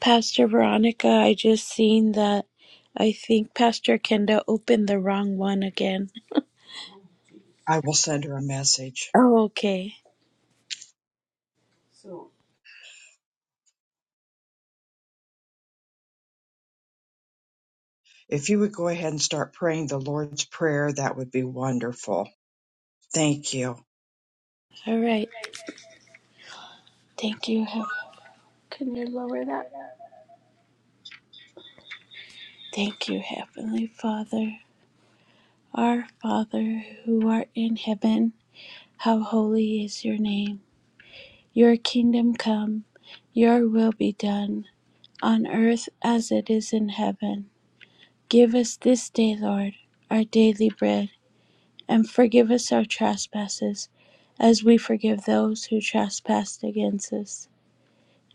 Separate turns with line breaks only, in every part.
Pastor Veronica, I just seen that I think Pastor Kenda opened the wrong one again.
I will send her a message.
Oh, okay.
If you would go ahead and start praying the Lord's Prayer, that would be wonderful. Thank you.
All right. Thank you. Heav- Can you lower that? Thank you, Heavenly Father. Our Father who art in heaven, how holy is your name. Your kingdom come, your will be done, on earth as it is in heaven. Give us this day, Lord, our daily bread and forgive us our trespasses, as we forgive those who trespass against us.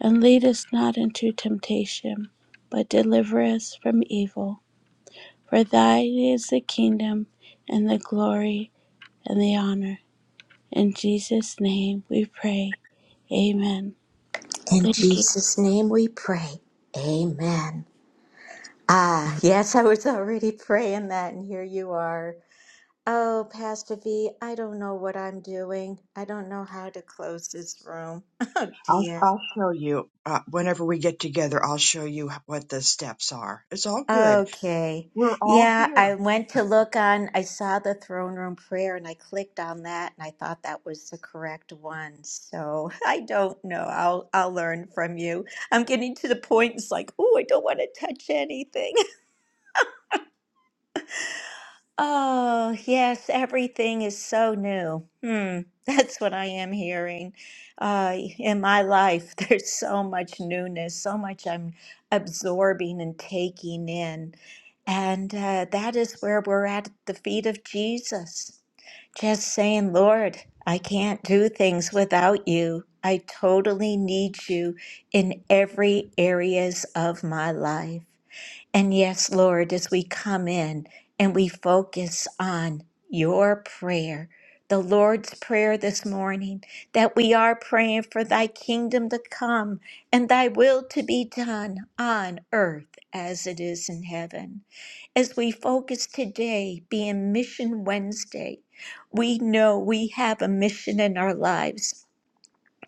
And lead us not into temptation, but deliver us from evil. For thine is the kingdom, and the glory, and the honor. In Jesus' name we pray. Amen.
In
Thank you.
Jesus' name we pray. Amen. Ah, yes, I was already praying that, and here you are. Oh, Pastor V, I don't know what I'm doing. I don't know how to close this room. Oh,
I'll,
dear.
I'll show you uh, whenever we get together. I'll show you what the steps are. It's all good.
Okay.
We're all
Yeah, I
here.
went to look on, I saw the throne room prayer and I clicked on that and I thought that was the correct one. So I don't know. I'll I'll learn from you. I'm getting to the point it's like, oh, I don't want to touch anything. Oh, yes, everything is so new. Hmm, that's what I am hearing. Uh, in my life, there's so much newness, so much I'm absorbing and taking in. And uh, that is where we're at the feet of Jesus, just saying, Lord, I can't do things without you. I totally need you in every areas of my life. And yes, Lord, as we come in and we focus on your prayer, the Lord's prayer this morning, that we are praying for thy kingdom to come and thy will to be done on earth as it is in heaven. As we focus today, being Mission Wednesday, we know we have a mission in our lives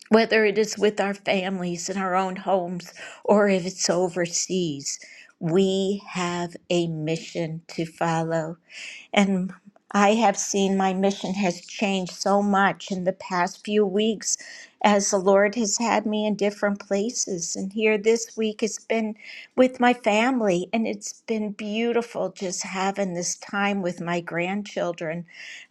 whether it is with our families in our own homes or if it's overseas, we have a mission to follow. And I have seen my mission has changed so much in the past few weeks as the Lord has had me in different places. And here this week it's been with my family, and it's been beautiful just having this time with my grandchildren.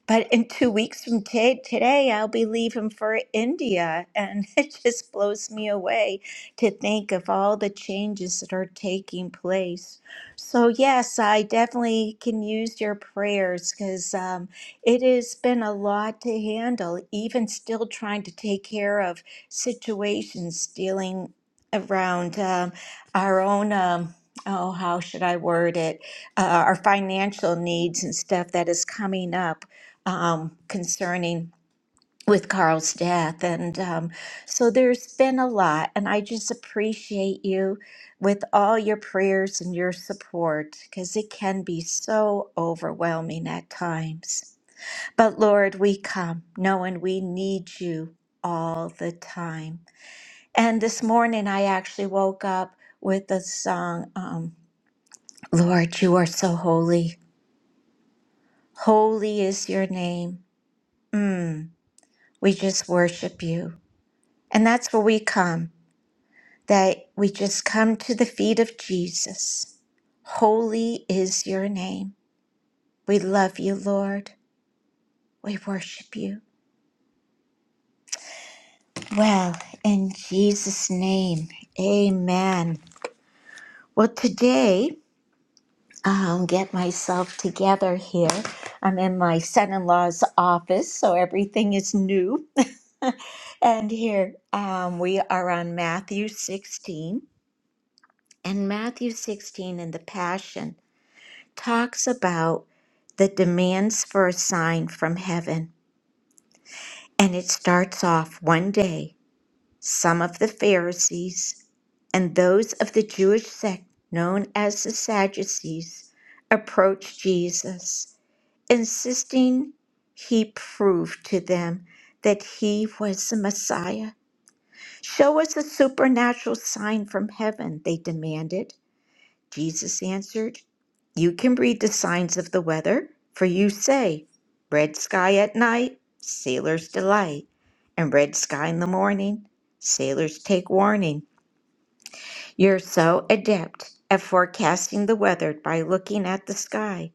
But in two weeks from ta- today, I'll be leaving for India, and it just blows me away to think of all the changes that are taking place. So, yes, I definitely can use your prayers because um, it has been a lot to handle, even still trying to take care of situations dealing around um, our own, um, oh, how should I word it, uh, our financial needs and stuff that is coming up um, concerning with Carl's death. And um, so there's been a lot, and I just appreciate you with all your prayers and your support because it can be so overwhelming at times. But Lord, we come knowing we need you all the time. And this morning, I actually woke up with the song, um, Lord, you are so holy. Holy is your name. Mm, we just worship you. And that's where we come. that we just come to the feet of Jesus. Holy is your name. We love you, Lord. We worship you. Well, in Jesus' name, amen. Well, today, I'll get myself together here. I'm in my son in law's office, so everything is new. and here um, we are on Matthew 16. And Matthew 16 in the Passion. talks about the demands for a sign from heaven. And it starts off one day, some of the Pharisees and those of the Jewish sect known as the Sadducees approached Jesus, insisting he prove to them that he was the Messiah. Show us a supernatural sign from heaven, they demanded. Jesus answered, You can read the signs of the weather, for you say, 'Red sky at night, sailors delight, and red sky in the morning, sailors take warning. You're so adept at forecasting the weather by looking at the sky,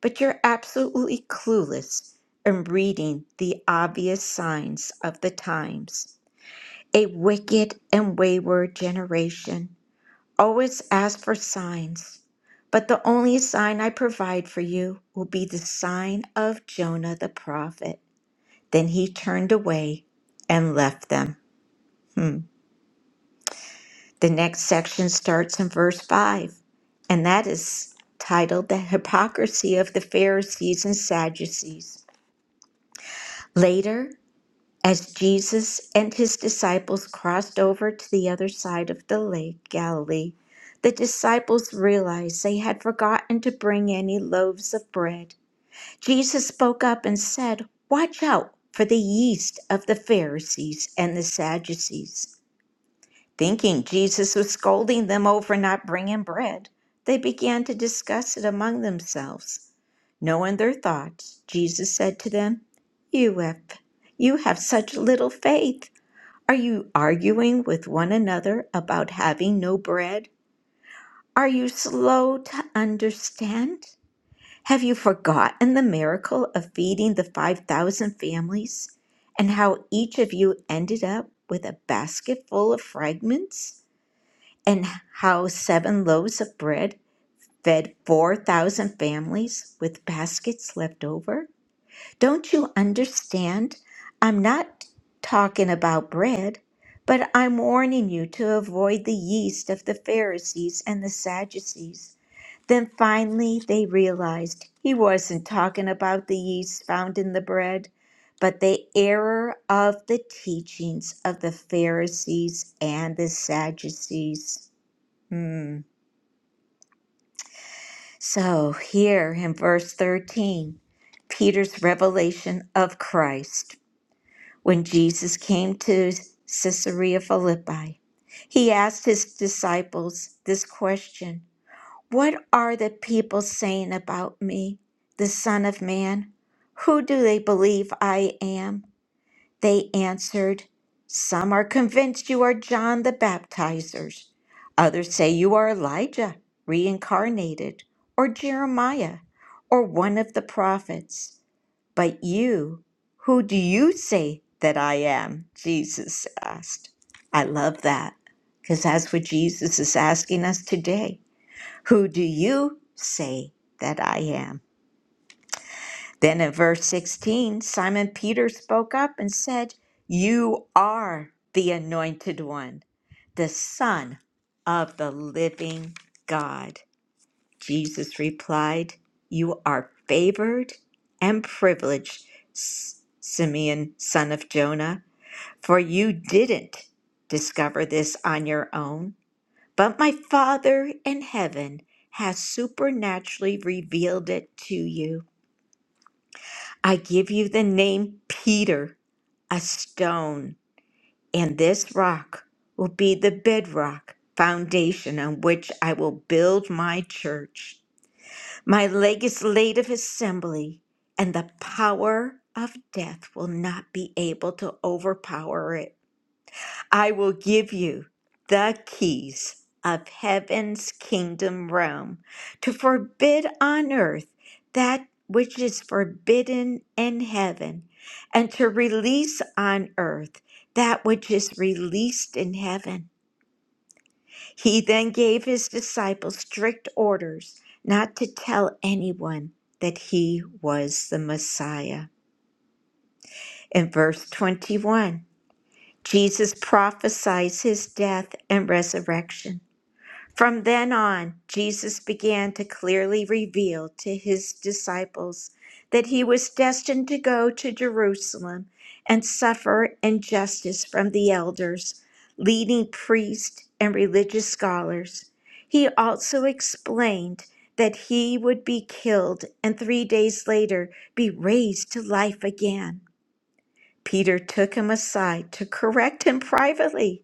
but you're absolutely clueless in reading the obvious signs of the times. A wicked and wayward generation. Always ask for signs, but the only sign I provide for you will be the sign of Jonah the prophet. Then he turned away and left them. Hmm. The next section starts in verse 5, and that is titled The Hypocrisy of the Pharisees and Sadducees. Later, As Jesus and his disciples crossed over to the other side of the lake Galilee, the disciples realized they had forgotten to bring any loaves of bread. Jesus spoke up and said, Watch out for the yeast of the Pharisees and the Sadducees. Thinking Jesus was scolding them over not bringing bread, they began to discuss it among themselves. Knowing their thoughts, Jesus said to them, You have, you have such little faith. Are you arguing with one another about having no bread? Are you slow to understand? Have you forgotten the miracle of feeding the 5,000 families and how each of you ended up with a basket full of fragments? and how seven loaves of bread fed 4,000 families with baskets left over? Don't you understand? I'm not talking about bread, but I'm warning you to avoid the yeast of the Pharisees and the Sadducees. Then finally they realized he wasn't talking about the yeast found in the bread, but the error of the teachings of the Pharisees and the Sadducees. Hmm. So, here in verse 13, Peter's revelation of Christ. When Jesus came to Caesarea Philippi, he asked his disciples this question What are the people saying about me, the Son of Man? Who do they believe I am? They answered, Some are convinced you are John the Baptizer. Others say you are Elijah, reincarnated, or Jeremiah, or one of the prophets. But you, who do you say that I am? Jesus asked. I love that because that's what Jesus is asking us today. Who do you say that I am? Then in verse 16, Simon Peter spoke up and said, You are the anointed one, the Son of the living God. Jesus replied, You are favored and privileged, S- Simeon, son of Jonah, for you didn't discover this on your own, but my Father in heaven has supernaturally revealed it to you. I give you the name Peter, a stone, and this rock will be the bedrock foundation on which I will build my church. My legislative assembly and the power of death will not be able to overpower it. I will give you the keys of heaven's kingdom realm to forbid on earth that which is forbidden in heaven, and to release on earth that which is released in heaven. He then gave his disciples strict orders not to tell anyone that he was the Messiah. In verse 21, Jesus prophesies his death and resurrection. From then on, Jesus began to clearly reveal to his disciples that he was destined to go to Jerusalem and suffer injustice from the elders, leading priests, and religious scholars. He also explained that he would be killed and three days later be raised to life again. Peter took him aside to correct him privately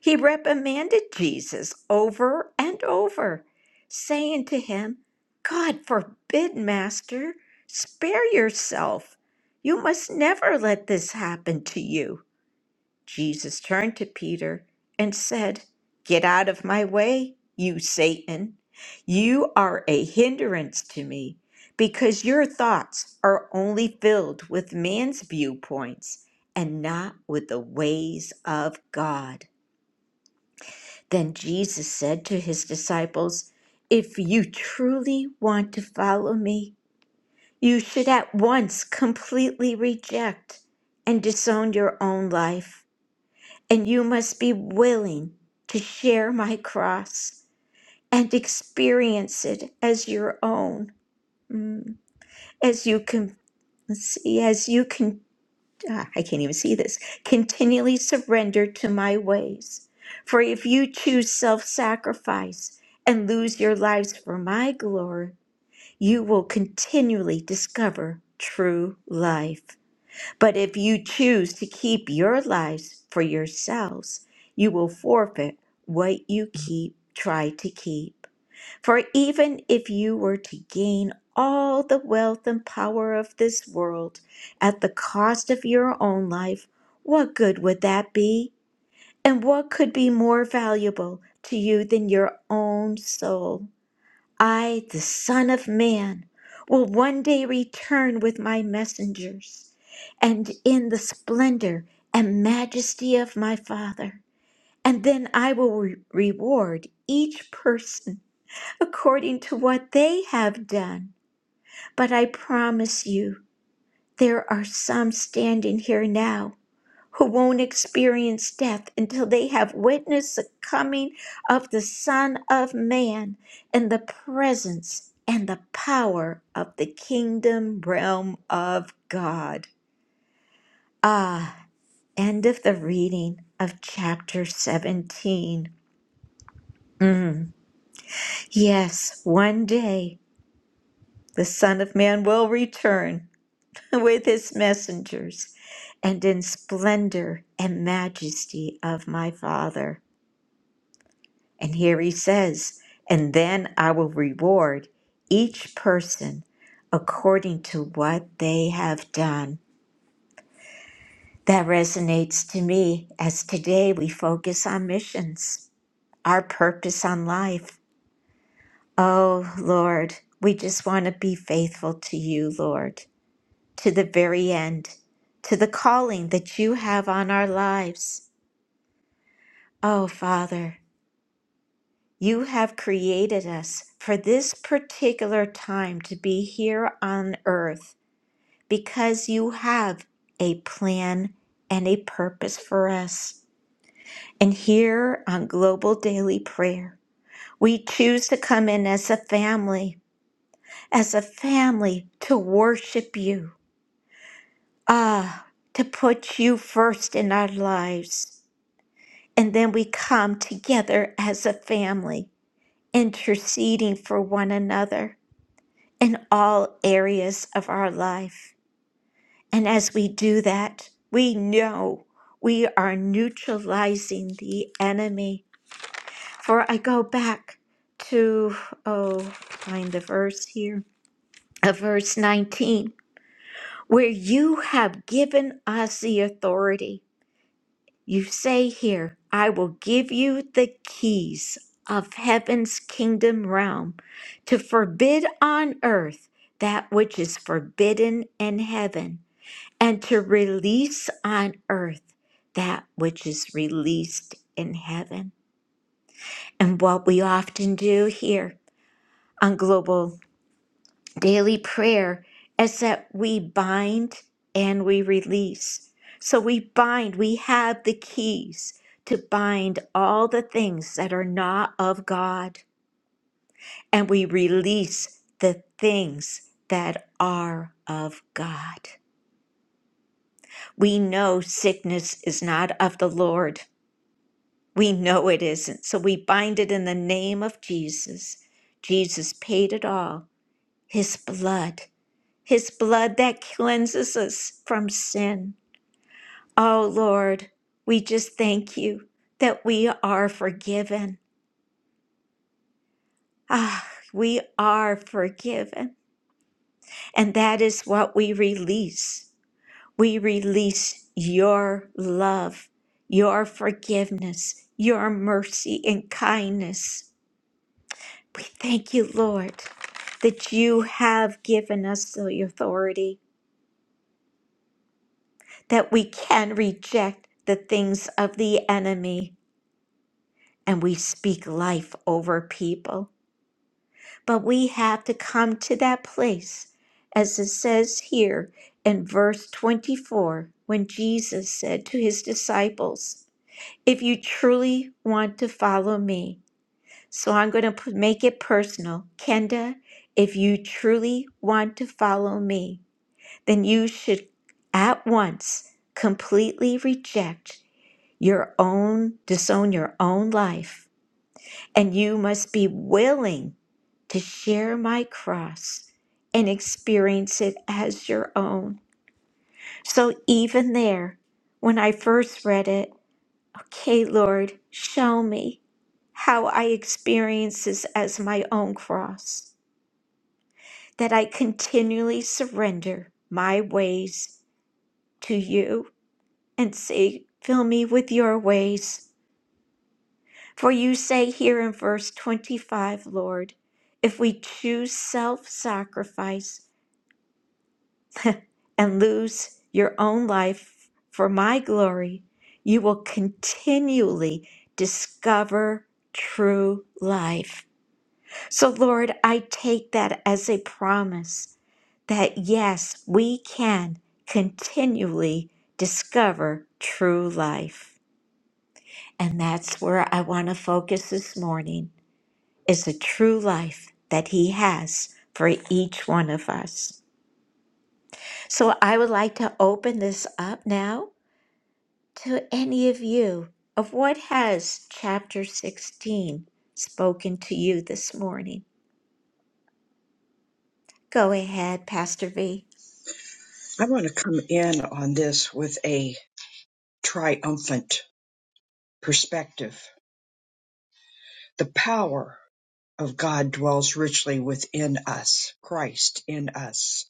he reprimanded Jesus over and over, saying to him, God forbid, Master, spare yourself. You must never let this happen to you. Jesus turned to Peter and said, Get out of my way, you Satan. You are a hindrance to me because your thoughts are only filled with man's viewpoints and not with the ways of God. Then Jesus said to his disciples, If you truly want to follow me, you should at once completely reject and disown your own life. And you must be willing to share my cross and experience it as your own. Mm. As you can see, as you ah, I can't even see this, continually surrender to my ways. For if you choose self sacrifice and lose your lives for my glory, you will continually discover true life. But if you choose to keep your lives for yourselves, you will forfeit what you keep, try to keep. For even if you were to gain all the wealth and power of this world at the cost of your own life, what good would that be? And what could be more valuable to you than your own soul? I, the Son of Man, will one day return with my messengers and in the splendor and majesty of my Father. And then I will re- reward each person according to what they have done. But I promise you, there are some standing here now who won't experience death until they have witnessed the coming of the Son of Man and the presence and the power of the kingdom realm of God. Ah, end of the reading of chapter 17. Mm. Yes, one day the Son of Man will return with his messengers and in splendor and majesty of my Father. And here he says, And then I will reward each person according to what they have done. That resonates to me as today we focus on missions, our purpose on life. Oh, Lord, we just want to be faithful to you, Lord. to the very end, to the calling that you have on our lives. Oh, Father, you have created us for this particular time to be here on earth because you have a plan and a purpose for us. And here on Global Daily Prayer, we choose to come in as a family, as a family to worship you. Ah, to put you first in our lives And then we come together as a family, interceding for one another in all areas of our life. And as we do that, we know we are neutralizing the enemy. For I go back to, oh, find the verse here, uh, verse 19, where you have given us the authority. You say here, I will give you the keys of heaven's kingdom realm to forbid on earth that which is forbidden in heaven, and to release on earth that which is released in heaven. And what we often do here on Global Daily prayer is that we bind and we release. So we bind, we have the keys to bind all the things that are not of God, and we release the things that are of God. We know sickness is not of the Lord. We know it isn't. So we bind it in the name of Jesus. Jesus paid it all, his blood. His blood that cleanses us from sin. Oh Lord, we just thank you that we are forgiven. Ah, we are forgiven. And that is what we release. We release your love, your forgiveness, your mercy and kindness. We thank you, Lord, that you have given us the authority that we can reject the things of the enemy and we speak life over people. But we have to come to that place, as it says here in verse 24, when Jesus said to his disciples, If you truly want to follow me, so I'm going to p- make it personal. Kenda, if you truly want to follow me, then you should at once completely reject your own, disown your own life and you must be willing to share my cross and experience it as your own. So even there, when I first read it, okay, Lord, show me how I experience this as my own cross, that I continually surrender my ways to you and say, fill me with your ways. For you say here in verse 25, Lord, if we choose self sacrifice and lose your own life for my glory, you will continually discover true life. So, Lord, I take that as a promise that yes, we can continually discover true life. And that's where I want to focus this morning is a true life that He has for each one of us. So I would like to open this up now to any of you of what has chapter 16 spoken to you this morning. Go ahead, Pastor V.
I want to come in on this with a triumphant perspective. The power of God dwells richly within us, Christ in us.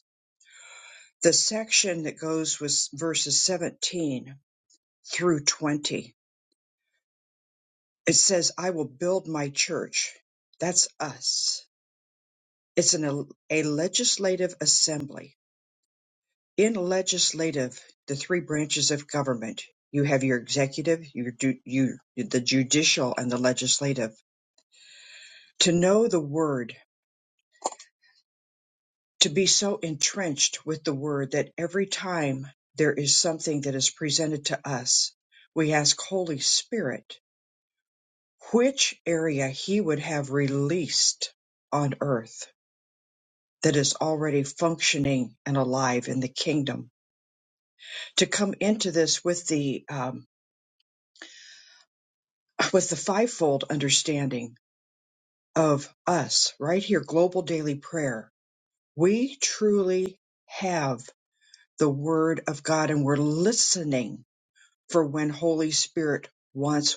The section that goes with verses 17 through 20 It says, I will build my church. That's us. It's an, a legislative assembly. In legislative, the three branches of government, you have your executive, your do, you, the judicial, and the legislative. To know the word, to be so entrenched with the word that every time there is something that is presented to us, we ask Holy Spirit which area he would have released on earth that is already functioning and alive in the kingdom. To come into this with the um, with the fivefold understanding of us right here, global daily prayer. We truly have the Word of God, and we're listening for when Holy Spirit wants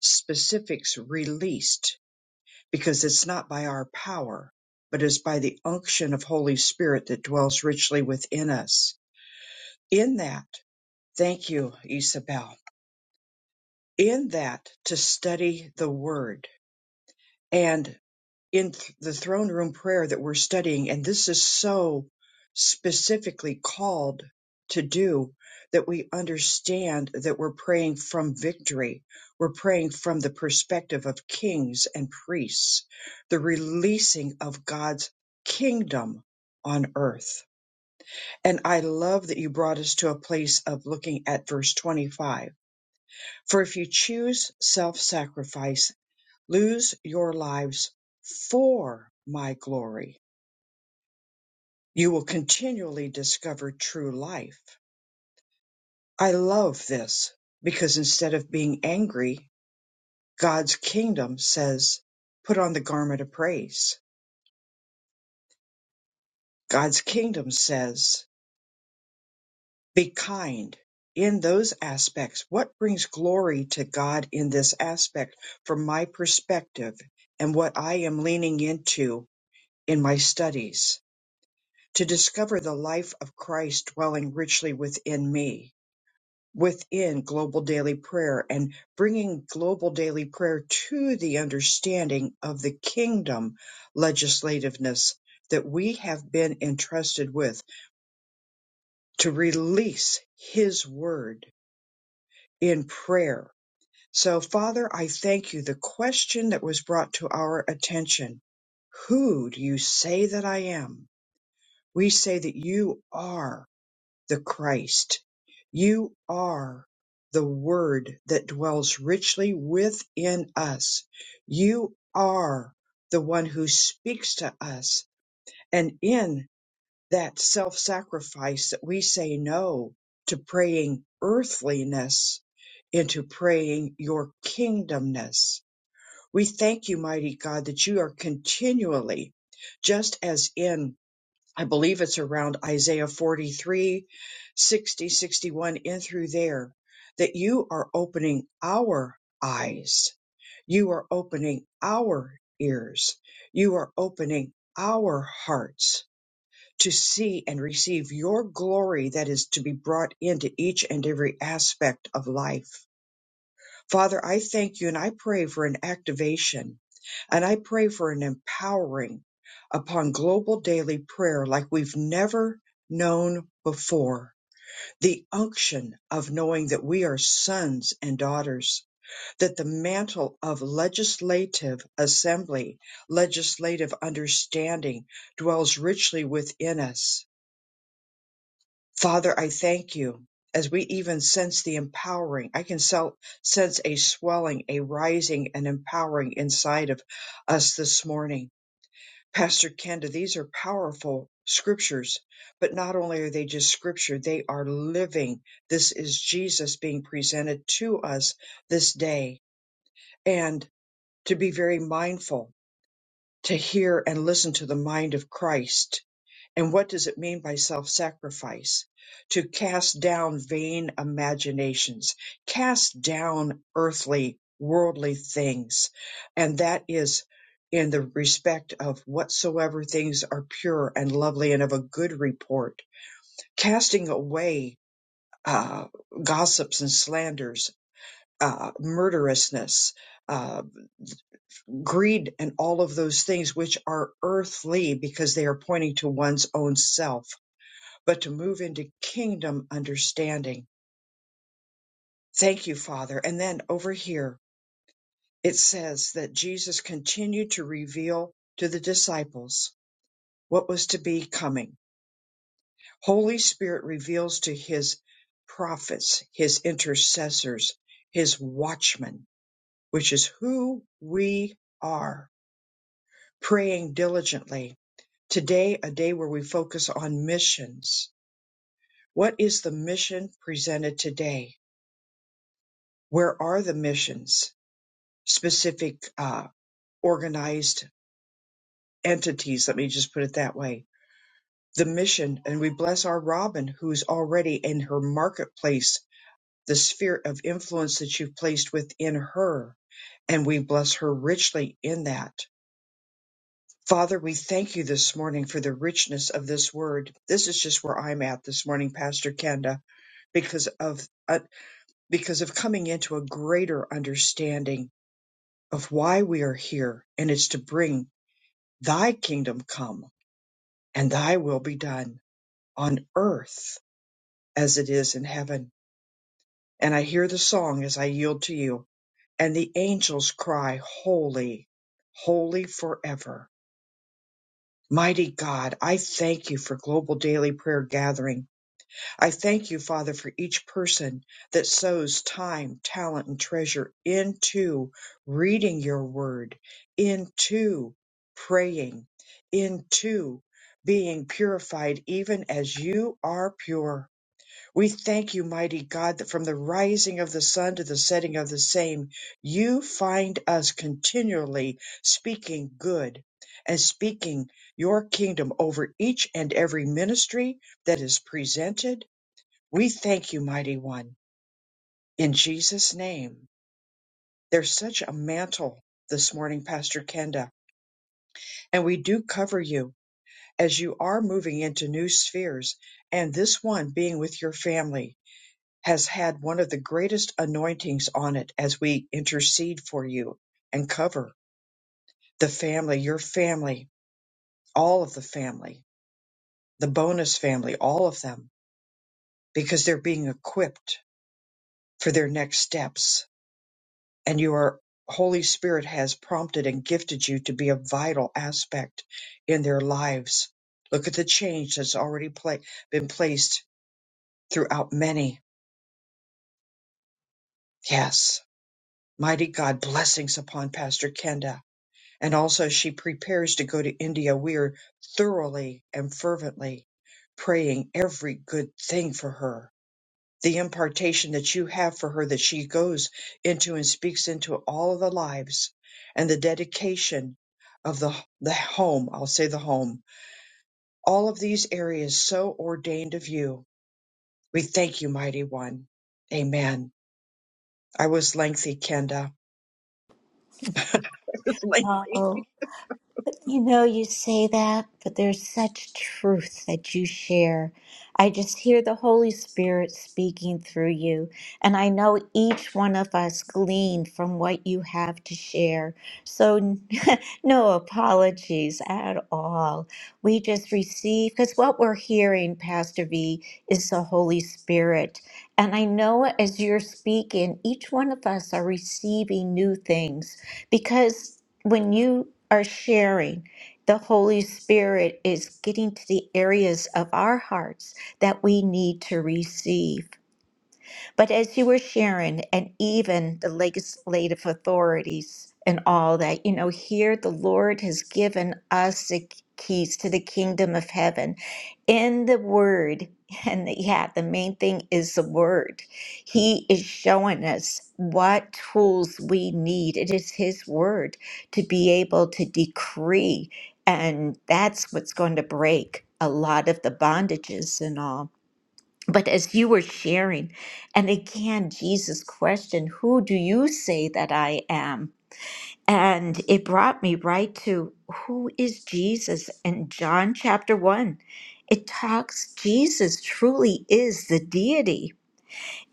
specifics released, because it's not by our power, but is by the unction of Holy Spirit that dwells richly within us. In that, thank you, Isabel in that to study the word and in th- the throne room prayer that we're studying and this is so specifically called to do that we understand that we're praying from victory we're praying from the perspective of kings and priests the releasing of God's kingdom on earth and i love that you brought us to a place of looking at verse 25 for if you choose self-sacrifice Lose your lives for my glory. You will continually discover true life. I love this because instead of being angry, God's kingdom says, put on the garment of praise. God's kingdom says, be kind in those aspects. What brings glory to God in this aspect from my perspective and what I am leaning into in my studies? to discover the life of Christ dwelling richly within me, within global daily prayer, and bringing global daily prayer to the understanding of the kingdom legislativeness that we have been entrusted with to release His word in prayer. So, Father, I thank you. The question that was brought to our attention Who do you say that I am? We say that you are. the Christ. You are the Word that dwells richly within us. You are the one who speaks to us. And in that self sacrifice that we say no to praying earthliness into praying your kingdomness. We thank you, mighty God, that you are continually, just as in I believe it's around Isaiah 43, 60, 61, in through there, that you are opening our eyes. You are opening our ears. You are opening our hearts to see and receive your glory that is to be brought into each and every aspect of life. Father, I thank you and I pray for an activation and I pray for an empowering upon global daily prayer like we've never known before. The unction of knowing that we are sons and daughters, that the mantle of legislative assembly, legislative understanding dwells richly within us Father, I thank you. As we even sense the empowering, I can sel- sense a swelling, a rising, and empowering inside of us this morning. Pastor Kenda, these are powerful scriptures, but not only are they just scripture, they are living. This is Jesus being presented to us this day. And to be very mindful, to hear and listen to the mind of Christ and what does it mean by self sacrifice? To cast down vain imaginations, cast down earthly, worldly things. And that is in the respect of whatsoever things are pure and lovely and of a good report, casting away uh, gossips and slanders, uh, murderousness, uh, greed, and all of those things which are earthly because they are pointing to one's own self but to move into kingdom understanding. Thank you, Father. And then over here, it says that Jesus continued to reveal to the disciples what was to be coming. Holy Spirit reveals to his prophets, his intercessors, his watchmen, which is who we are, praying diligently. Today, a day where we focus on missions. What is the mission presented today? Where are the missions? specific uh, organized entities. Let me just put it that way. The mission, and we bless our Robin, who's already in her marketplace, the sphere of influence that you've placed within her, and we bless her richly in that. Father, we thank you this morning for the richness of this word. This is just where I'm at this morning, Pastor Kenda, because of uh, because of coming into a greater understanding of why we are here, and it's to bring Thy kingdom come and thy will be done on earth as it is in heaven. And I hear the song as I yield to you, and the angels cry, Holy, holy forever. Mighty God, I thank you for global daily prayer gathering. I thank you, Father, for each person that sows time, talent, and treasure into reading your word, into praying, into being purified, even as you are pure. We thank you, mighty God, that from the rising of the sun to the setting of the same, you find us continually speaking good and speaking your kingdom over each and every ministry that is presented. We thank you, mighty one, in Jesus' name. There's such a mantle this morning, Pastor Kenda, and we do cover you as you are moving into new spheres, and this one being with your family. has had one of the greatest anointings on it as we intercede for you and cover the family, your family, all of the family, the bonus family, all of them, because they're being equipped for their next steps. And your Holy Spirit has prompted and gifted you to be a vital aspect in their lives. Look at the change that's already pla- been placed throughout many. Yes. Mighty God, blessings upon Pastor Kenda and also she prepares to go to India. We are thoroughly and fervently praying every good thing for her. The impartation that you have for her that she goes into and speaks into all of the lives and the dedication of the, the home. I'll say the home. All of these areas so ordained of you. We thank you, mighty one. Amen. I was lengthy, Kenda. It was lengthy.
You know, you say that, but there's such truth that you share. I just hear the Holy Spirit speaking through you, and I know each one of us glean from what you have to share. So, no apologies at all. We just receive, because what we're hearing, Pastor V, is the Holy Spirit. And I know as you're speaking, each one of us are receiving new things because when you are sharing, the Holy Spirit is getting to the areas of our hearts that we need to receive. But as you were sharing, and even the legislative authorities and all that, you know, here the Lord has given us the keys to the kingdom of heaven in the word. And yeah, the main thing is the word. He is showing us what tools we need. It is His word to be able to decree. And that's what's going to break a lot of the bondages and all. But as you were sharing, and again, Jesus questioned, Who do you say that I am? And it brought me right to who is Jesus in John chapter 1. It talks, Jesus truly is the deity.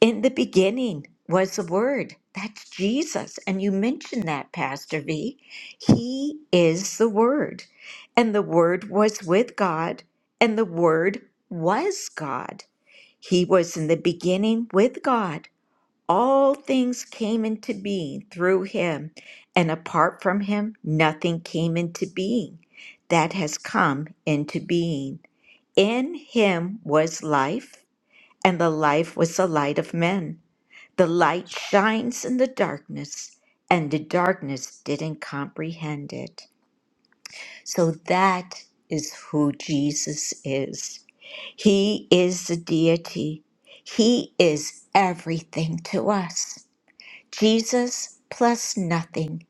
In the beginning was the Word. That's Jesus. And you mentioned that, Pastor V. He is the Word. And the Word was with God, and the Word was God. He was in the beginning with God. All things came into being through him, and apart from him, nothing came into being that has come into being. In him was life, and the life was the light of men. The light shines in the darkness, and the darkness didn't comprehend it. So that is who Jesus is. He is the deity. He is everything to us. Jesus plus nothing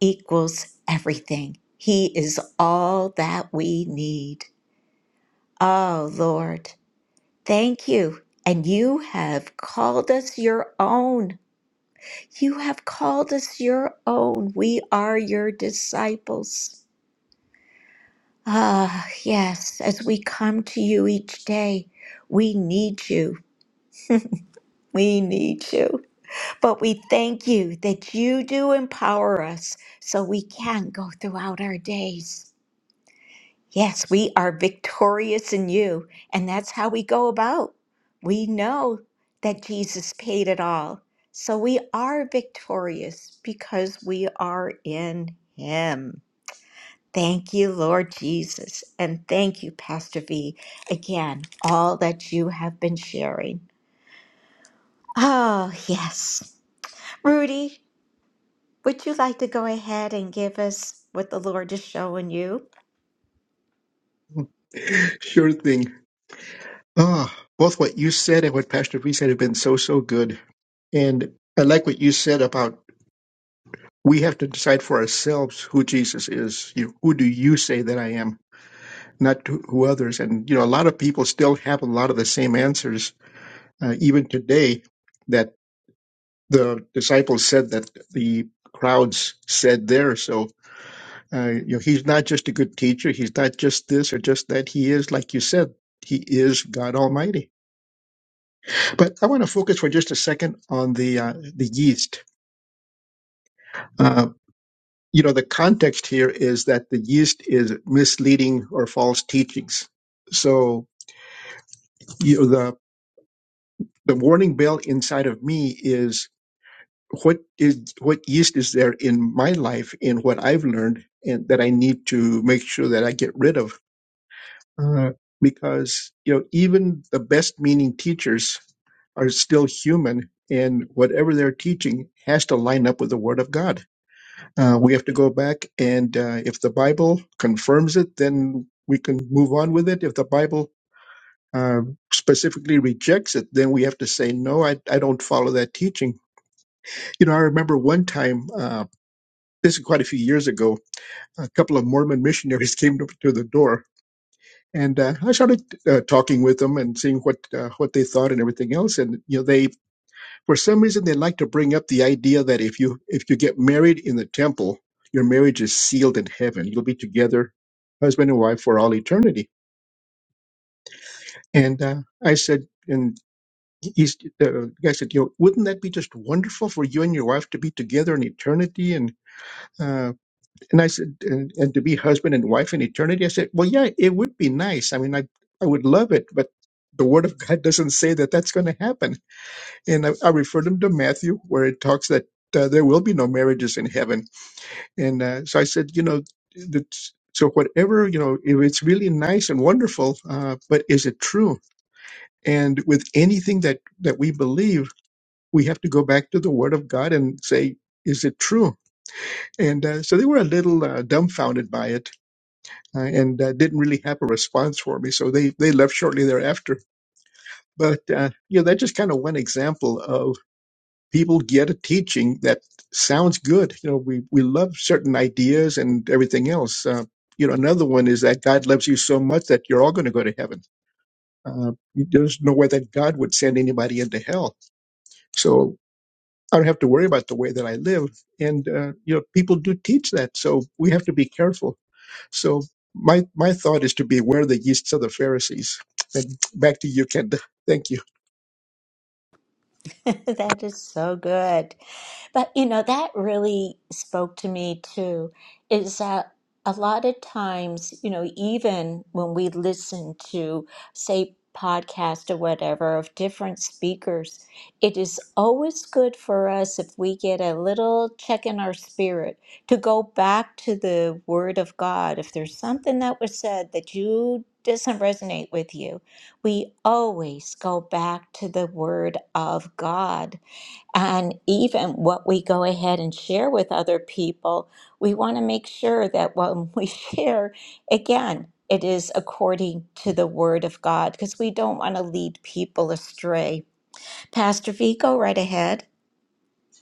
equals everything. He is all that we need. Oh, Lord, thank you. And you have called us your own. You have called us your own. We are your disciples. Ah, yes, as we come to you each day, we need you. We need you. But we thank you that you do empower us so we can go throughout our days. Yes, we are victorious in you, and that's how we go about. We know that Jesus paid it all. So we are victorious because we are in him. Thank you, Lord Jesus. And thank you, Pastor V, again, all that you have been sharing. Oh, yes. Rudy, would you like to go ahead and give us what the Lord is showing you?
Sure thing. Ah, both what you said and what Pastor V said have been so, so good. And I like what you said about we have to decide for ourselves who Jesus is. You know, who do you say that I am? Not to, who others. And, you know, a lot of people still have a lot of the same answers, uh, even today, that the disciples said that the crowds said there. So, uh, you know, he's not just a good teacher. He's not just this or just that. He is, like you said, he is God Almighty. But I want to focus for just a second on the uh, the yeast. Uh, you know, the context here is that the yeast is misleading or false teachings. So you know, the the warning bell inside of me is what is what yeast is there in my life in what I've learned and that I need to make sure that I get rid of. Uh, because you know, even the best meaning teachers are still human, and whatever they're teaching has to line up with the Word of God Uh, we have to go back, and uh, if the Bible confirms it, then we can move on with it. If the Bible uh, specifically rejects it, then we have to say, no, I, I don't follow that teaching. You know, I remember one time, uh, this is quite a few years ago, a couple of Mormon missionaries came to, to the door. And uh, I started uh, talking with them and seeing what uh, what they thought and everything else. And you know, they for some reason they like to bring up the idea that if you if you get married in the temple your marriage is sealed in heaven you'll be together husband and wife for all eternity and uh, i said and he's uh, the guy said you know wouldn't that be just wonderful for you and your wife to be together in eternity and uh, and i said and, and to be husband and wife in eternity i said well yeah it would be nice i mean i i would love it but the word of god doesn't say that that's going to happen and I, I refer them to Matthew, where it talks that uh, there will be no marriages in heaven. And uh, so I said, you know, that, so whatever, you know, if it's really nice and wonderful, uh, but is it true? And with anything that that we believe, we have to go back to the Word of God and say, is it true? And uh, so they were a little uh, dumbfounded by it. Uh, and uh, didn't really have a response for me, so they they left shortly thereafter. But uh, you know, that just kind of one example of. people get a teaching that sounds good. You know, we, we love certain ideas and everything else. Uh, you know, another one is that God loves you so much that you're all going to go to heaven. Uh, there's no way that God would send anybody into hell. So I don't have to worry about the way that I live. And, uh, you know, people do teach that. So we have to be careful. So my, my thought is to beware the yeasts of the Pharisees. And back to you, Kenda. Thank you.
that is so good. But you know, that really spoke to me too, is that a lot of times, you know, even when we listen to, say, podcast or whatever of different speakers, it is always good for us if we get a little check in our spirit to go back to the Word of God. If there's something that was said that you doesn't resonate with you, we always go back to the Word of God and even what we go ahead and share with other people, we want to make sure that when we share, again, it is according to the word of God because we don't want to lead people astray. Pastor V, go right ahead.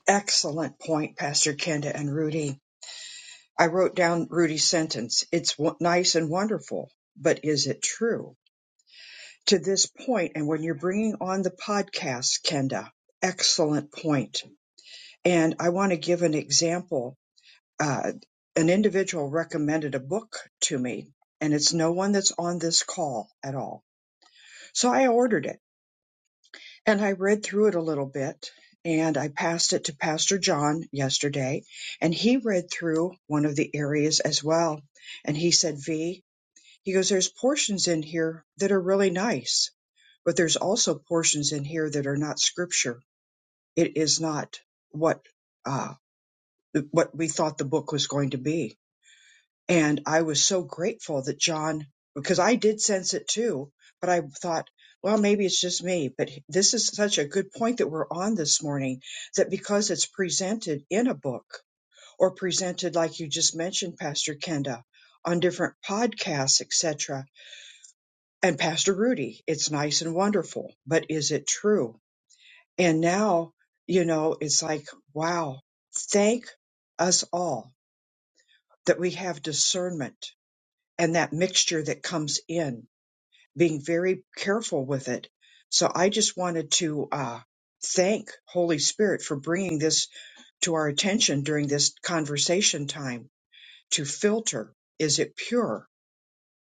Excellent point, Pastor Kenda and Rudy I wrote down Rudy's sentence. It's w- nice and wonderful, but is it true to this point? And when you're bringing on the podcast, Kenda, excellent point. And I want to give an example. Uh, an individual recommended a book to me, and it's no one that's on this call at all. So I ordered it and I read through it a little bit. And I passed it to Pastor John yesterday, and he read through one of the areas as well. And he said, V, He goes, There's portions in here that are really nice, but there's also portions in here that are not scripture. It is not what uh, what we thought the book was going to be. And I was so grateful that John, because I did sense it too, but I thought, well, maybe it's just me. But this is such a good point that we're on this morning that because it's presented in a book or presented, like you just mentioned, Pastor Kenda, on different podcasts, etc., and Pastor Rudy, it's nice and wonderful, but is it true? And now, you know, it's like, wow, thank us all that we have discernment and that mixture that comes in, being very careful with it. So I just wanted to uh, thank Holy Spirit for bringing this to our attention during this conversation time to filter. Is it pure?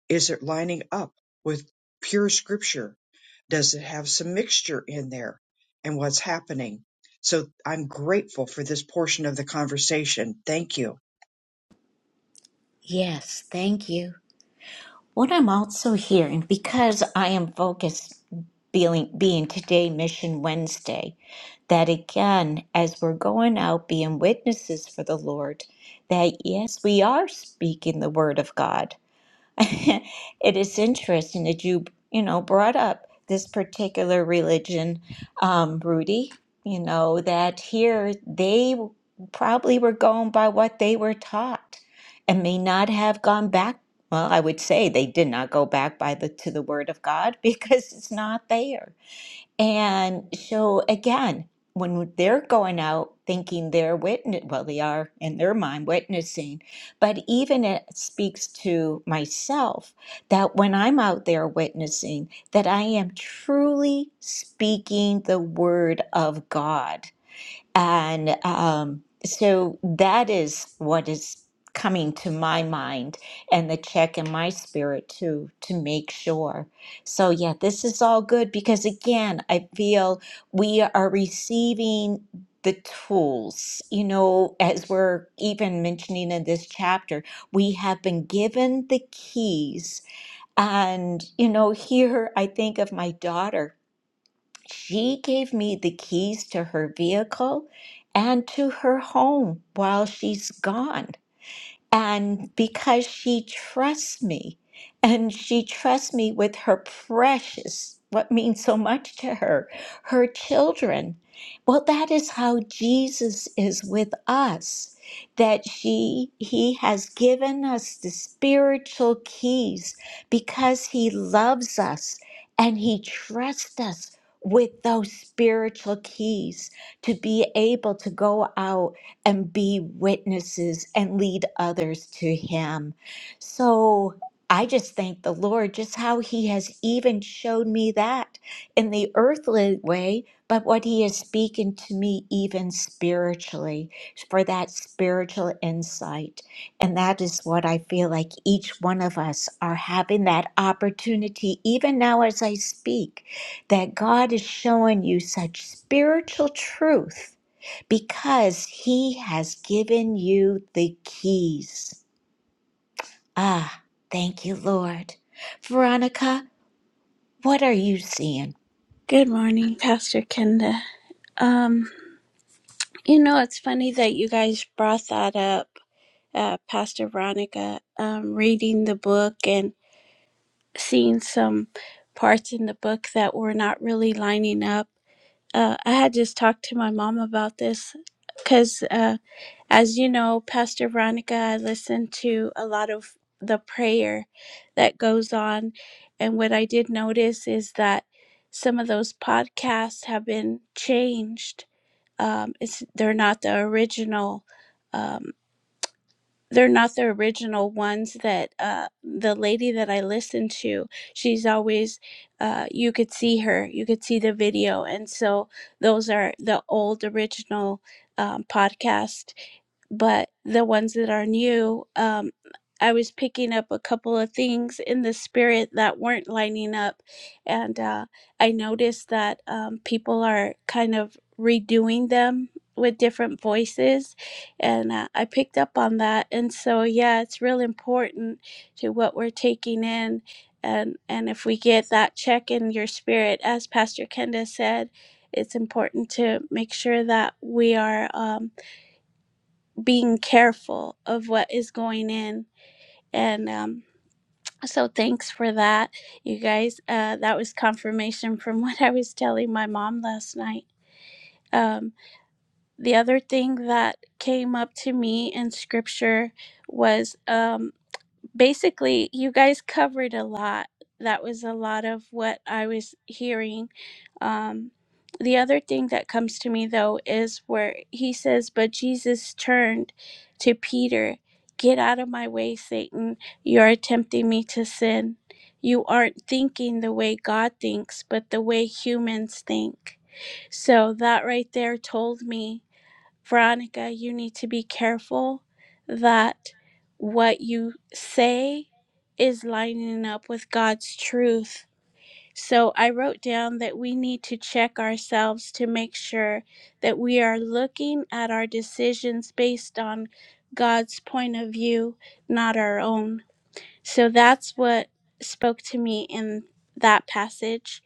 Is it lining up with pure scripture? Does it have some mixture in there and what's happening? So I'm grateful for this portion of the conversation. Thank you.
Yes, thank you. What I'm also hearing, because I am focused being, being today Mission Wednesday, that again, as we're going out being witnesses for the Lord, that yes, we are speaking the Word of God, it is interesting that you, you know, brought up this particular religion, um, Rudy, you know, that here they probably were going by what they were taught and may not have gone back. Well, I would say they did not go back by the to the word of God because it's not there. And so again, when they're going out thinking they're witness, well, they are in their mind witnessing, but even it speaks to myself that when I'm out there witnessing, that I am truly speaking the word of God and um, so that is what is coming to my mind and the check in my spirit too to make sure. So, yeah, this is all good because again, I feel we are receiving the tools. You know, as we're even mentioning in this chapter, we have been given the keys. And, you know, here I think of my daughter she gave me the keys to her vehicle and to her home while she's gone. And because she trusts me, and she trusts me with her precious, what means so much to her, her children. Well, that is how Jesus is with us, that she he has given us the spiritual keys because he loves us and he trusts us with those spiritual keys to be able to go out and be witnesses and lead others to Him. So I just thank the Lord just how He has even showed me that in the earthly way, but what He is speaking to me even spiritually for that spiritual insight. And that is what I feel like each one of us are having that opportunity, even now as I speak, that God is showing you such spiritual truth because he has given you the keys. Ah, thank you, Lord. Veronica, what are you seeing?
Good morning, Pastor Kenda. Um, you know, it's funny that you guys brought that up, uh, Pastor Veronica, um, reading the book and seen some parts in the book that were not really lining up. Uh, I had just talked to my mom about this because, uh, as you know, Pastor Veronica, I listen to a lot of the prayer that goes on. And what I did notice is that some of those podcasts have been changed. Um, it's, they're not the original. um, they're not the original ones that uh, the lady that I listened to, she's always, uh, you could see her, you could see the video. And so those are the old original um, podcast but the ones that are new, um, I was picking up a couple of things in the spirit that weren't lining up. And uh, I noticed that um, people are kind of redoing them with different voices. And uh, I picked up on that. And so, yeah, it's real important to what we're taking in. And, and if we get that check in your spirit, as Pastor Kenda said, it's important to make sure that we are. Um, being careful of what is going in. And um, so, thanks for that, you guys. Uh, that was confirmation from what I was telling my mom last night. Um, the other thing that came up to me in scripture was. um, basically, you guys covered a lot. That was a lot of what I was hearing. Um, the other thing that comes to me, though, is where he says, But Jesus turned to Peter, Get out of my way, Satan. You're tempting me to sin. You aren't thinking the way God thinks, but the way humans think. So that right there told me Veronica, you need to be careful that what you say is lining up with God's truth. So I wrote down that we need to check ourselves to make sure that we are looking at our decisions based on God's point of view, not our own. So that's what spoke to me in that passage.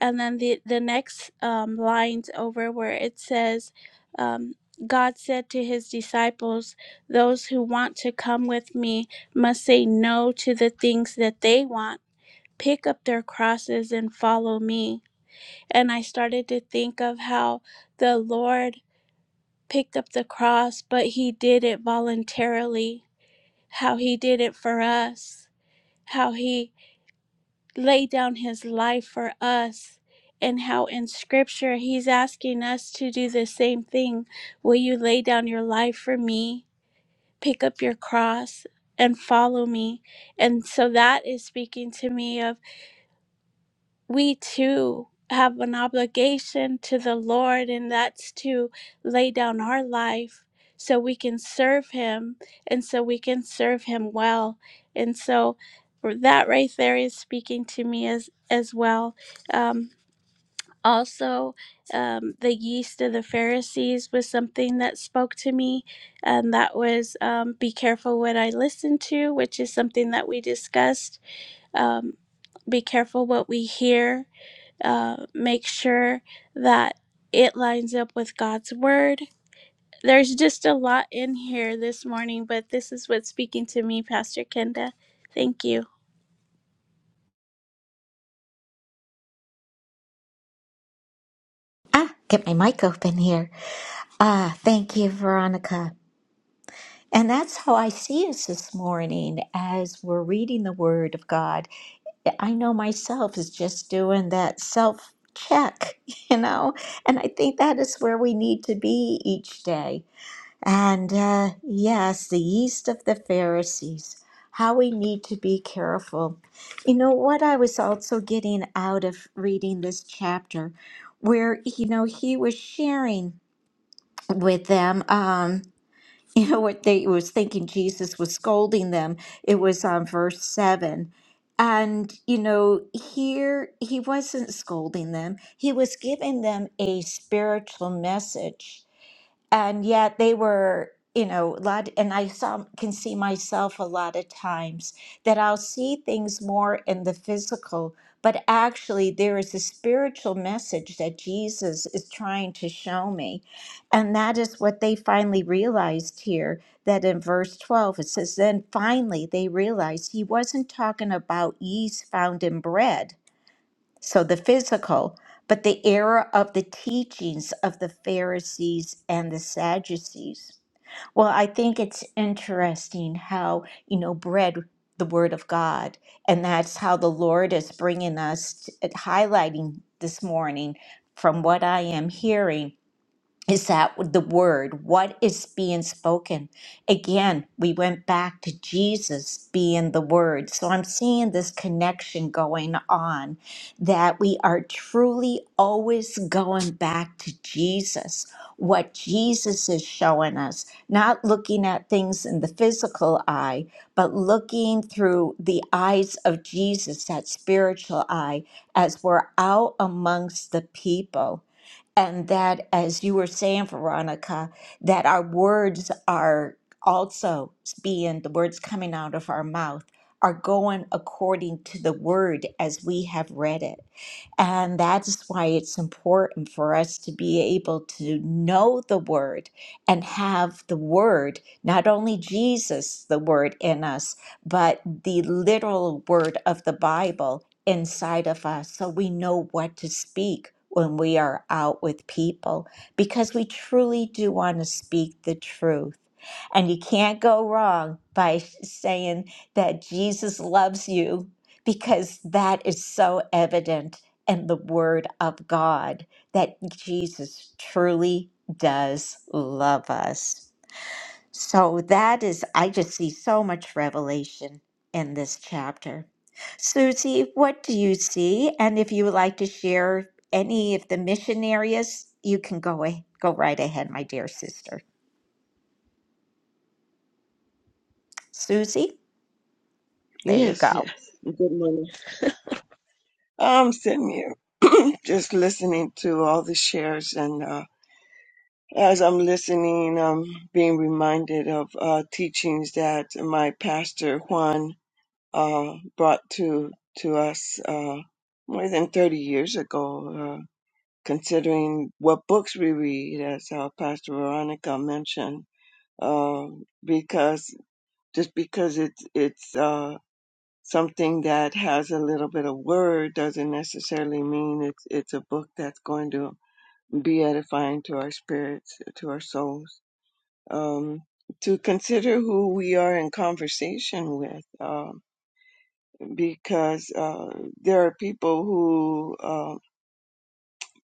And then the, the next um, lines over where it says, um, God said to his disciples, Those who want to come with me must say no to the things that they want, pick up their crosses, and follow me. And I started to think of how the Lord picked up the cross, but he did it voluntarily, how he did it for us, how he lay down his life for us and how in scripture he's asking us to do the same thing will you lay down your life for me pick up your cross and follow me and so that is speaking to me of we too have an obligation to the Lord, and that's to lay down our life so we can serve Him and so we can serve Him well. And so that right there is speaking to me as as well. Um, also, um, the yeast of the Pharisees was something that spoke to me, and that was um, be careful what I listen to, which is something that we discussed. Um, be careful what we hear uh, make sure that it lines up with God's word. There's just a lot in here this morning, but this is what's speaking to me, Pastor Kenda. Thank you.
Ah, get my mic open here. Ah, thank you, Veronica. And that's how I see us this morning as we're reading the Word of God. I know myself is just doing that self check, you know, and I think that is where we need to be each day And uh, yes, the yeast of the Pharisees, how we need to be careful. You know, what I was also getting out of reading this chapter, where, you know, he was sharing with them, um, you know, what they was thinking Jesus was scolding them. It was on verse 7. And, you know, here he wasn't scolding them, he was giving them a spiritual message and yet they were you know a lot and i saw can see myself a lot of times that i'll see things more in the physical but actually there is a spiritual message that jesus is trying to show me and that is what they finally realized here that in verse 12 it says then finally they realized he wasn't talking about yeast found in bread so the physical, but the error of the teachings of the Pharisees and the Sadducees. Well, I think it's interesting how, you know, bread, the word of God, and that's how the Lord is bringing us, highlighting this morning from what I am hearing is that the word, what is being spoken. Again, we went back to Jesus being the word. So I'm seeing this connection going on that we are truly always going back to Jesus, what Jesus is showing us, not looking at things in the physical eye, but looking through the eyes of Jesus, that spiritual eye, as we're out amongst the people and that, as you were saying, Veronica, that our words are also being the words coming out of our mouth are going according to the word as we have read it. And that's why it's important for us to be able to know the word and have the word, not only Jesus, the word in us, but the literal word of the Bible inside of us so we know what to speak when we are out with people because we truly do want to speak the truth. And you can't go wrong by saying that Jesus loves you because that is so evident in the Word of God that Jesus truly does love us. So that is, I just see so much revelation in this chapter. Susie, what do you see? And if you would like to share any of the mission areas, you can go ahead, go right ahead, my dear sister. Susie, there you
Yes,
go.
yes. Good morning. I'm sitting here just listening to all the shares, and uh, as I'm listening, I'm being reminded of uh, teachings that my pastor Juan uh, brought to to us uh, more than 30 years ago. Uh, considering what books we read, as uh, Pastor Veronica mentioned, uh, because just because it's it's. Uh, something that has a little bit of word doesn't necessarily mean it's it's a book that's going to be edifying to our spirits, to our souls. Um, to consider who we are in conversation with, uh, because uh, there are people who uh,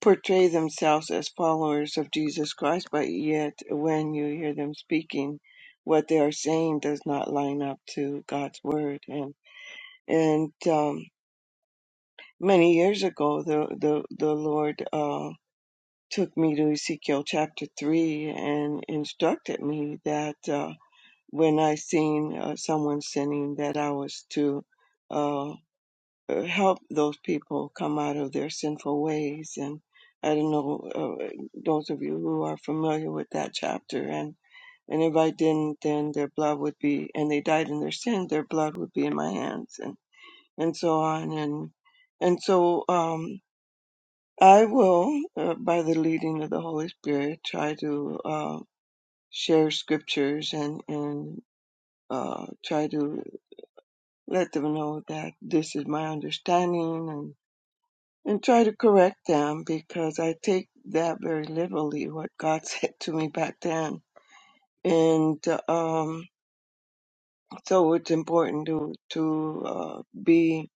portray themselves as followers of Jesus Christ, but yet when you hear them speaking, what they are saying does not line up to God's word, and and um, many years ago the the the lord uh took me to ezekiel chapter 3 and instructed me that uh when i seen uh, someone sinning that i was to uh uh, help those people come out of their sinful ways and i don't know uh, those of you who are familiar with that chapter and and if i didn't then their blood would be and they died in their sin their blood would be in my hands and and so on and and so um I will, uh, by the leading of the Holy Spirit, try to uh, share scriptures and and uh, try to let them know that this is my understanding and and try to correct them because I take that very literally what God said to me back then, and um, so it's important to to uh, be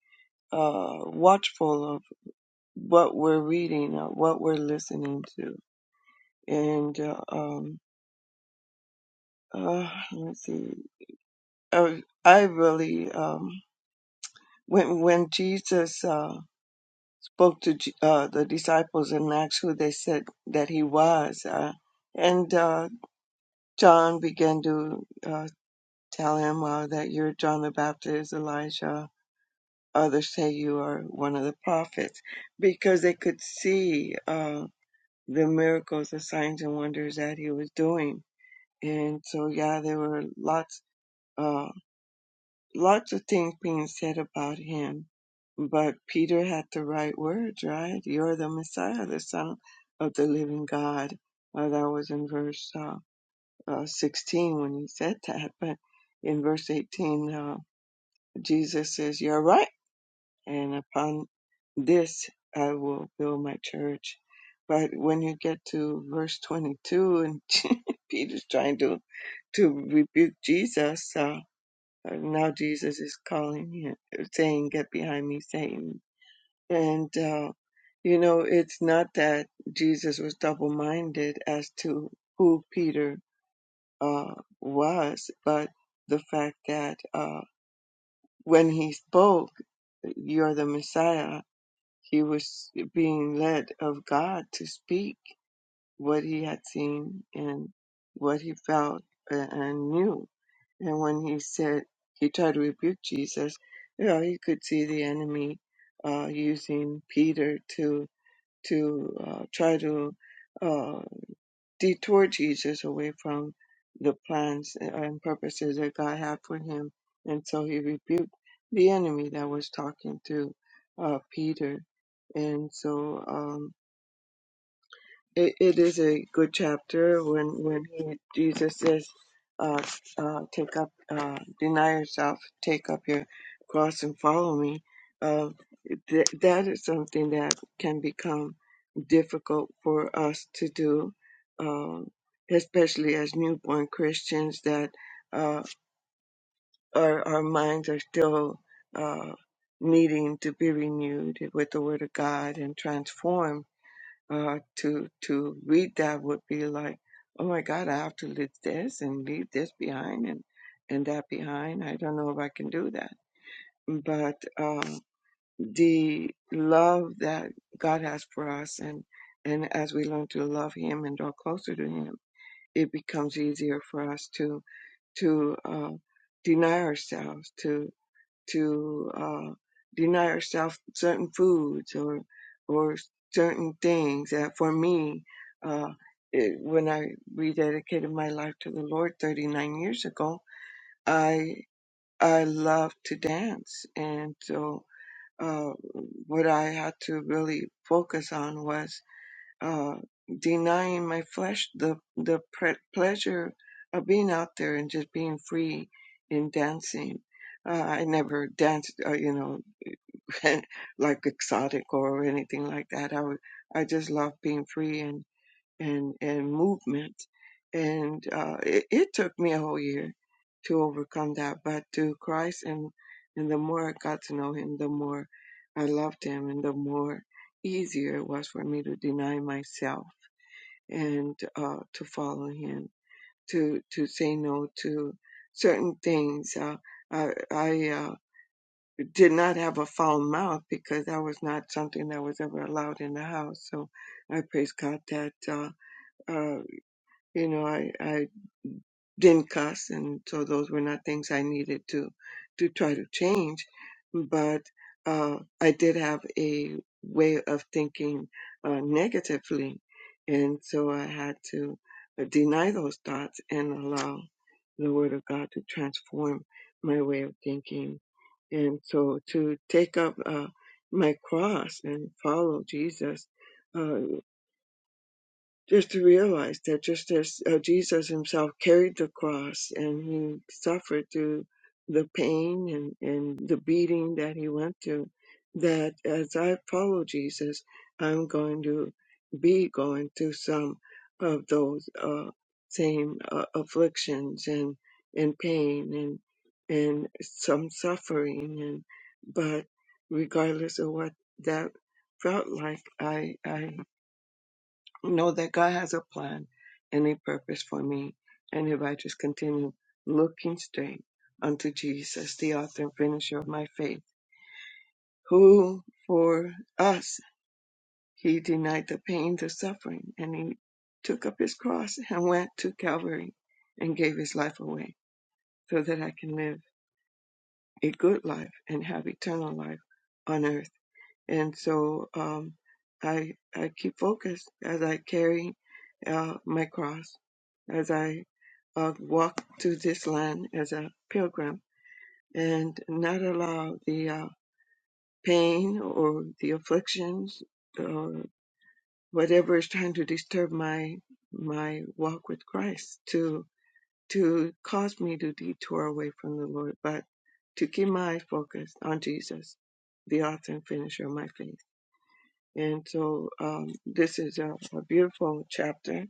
uh, watchful of what we're reading, uh, what we're listening to, and uh, um, uh, let me see. I, I really um, when when Jesus uh, spoke to J- uh, the disciples and asked who they said that he was, uh, and uh, John began to uh, tell him uh, that you're John the Baptist, Elijah. Others say you are one of the prophets because they could see uh, the miracles, the signs and wonders that he was doing, and so yeah, there were lots. uh, Lots of things being said about him, but Peter had the right words, right? You're the Messiah, the Son of the living God. Uh, that was in verse uh, uh, 16 when he said that, but in verse 18, uh, Jesus says, You're right, and upon this I will build my church. But when you get to verse 22, and Peter's trying to to rebuke Jesus. uh, uh, Now Jesus is calling him, saying, Get behind me, Satan. And, uh, you know, it's not that Jesus was double minded as to who Peter uh, was, but the fact that uh, when he spoke, You're the Messiah, he was being led of God to speak what he had seen and what he felt a- and knew And when he said he tried to rebuke Jesus, you know, he could see the enemy uh, using Peter to to uh, try to uh, detour Jesus away from the plans and purposes that God had for him. And so he rebuked the enemy that was talking to uh, Peter. And so. Um, it, it is a good chapter when when he Jesus says, uh, uh, "Take up, uh, deny yourself, take up your cross and follow me." Uh, th- that is something that can become difficult for us to do, uh, especially as newborn Christians that uh, our our minds are still uh, needing to be renewed with the Word of God and transformed uh, to to read that would be like, oh my God, I have to leave this and leave this behind and and that behind. I don't know if I can do that. But uh, the love that God has for us, and and as we learn to love Him and draw closer to Him, it becomes easier for us to to uh, deny ourselves, to to uh, deny ourselves certain foods or or certain things. That for me, uh, it, when I rededicated my life to the Lord 39 years ago, I I love to dance, and so uh, what I had to really focus on was uh, denying my flesh the the pre- pleasure of being out there and just being free in dancing. Uh, I never danced, uh, you know, and like exotic or anything like that. I would, I just love being free and and and movement, and uh, it, it took me a whole year to overcome that. But to Christ and and the more I got to know Him, the more I loved Him, and the more easier it was for me to deny myself and uh, to follow Him, to to say no to certain things. Uh, I I uh, did not have a foul mouth because that was not something that was ever allowed in the house. So I praise God that, uh, uh, you know, I, I didn't cuss, and so those were not things I needed to to try to change but uh I did have a way of thinking uh negatively and so I had to uh, deny those thoughts and allow the word of God to transform my way of thinking and so to take up uh my cross and follow Jesus uh, just to realize that just as uh, Jesus himself carried the cross and he suffered through the pain and, and the beating that he went through, that as I follow Jesus, I'm going to be going through some of those uh, same uh, afflictions and, and pain and and some suffering and but regardless of what that felt like, I I know that God has a plan and a purpose for me. And if I just continue looking straight unto Jesus, the author and finisher of my faith, who for us, he denied the pain, the suffering, and he took up his cross and went to Calvary and gave his life away so that I can live a good life and have eternal life on earth and so um, I I keep focused as I carry uh, my cross, as I uh, walk to this land as a pilgrim, and not allow the uh, pain or the afflictions or whatever is trying to disturb my my walk with Christ to to cause me to detour away from the Lord, but to keep my eyes focused on Jesus, the author and finisher of my faith. And so um, this is a, a beautiful chapter,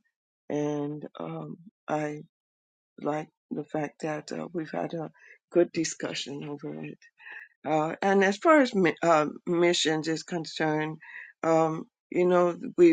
and um, I like the fact that uh, we've had a good discussion over it. Uh, and as far as mi- uh, missions is concerned, um, you know, we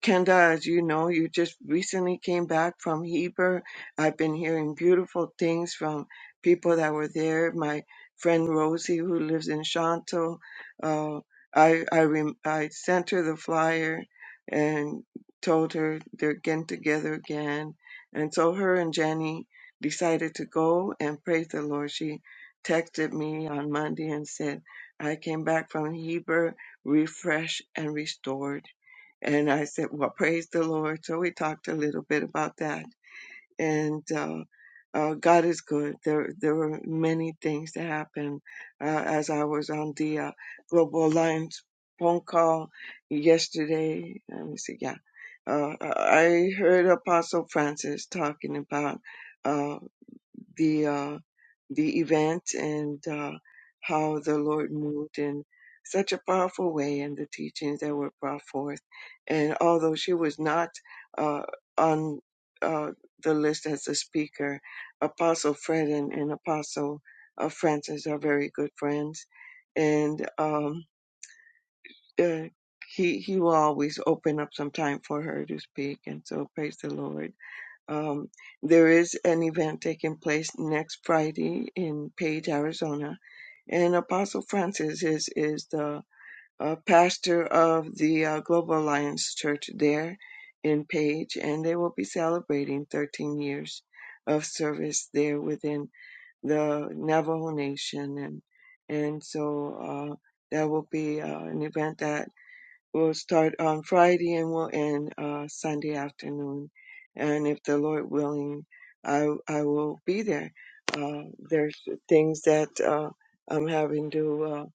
Kenda, as you know, you just recently came back from Heber. I've been hearing beautiful things from people that were there. My friend Rosie, who lives in Shanto, uh, I I, rem- I sent her the flyer and told her they're getting together again. And so her and Jenny decided to go and praise the Lord. She texted me on Monday and said, I came back from Heber refreshed and restored and I said, Well, praise the Lord. So we talked a little bit about that. And uh, uh, God is good. There, there were many things that happened uh, as I was on the uh, Global Alliance phone call yesterday. Let me see. Yeah. Uh, I heard Apostle Francis talking about. uh, the uh, the event and uh, how the Lord moved in such a powerful way and the teachings that were brought forth. And although she was not uh, on uh, the list as a speaker, Apostle Fred and, and Apostle uh, Francis are very good friends, and um, uh, he he will always open up some time for her to speak. And so praise the Lord um, there is an event taking place next Friday in Page, Arizona, and Apostle Francis is is the uh, pastor of the uh, Global Alliance Church there in Page, and they will be celebrating 13 years of service there within the Navajo Nation, and and so uh, that will be uh, an event that We'll start on Friday and we'll end uh, Sunday afternoon. And if the Lord willing, I I will be there. Uh, there's things that uh, I'm having to uh,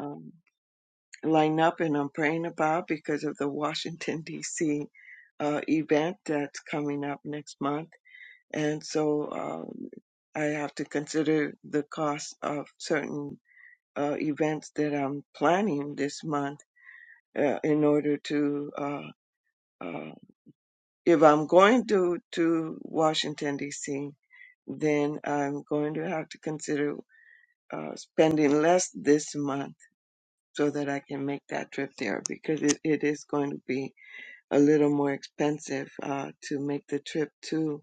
um, line up and I'm praying about because of the Washington D.C. Uh, event that's coming up next month. And so uh, I have to consider the cost of certain uh, events that I'm planning this month uh, in order to Uh, uh, if I'm going to to Washington D.C., then I'm going to have to consider uh, spending less this month so that I can make that trip there because it, it is going to be a little more expensive uh, to make the trip to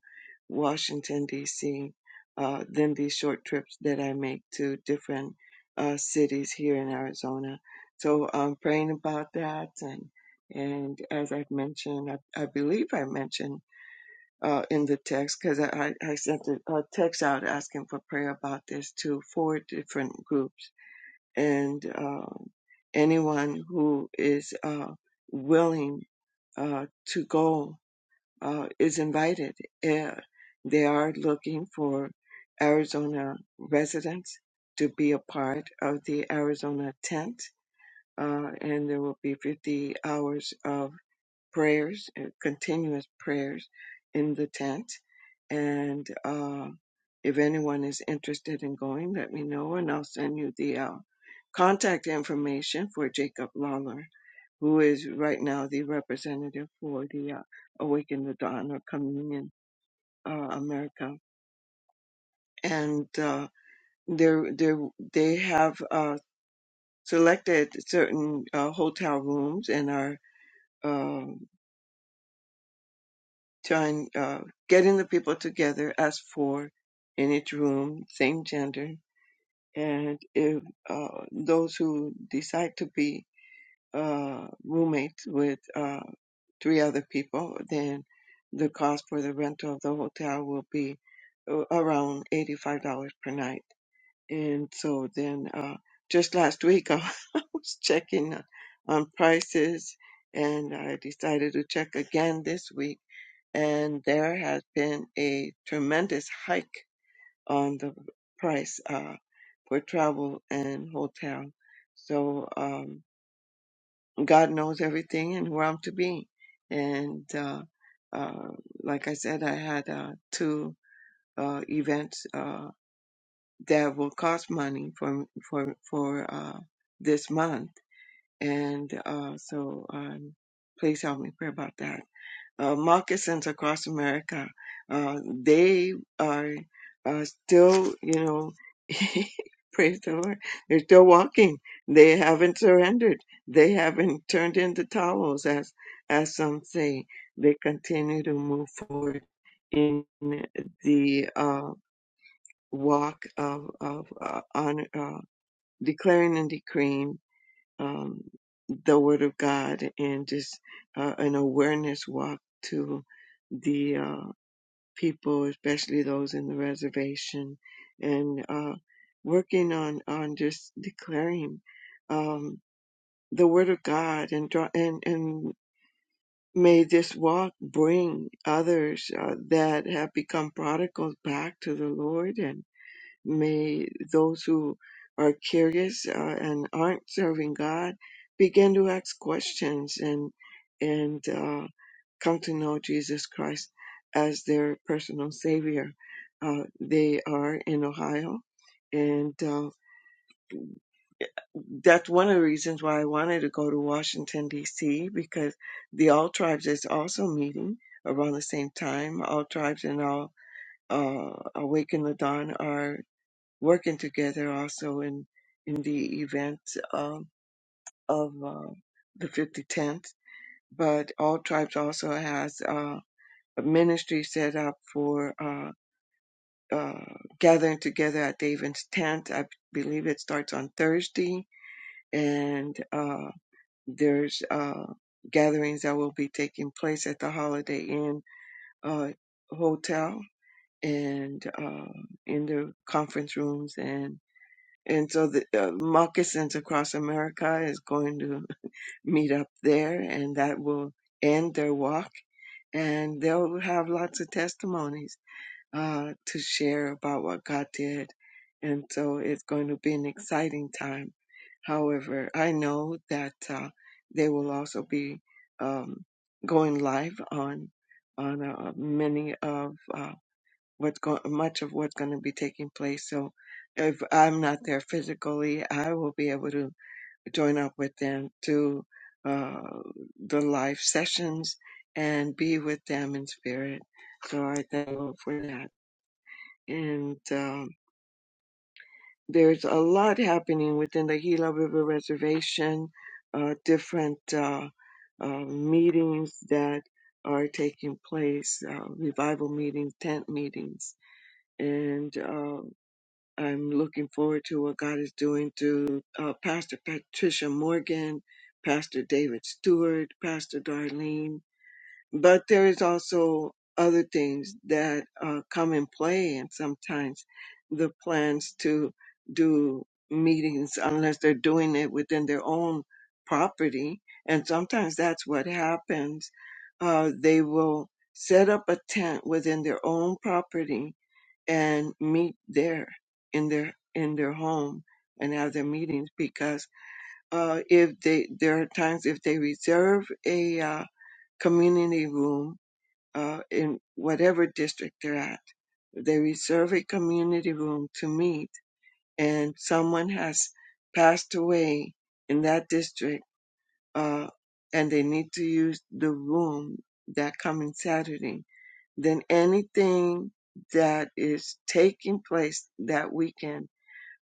Washington D.C. Uh, than these short trips that I make to different uh, cities here in Arizona. So I'm praying about that and and as I've mentioned, I, I believe I mentioned uh, in the text because I, I sent a, a text out asking for prayer about this to four different groups. And um anyone who is uh, willing uh, to go uh, is invited. Uh, they are looking for Arizona residents to be a part of the Arizona tent. Uh, and there will be 50 hours of prayers, uh, continuous prayers in the tent. And uh, if anyone is interested in going, let me know and I'll send you the uh, contact information for Jacob Lawler, who is right now the representative for the uh, Awaken the Dawn or Communion uh, America. And uh, they're, they're, they have uh, selected certain uh, hotel rooms and are. uh, trying uh, getting the people together as four in each room, same gender, and if uh, those who decide to be uh, roommates with uh, three other people, then the cost for the rental of the hotel will be uh, around eighty-five dollars per night. And so then, uh, just last week, I was checking on prices, and I decided to check again this week and there has been a tremendous hike on the price uh, for travel and hotel. So um, God knows everything and where I'm to be. And uh, uh, like I said, I had uh, two uh, events uh, that will cost money for for for uh, this month, and uh, so um, please help me pray about that. uh, moccasins across America. Uh, they are uh, still, you know, praise the Lord, they're still walking. They haven't surrendered. They haven't turned into towels, as as some say. They continue to move forward in the uh, walk of of uh, on uh, declaring and decreeing um, the Word of God and just uh, an awareness walk to the uh, people, especially those in the reservation, and uh, working on on just declaring um, the Word of God and draw and and. May this walk bring others uh, that have become prodigals back to the Lord and. May those who are curious uh, and aren't serving God begin to ask questions and and uh, come to know Jesus Christ as their personal Savior. Uh, they are in Ohio, and uh, that's one of the reasons why I wanted to go to Washington D.C. because the All Tribes is also meeting around the same time. All Tribes and All uh, Awaken the Dawn are working together also in in the event um, of uh, the 5010th. But All Tribes also has uh, a ministry set up for uh, uh, gathering together at David's tent. I believe it starts on Thursday, and uh, there's uh, gatherings that will be taking place at the Holiday Inn uh, Hotel and uh, in the conference rooms and. and so the uh, moccasins across america is going to meet up there and that will end their walk and they'll have lots of testimonies uh, to share about what god did and so it's going to be an exciting time however i know that uh, they will also be um, going live on on uh, many of uh, what's going much of what's going to be taking place so if i'm not there physically i will be able to join up with them to uh, the live sessions and be with them in spirit so i thank you for that and um, there's a lot happening within the gila river reservation uh, different uh, uh, meetings that are taking place uh, revival meetings tent meetings and uh, I'm looking forward to what God is doing through uh, Pastor Patricia Morgan, Pastor David Stewart, Pastor Darlene. But there is also other things that uh, come in play, and sometimes the plans to do meetings, unless they're doing it within their own property, and sometimes that's what happens. Uh, they will set up a tent within their own property and meet there in their in their home and have their meetings because uh, if they there are times if they reserve a uh, community room uh, in whatever district they're at, they reserve a community room to meet, and someone has passed away in that district uh, and they need to use the room that coming Saturday, then anything that is taking place that weekend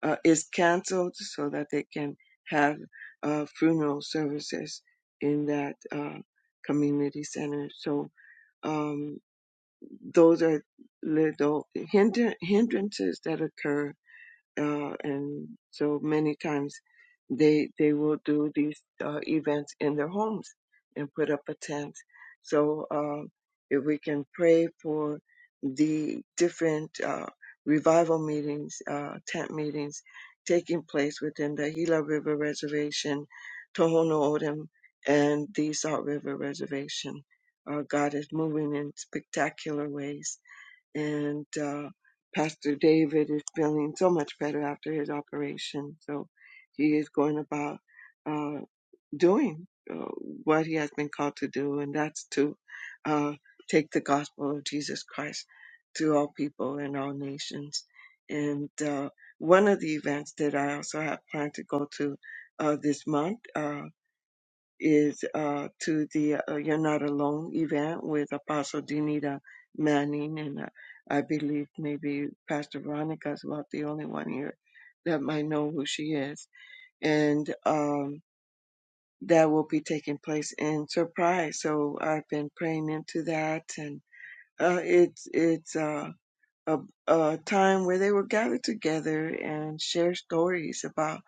uh, is canceled so that they can have uh, funeral services in that uh, community center. So um, those are little hinder- hindrances that occur uh, and so many times they they will do these uh, events in their homes and put up a tent. So uh, if we can pray for the different uh, revival meetings, uh, tent meetings taking place within the Gila River Reservation, Tohono O'odham, and the Salt River Reservation, uh, God is moving in spectacular ways and uh, Pastor David is feeling so much better after his operation. So he is going about uh, doing uh, what he has been called to do, and that's to uh, take the gospel of Jesus Christ to all people and all nations. And uh, one of the events that I also have planned to go to uh, this month. Uh, is uh, to the uh, You're Not Alone event with Apostle Danita Manning, and uh, I believe maybe Pastor Veronica is about the only one here that might know who she is. And um, that will be taking place in Surprise. So I've been praying into that, and uh, it's it's. uh, a, a time where they were gathered together and share stories about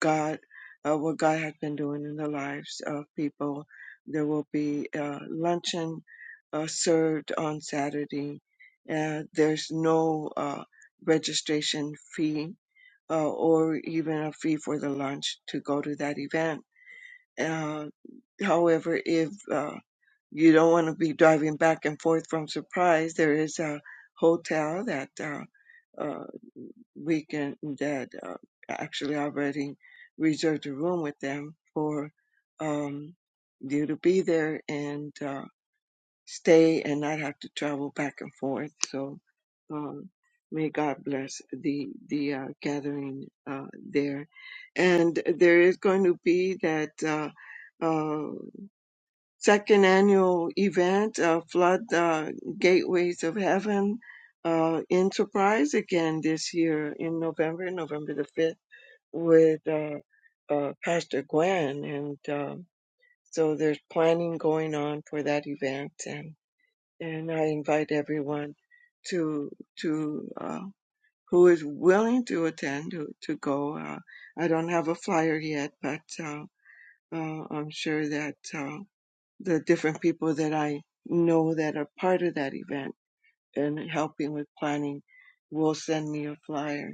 God, uh, what God had been doing in the lives of people. There will be uh, luncheon uh, served on Saturday. Uh, there's no uh, registration fee uh, or even a fee for the lunch to go to that event. Uh, however, if uh, you don't want to be driving back and forth from Surprise, there is a hotel that. uh, uh, weekend that uh, actually already reserved a room with them for um, you to be there and uh, stay and not have to travel back and forth. So um, may God bless the the uh, gathering uh, there, and there is going to be that. Uh, uh, second annual event, uh, Flood uh, Gateways of Heaven uh, Enterprise again this year in November, November the 5th, with uh, uh, Pastor Gwen. And um, so there's planning going on for that event. And, and I invite everyone to, to uh, who is willing to attend to, to go. Uh, I don't have a flyer yet, but uh, uh, I'm sure that. Uh, the different people that I know that are part of that event and helping with planning will send me a flyer.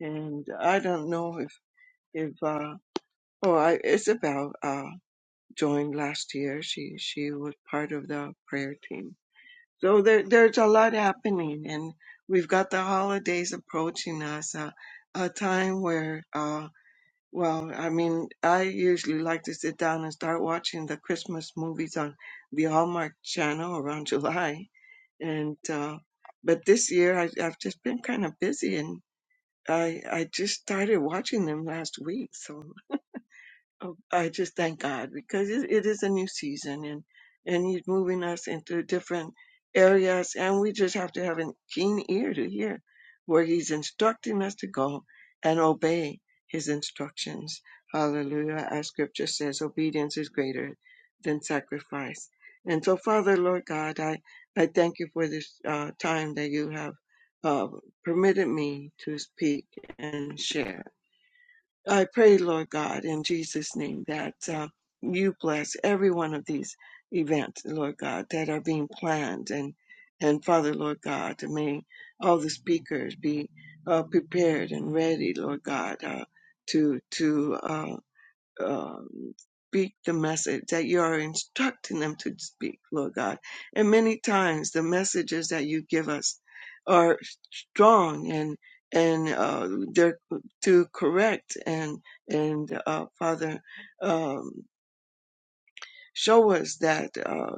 And I don't know if, if, uh, oh, I, Isabel, uh, joined last year. She, she was part of the prayer team. So there, there's a lot happening and we've got the holidays approaching us, uh, a time where, uh, well, I mean, I usually like to sit down and start watching the Christmas movies on the Hallmark Channel around July. and uh, but this year I, I've just been kind of busy, and I I just started watching them last week, so Oh, I just thank God because it, it is a new season and and He's moving us into different areas, and we just have to have a keen ear to hear where He's instructing us to go and obey His instructions. Hallelujah! As Scripture says, obedience is greater than sacrifice. And so, Father, Lord God, I I thank you for this uh, time that you have uh, permitted me to speak and share. I pray, Lord God, in Jesus' name, that uh, you bless every one of these events, Lord God, that are being planned. And, and Father, Lord God, may all the speakers be uh, prepared and ready, Lord God, uh, to, to uh, um, speak the message that you are instructing them to speak, Lord God. And many times the messages that you give us are strong and and uh, they're to correct and and uh, Father. um, Show us that uh,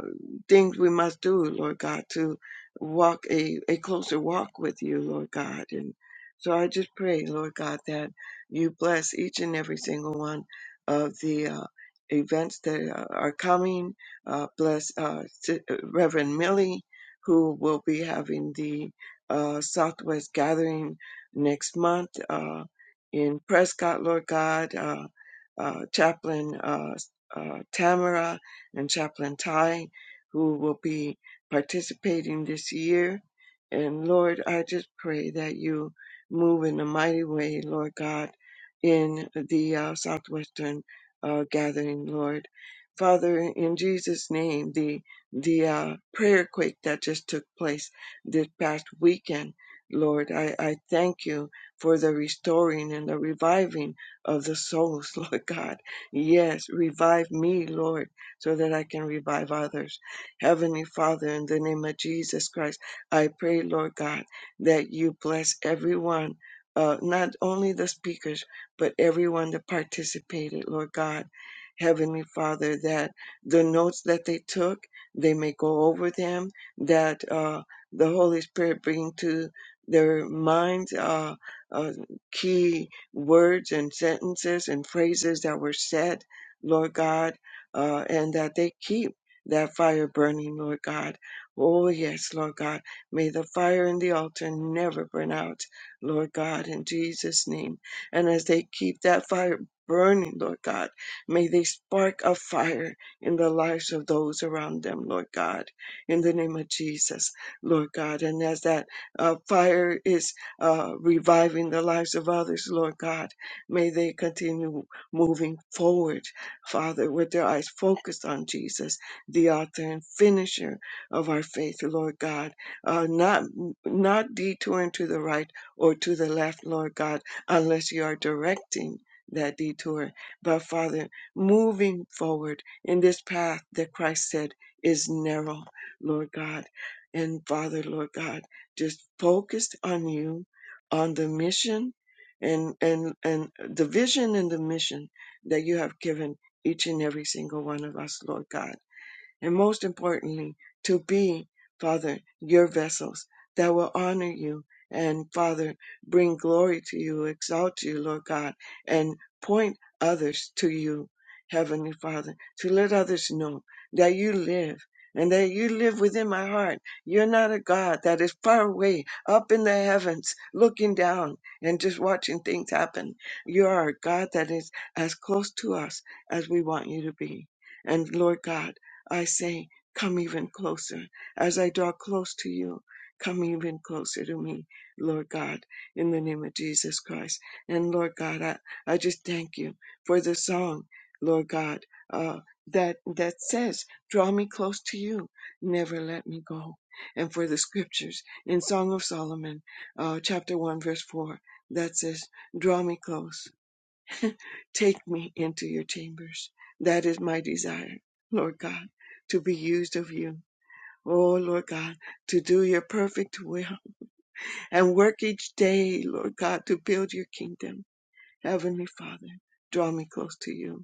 things we must do, Lord God, to walk a, a closer walk with you, Lord God. And so I just pray, Lord God, that you bless each and every single one of the uh, events that uh, are coming. Uh, bless uh, Si- uh, Reverend Millie, who will be having the uh, Southwest gathering next month uh, in Prescott, Lord God. Uh, uh, Chaplain uh, uh, Tamara, and Chaplain Ty, who will be participating this year. And Lord, I just pray that you move in a mighty way, Lord God, in the uh, Southwestern uh, gathering, Lord. Father, in Jesus' name, the the uh, prayer quake that just took place this past weekend, Lord, I, I thank you for the restoring and the reviving of the souls, Lord God. Yes, revive me, Lord so that I can revive others. Heavenly Father, in the name of Jesus Christ, I pray, Lord God, that you bless everyone, uh, not only the speakers, but everyone that participated, Lord God. Heavenly Father, that the notes that they took, they may go over them, that uh, the Holy Spirit bring to their minds uh, uh, key words and sentences and phrases that were said, Lord God uh, and that they keep that fire burning, Lord God. Oh, yes, Lord God. May the fire in the altar never burn out, Lord God, in Jesus' name. And as they keep that fire burning, Lord God, may they spark a fire in the lives of those around them, Lord God, in the name of Jesus, Lord God. And as that uh, fire is uh, reviving the lives of others, Lord God, may they continue moving forward Father, with their eyes focused on Jesus, the author and finisher of our faith, Lord God, uh, not, not detouring to the right or to the left, Lord God, unless you are directing that detour. But Father, moving forward in this path that Christ said is narrow, Lord God. And Father, Lord God, just focused on you, on the mission and and and the vision and the mission that you have given each and every single one of us, Lord God and most importantly, to be, Father, your vessels that will honor you and, Father, bring glory to you, exalt you, Lord God, and point others to you, Heavenly Father, to let others know that you live and that you live within my heart. You're not a God that is far away up in the heavens looking down and just watching things happen. You are a God that is as close to us as we want you to be. And Lord God, I say, Come even closer. As I draw close to you, come even closer to me, Lord God, in the name of Jesus Christ. And Lord God, I, I just thank you for the song, Lord God, uh, that that says, Draw me close to you, never let me go. And for the scriptures in Song of Solomon, uh, chapter 1, verse 4, that says, Draw me close. Take me into your chambers. That is my desire, Lord God, to be used of you. Oh, Lord God, to do your perfect will and work each day, Lord God, to build your kingdom. Heavenly Father, draw me close to you.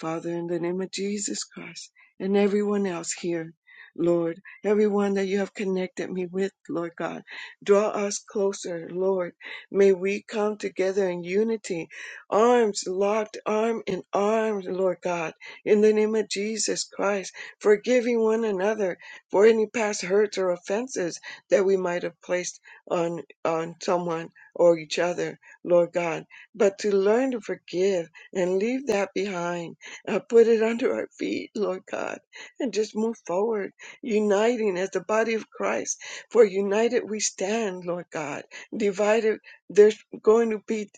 Father, in the name of Jesus Christ and everyone else here, Lord, everyone that you have connected me with, Lord God, draw us closer, Lord. May we come together in unity, arms locked, arm in arm, Lord God, in the name of Jesus Christ, forgiving one another for any past hurts or offenses that we might have placed on, on someone or each other, Lord God, but to learn to forgive and leave that behind uh, put it under our feet, Lord God, and just move forward, uniting as the body of Christ. For united we stand, Lord God. Divided, there's going to be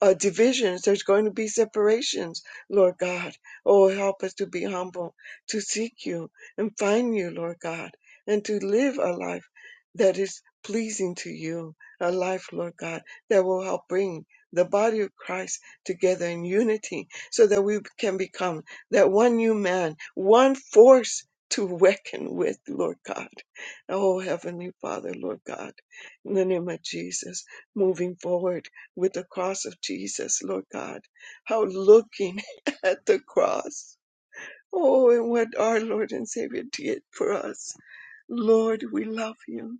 uh, divisions, there's going to be separations, Lord God. Oh, help us to be humble, to seek you and find you, Lord God, and to live a life that is pleasing to you, a life, Lord God, that will help bring the body of Christ together in unity so that we can become that one new man, one force to reckon with, Lord God. Oh, Heavenly Father, Lord God, in the name of Jesus, moving forward with the cross of Jesus, Lord God, how looking at the cross. Oh, and what our Lord and Savior did for us Lord, we love you.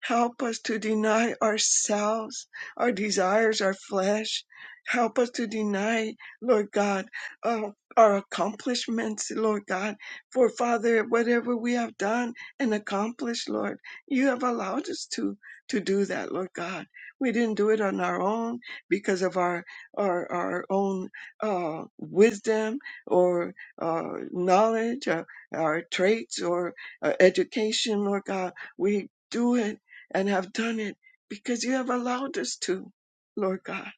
Help us to deny ourselves, our desires, our flesh. Help us to deny, Lord God, uh, our accomplishments, Lord God. For Father, whatever we have done and accomplished, Lord, you have allowed us to to do that, Lord God. We didn't do it on our own because of our our our own uh, wisdom or uh, knowledge, or our traits, or our education, Lord God. We do it and have done it because you have allowed us to, Lord God.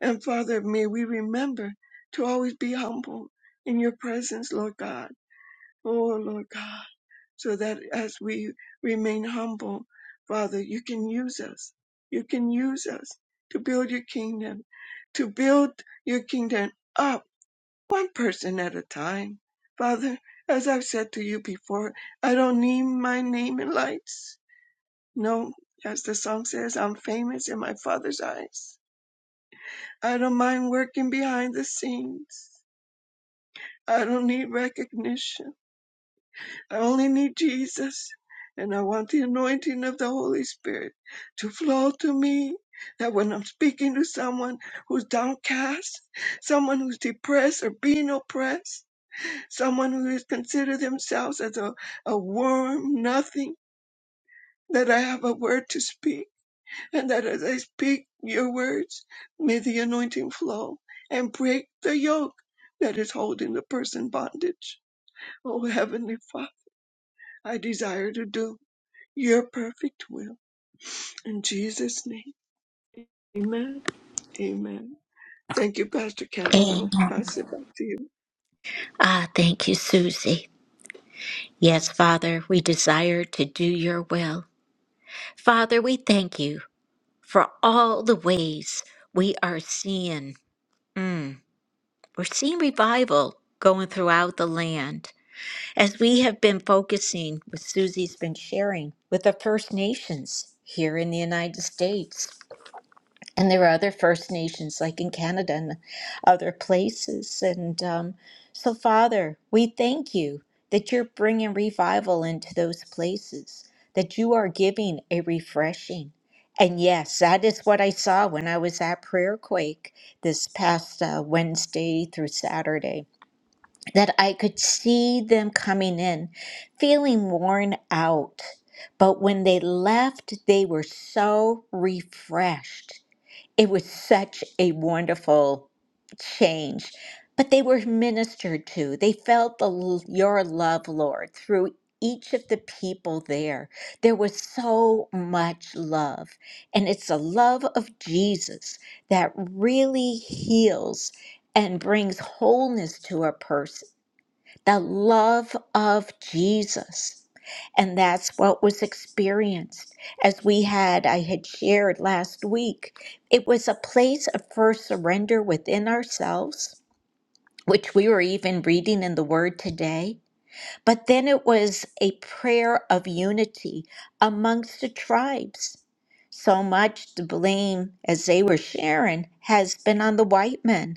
And Father, may we remember to always be humble in your presence, Lord God. Oh, Lord God, so that as we remain humble, Father, you can use us. You can use us to build your kingdom, to build your kingdom up one person at a time. Father, as I've said to you before, I don't need my name in lights. No, as the song says, I'm famous in my Father's eyes. I don't mind working behind the scenes. I don't need recognition. I only need Jesus. And I want the anointing of the Holy Spirit to flow to me. That when I'm speaking to someone who's downcast, someone who's depressed or being oppressed, someone who has considered themselves as a, a worm, nothing, that I have a word to speak, and that as I speak your words, may the anointing flow and break the yoke that is holding the person bondage. Oh, Heavenly Father, I desire to do your perfect will. In Jesus' name, amen. Amen. Thank you, Pastor Kendall.
Amen.
I'll pass it back to you.
Ah, thank you, Susie. Yes, Father, we desire to do your will. Father, we thank you for all the ways we are seeing. We're seeing revival going throughout the land as we have been focusing with Susie's been sharing with the First Nations here in the United States. And there are other First Nations like in Canada and other places. And um, so, Father, we thank you that you're bringing revival into those places, that you are giving a refreshing. And yes, that is what I saw when I was at Prayer Quake this past uh, Wednesday through Saturday that I could see them coming in feeling worn out. But when they left, they were so refreshed. It was such a wonderful change. But they were ministered to. They felt the, your love, Lord, through each of the people there. There was so much love. And it's the love of Jesus that really heals and brings wholeness to a person the love of Jesus. And that's what was experienced. As we had, I had shared last week, it was a place of first surrender within ourselves, which we were even reading in the Word today. But then it was a prayer of unity amongst the tribes. So much the blame, as they were sharing, has been on the white men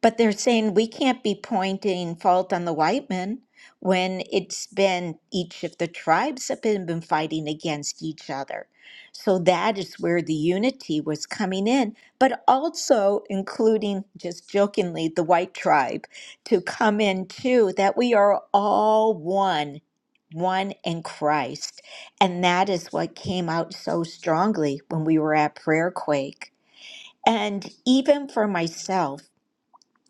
but they're saying we can't be pointing fault on the white men when it's been each of the tribes have been, been fighting against each other. So that is where the unity was coming in, but also including, just jokingly, the white tribe to come in too, that we are all one, one in Christ. And that is what came out so strongly when we were at Prayer Quake. And even for myself,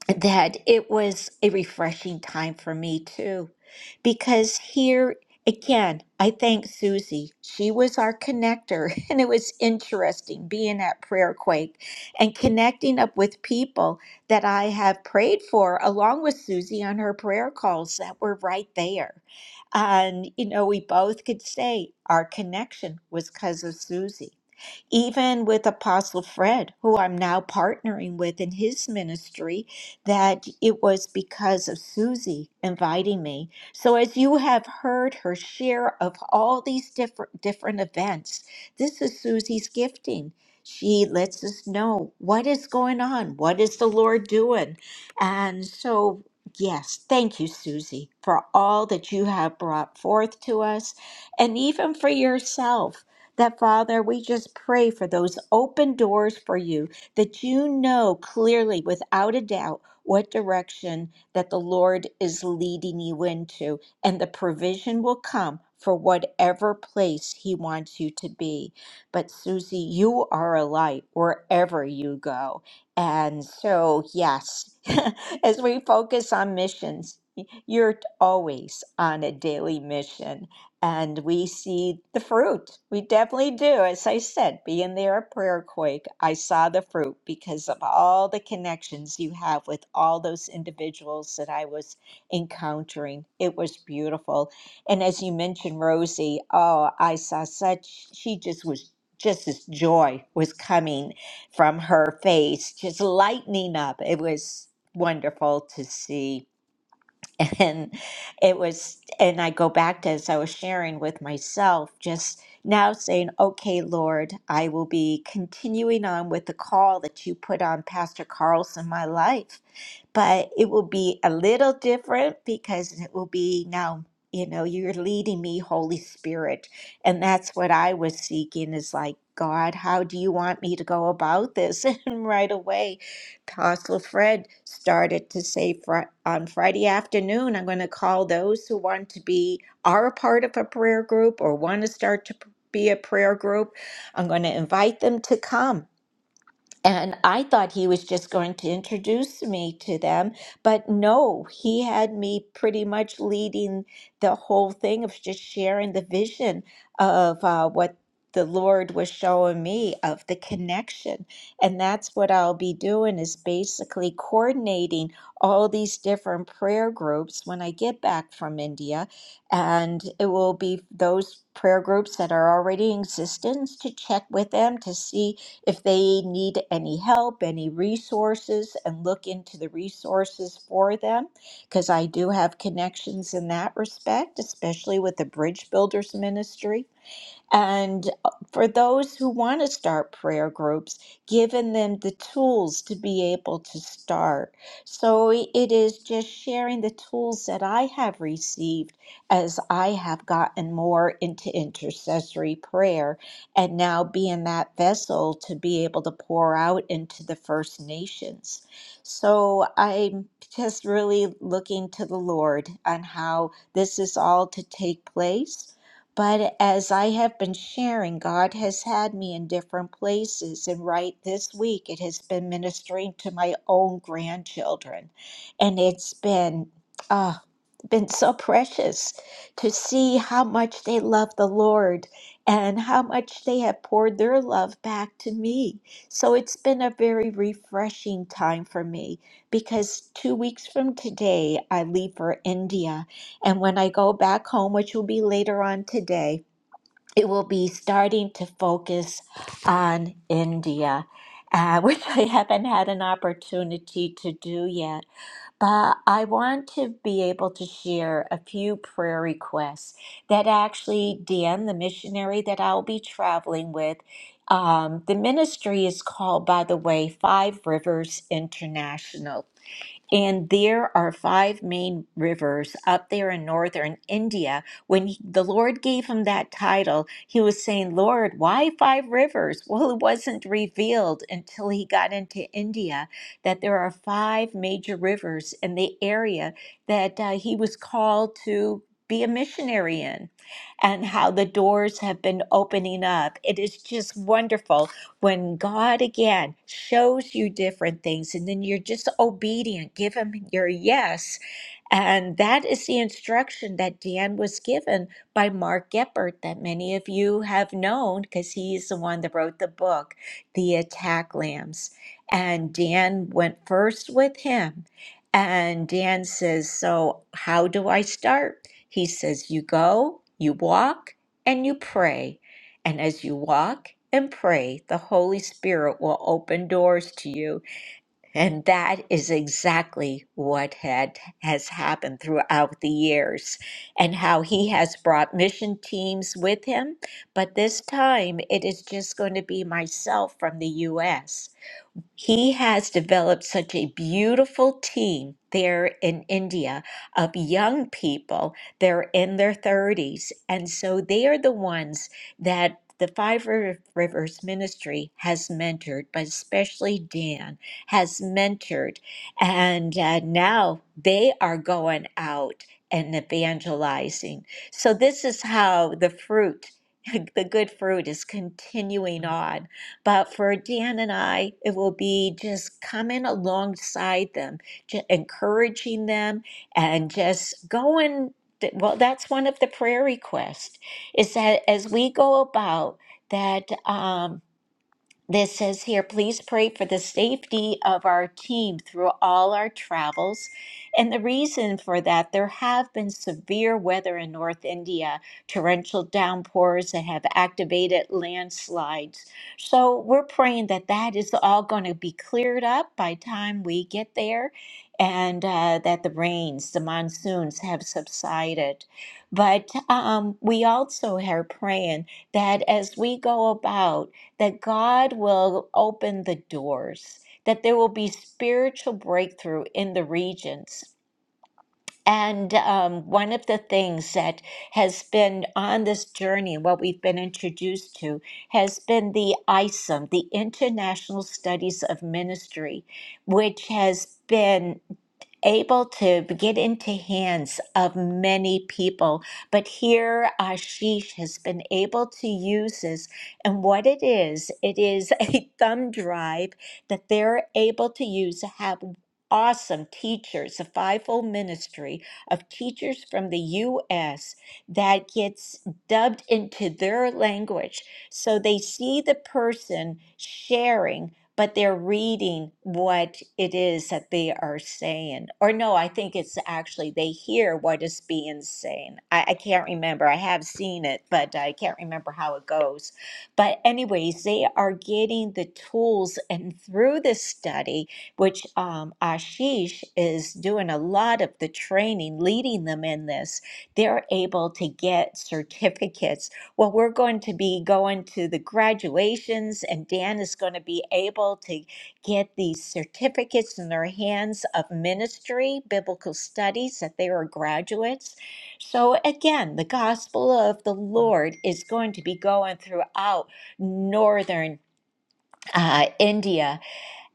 that it was a refreshing time for me too. Because here again, I thank Susie. She was our connector, and it was interesting being at Prayer Quake and connecting up with people that I have prayed for, along with Susie on her prayer calls that were right there. And, you know, we both could say our connection was because of Susie even with Apostle Fred, who I'm now partnering with in his ministry, that it was because of Susie inviting me. So as you have heard her share of all these different different events, this is Susie's gifting. She lets us know what is going on, what is the Lord doing. And so yes, thank you Susie for all that you have brought forth to us and even for yourself. That Father, we just pray for those open doors for you that you know clearly without a doubt what direction that the Lord is leading you into, and the provision will come for whatever place He wants you to be. But Susie, you are a light wherever you go. And so, yes, as we focus on missions, you're always on a daily mission. And we see the fruit. We definitely do. As I said, being there at Prayer Quake, I saw the fruit because of all the connections you have with all those individuals that I was encountering. It was beautiful. And as you mentioned, Rosie, oh, I saw such, she just was, just this joy was coming from her face, just lightening up. It was wonderful to see. And it was, and I go back to as I was sharing with myself, just now saying, okay, Lord, I will be continuing on with the call that you put on Pastor Carl's in my life but it will be a little different because it will be now you know you're leading me holy spirit and that's what i was seeking is like god how do you want me to go about this and right away apostle fred started to say Fri on friday afternoon i'm going to call those who want to be are a part of a prayer group or want to start to p- be a prayer group i'm going to invite them to come and I thought he was just going to introduce me to them, but no, he had me pretty much leading the whole thing of just sharing the vision of uh, what the Lord was showing me of the connection. And that's what I'll be doing is basically coordinating all these different prayer groups when I get back from India. And it will be those prayer groups that are already in existence to check with them to see if they need any help, any resources, and look into the resources for them, because I do have connections in that respect, especially with the Bridge Builders Ministry. And uh, for those who want to start prayer groups, giving them the tools to be able to start. So it is just sharing the tools that I have received as I have gotten more into intercessory prayer and now being that vessel to be able to pour out into the First Nations. So I'm just really looking to the Lord on how this is all to take place but as I have been sharing, God has had me in different places. And right this week, it has been ministering to my own grandchildren. And it's been, ah, been so precious to see how much they love the Lord and how much they have poured their love back to me. So it's been a very refreshing time for me because two weeks from today, I leave for India. And when I go back home, which will be later on today, it will be starting to focus on India, uh, which I haven't had an opportunity to do yet. But I want to be able to share a few prayer requests that actually Dan, the missionary that I'll be traveling with, um, the ministry is called, by the way, Five Rivers International. And there are five main rivers up there in northern India. When he- the Lord gave him that title, he was saying, Lord, why five rivers? Well, it wasn't revealed until he got into India that there are five major rivers in the area that uh, he was called to be a missionary in, and how the doors have been opening up. It is just wonderful when God again shows you different things and then you're just obedient, give Him your yes and that is the instruction that Dan was given by Mark Geppert, that many of you have known because he's the one that wrote the book, The Attack Lambs. And Dan went first with him. And Dan says, So, how do I start? He says, You go, you walk, and you pray. And as you walk and pray, the Holy Spirit will open doors to you and that is exactly what had has happened throughout the years and how he has brought mission teams with him, but this time it is just going to be myself from the US. He has developed such a beautiful team there in India of young people. They're in their 30s. And so they are the ones that the Five Riv- Rivers Ministry has mentored, but especially Dan has mentored. And uh, now they are going out and evangelizing. So this is how the fruit, the good fruit, is continuing on. But for Dan and I, it will be just coming alongside them, ju- encouraging them, and just going. th- Well, that's one of the prayer requests is that as we go about that. Um, this says here, please pray for the safety of our team through all our travels. And the reason for that, there have been severe weather in North India, torrential downpours that have activated landslides. So we're praying that that is all going to be cleared up by time we get there and uh, that the rains, the monsoons have subsided. But um, we also are praying that as we go about, that God will open the doors, that there will be spiritual breakthrough in the regions. And um, one of the things that has been on this journey, what we've been introduced to, has been the ISOM, the International Studies of Ministry, which has been able to get into hands of many people. But here, Ashish has been able to use this. And what it is, it is a thumb drive that they're able to use to have awesome teachers, a fivefold ministry of teachers from the U.S. that gets dubbed into their language. So they see the person sharing but they're reading what it is that they are saying. Or no, I think it's actually they hear what is being saying. I, I can't remember. I have seen it, but I can't remember how it goes. But, anyways, they are getting the tools, and through this study, which um, Ashish is doing a lot of the training, leading them in this, they're able to get certificates well, we're going to be going to the graduations, and Dan is going to be able to get these certificates in their hands of ministry, biblical studies, that they are graduates. So, again, the gospel of the Lord is going to be going throughout northern uh, India.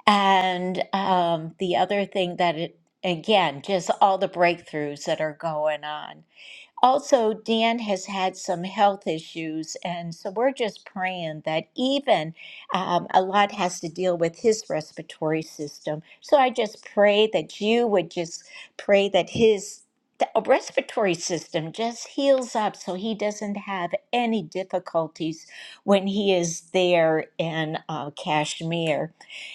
And um, the other thing that it, again, just all the breakthroughs that are going on also, Dan has had some health issues, and so we're just praying that even um, a lot has to deal with his respiratory system. So I just pray that you would just pray that his the uh, respiratory system just heals up so he doesn't have any difficulties when he is there in uh, Kashmir.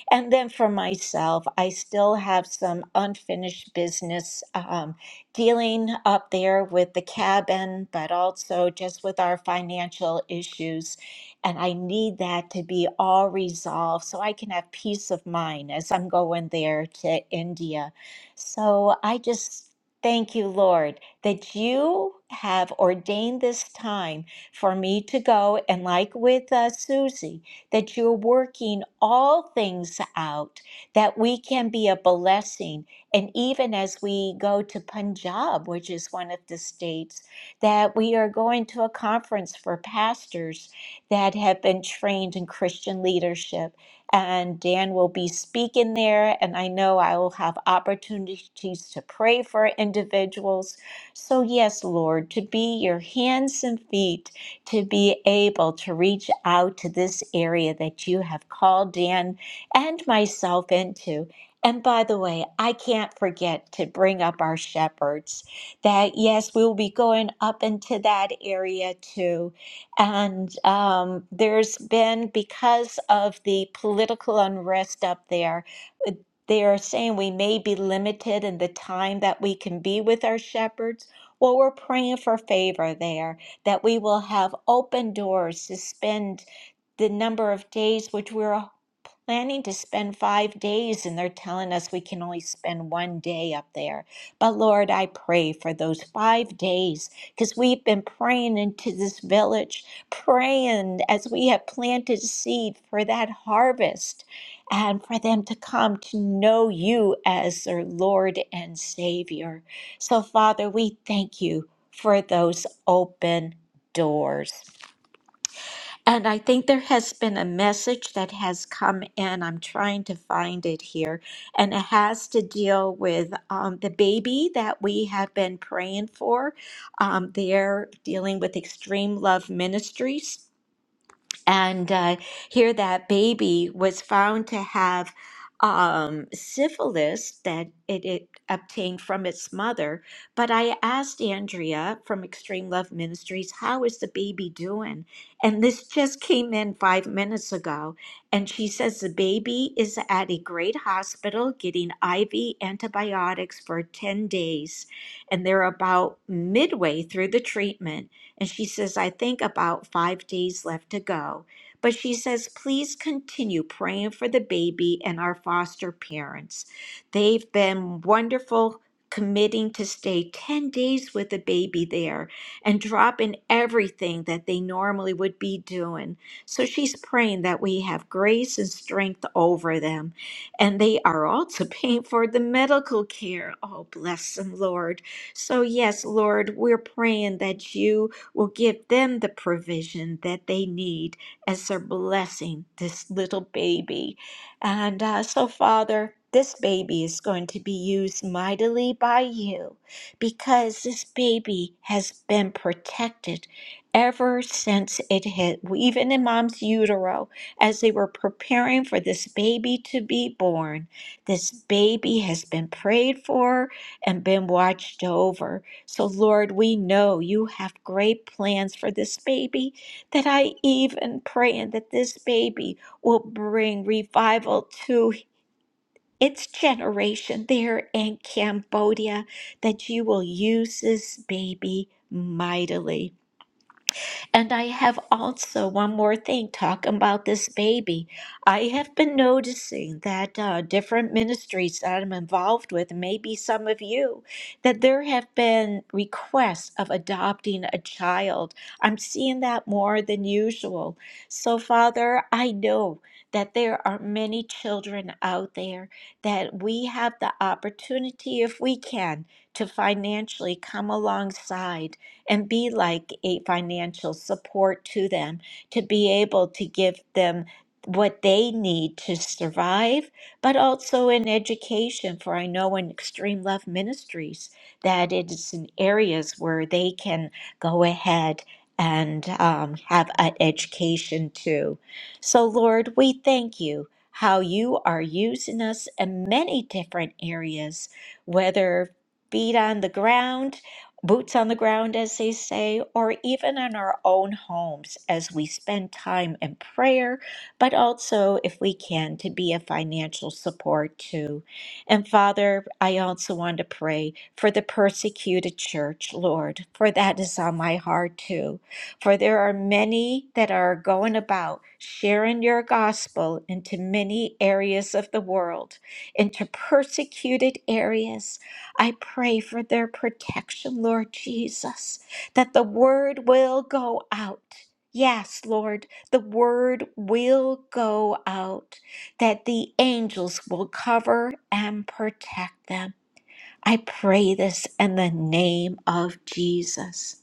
And then for myself, I still have some unfinished business um, dealing up there with the cabin, but also just with our financial issues. And I need that to be all resolved so I can have peace of mind as I'm going there to India. So I just thank you, Lord, that you have ordained this time for me to go. And like with uh, Susie, that you're working all things out, that we can be a blessing. And even as we go to Punjab, which is one of the states, that we are going to a conference for pastors that have been trained in Christian leadership. And Dan will be speaking there, and I know I will have opportunities to pray for individuals. So, yes, Lord, to be your hands and feet to be able to reach out to this area that you have called Dan and myself into. And by the way, I can't forget to bring up our shepherds that, yes, we will be going up into that area too. And um, there's been, because of the political unrest up there, uh, they are saying we may be limited in the time that we can be with our shepherds. Well, we're praying for favor there that we will have open doors to spend the number of days which we were planning to spend five days and they're telling us we can only spend one day up there but lord i pray for those five days because we've been praying into this village praying as we have planted seed for that harvest and for them to come to know you as their lord and savior so father we thank you for those open doors and I think there has been a message that has come in. I'm trying to find it here. And it has to deal with um, the baby that we have been praying for. Um, they're dealing with Extreme Love Ministries and uh, here that baby was found to have um, syphilis that it, it obtained from its mother. But I asked Andrea from Extreme Love Ministries, "How is the baby doing?" And this just came in five minutes ago, and she says the baby is at a great hospital getting IV antibiotics for ten days, and they're about midway through the treatment and she says, I think about five days left to go. But she says, please continue praying for the baby and our foster parents. They've been wonderful committing to stay 10 days with the baby there and drop in everything that they normally would be doing. So she's praying that we have grace and strength over them. And they are also paying for the medical care. Oh, bless them, Lord. So, yes, Lord, we're praying that you will give them the provision that they need as their blessing this little baby. And uh, so, Father, this baby is going to be used mightily by you because this baby has been protected ever since it hit, even in mom's utero, as they were preparing for this baby to be born. This baby has been prayed for and been watched over. So, Lord, we know you have great plans for this baby, that I even praying that this baby will bring revival to its generation there in Cambodia, that you will use this baby mightily. And I have also one more thing talking about this baby. I have been noticing that uh, different ministries that I'm involved with, maybe some of you, that there have been requests of adopting a child. I'm seeing that more than usual. So, Father, I know that there are many children out there that we have the opportunity, if we can, to financially come alongside and be like a financial support to them to be able to give them what they need to survive, but also in education. For I know in Extreme Love Ministries that it is in areas where they can go ahead and um, have an education too. So, Lord, we thank you how you are using us in many different areas, whether feet on the ground boots on the ground, as they say, or even in our own homes as we spend time in prayer, but also, if we can, to be a financial support too. And Father, I also want to pray for the persecuted church, Lord, for that is on my heart too. For there are many that are going about sharing your gospel into many areas of the world, into persecuted areas. I pray for their protection, Lord Jesus, that the word will go out. Yes, Lord, the word will go out, that the angels will cover and protect them. I pray this in the name of Jesus.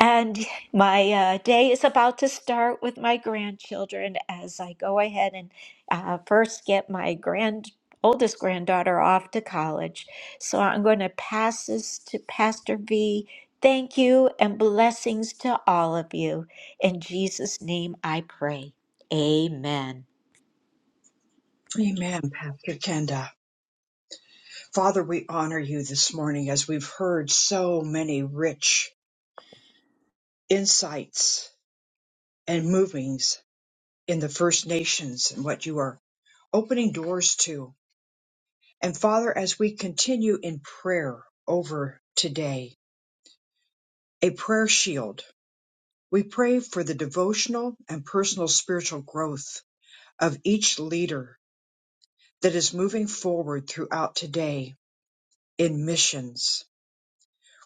And my uh, day is about to start with my grandchildren as I go ahead and uh, first get my grand oldest granddaughter off to college. So I'm going to pass this to Pastor V. Thank you and blessings to all of you. In Jesus' name I pray. Amen.
Amen, Pastor Kenda. Father, we honor you this morning as we've heard so many rich insights and movings in the First Nations and what you are opening doors to. And Father, as we continue in prayer over today, a prayer shield We pray for the devotional and personal spiritual growth of each leader that is moving forward throughout today in missions.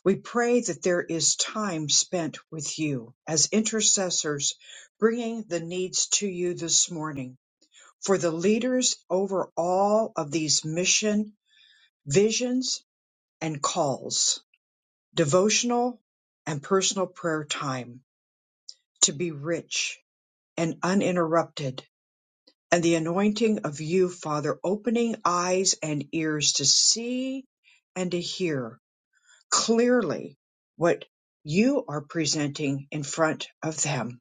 We pray that there is time spent with you as intercessors, bringing the needs to you this morning for the leaders over all of these mission visions and calls, devotional and personal prayer time to be rich and uninterrupted and the anointing of you, Father, opening eyes and ears to see and to hear clearly what you are presenting in front of them.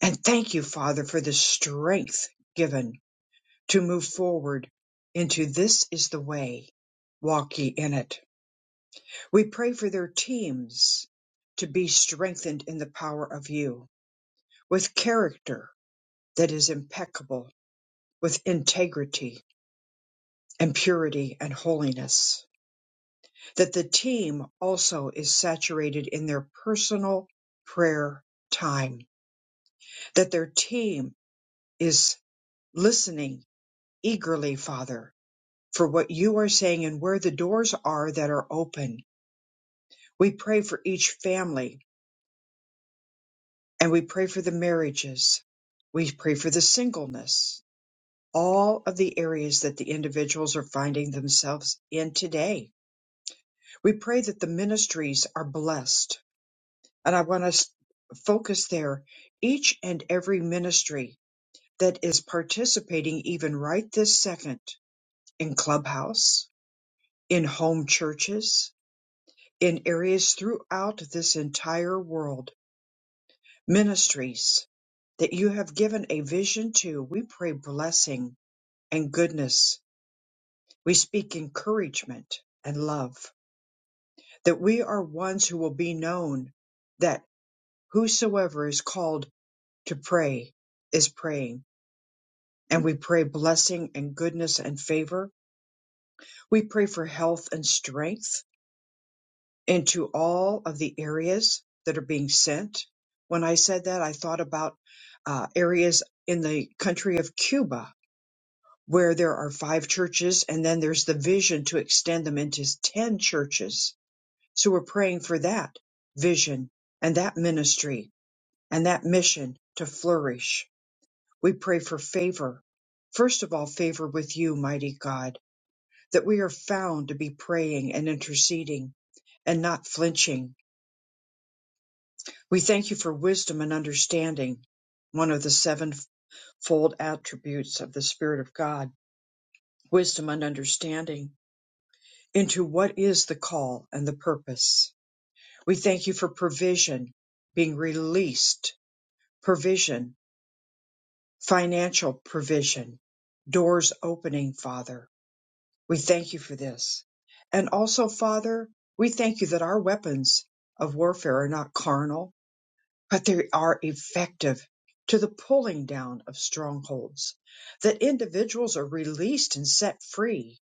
And thank you, Father, for the strength given to move forward into this is the way. Walk ye in it. We pray for their teams to be strengthened in the power of you with character that is impeccable, with integrity, and purity and holiness. That the team also is saturated in their personal prayer time. That their team is listening eagerly, Father, for what you are saying and where the doors are that are open. We pray for each family and we pray for the marriages. We pray for the singleness, all of the areas that the individuals are finding themselves in today. We pray that the ministries are blessed and I want us focus there. Each and every ministry that is participating, even right this second, in clubhouse, in home churches, in areas throughout this entire world, ministries that you have given a vision to, we pray blessing and goodness. We speak encouragement and love that we are ones who will be known that whosoever is called to pray is praying and we pray blessing and goodness and favor. We pray for health and strength into all of the areas that are being sent. When I said that, I thought about uh, areas in the country of Cuba where there are five churches, and then there's the vision to extend them into 10 churches. So we're praying for that vision and that ministry and that mission to flourish. We pray for favor. First of all, favor with you, mighty God that we are found to be praying and interceding and not flinching. We thank you for wisdom and understanding, one of the sevenfold attributes of the Spirit of God, wisdom and understanding into what is the call and the purpose. We thank you for provision being released, provision, financial provision, doors opening, Father We thank you for this. And also, Father, we thank you that our weapons of warfare are not carnal, but they are effective to the pulling down of strongholds, that individuals are released and set free.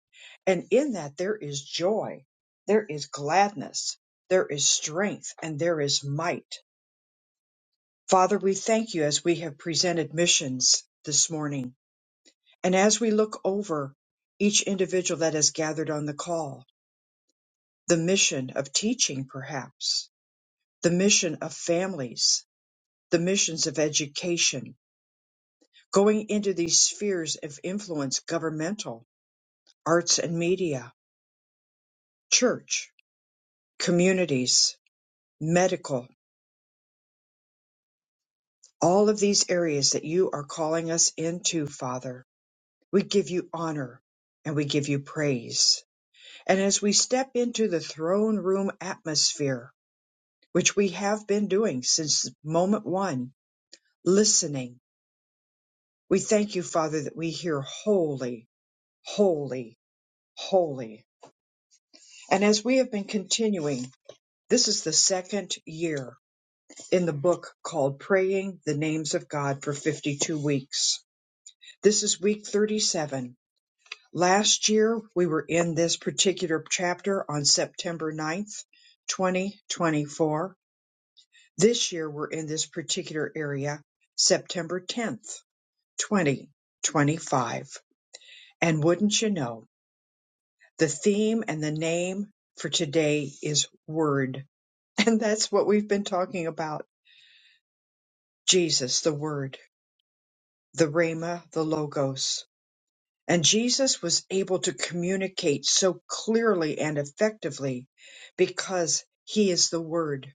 And in that, there is joy, there is gladness, there is strength, and there is might. Father, we thank you as we have presented missions this morning. And as we look over each individual that has gathered on the call, the mission of teaching, perhaps, the mission of families, the missions of education, going into these spheres of influence governmental, arts and media, church, communities, medical, all of these areas that you are calling us into, Father. We give you honor and we give you praise. And as we step into the throne room atmosphere, which we have been doing since moment one, listening We thank you, Father, that we hear holy, holy, holy. And as we have been continuing, this is the second year in the book called Praying the Names of God for 52 Weeks. This is week 37. Last year, we were in this particular chapter on September 9th, 2024. This year, we're in this particular area, September 10th, 2025. And wouldn't you know, The theme and the name for today is Word. And that's what we've been talking about. Jesus, the Word, the Rhema, the Logos. And Jesus was able to communicate so clearly and effectively because he is the Word.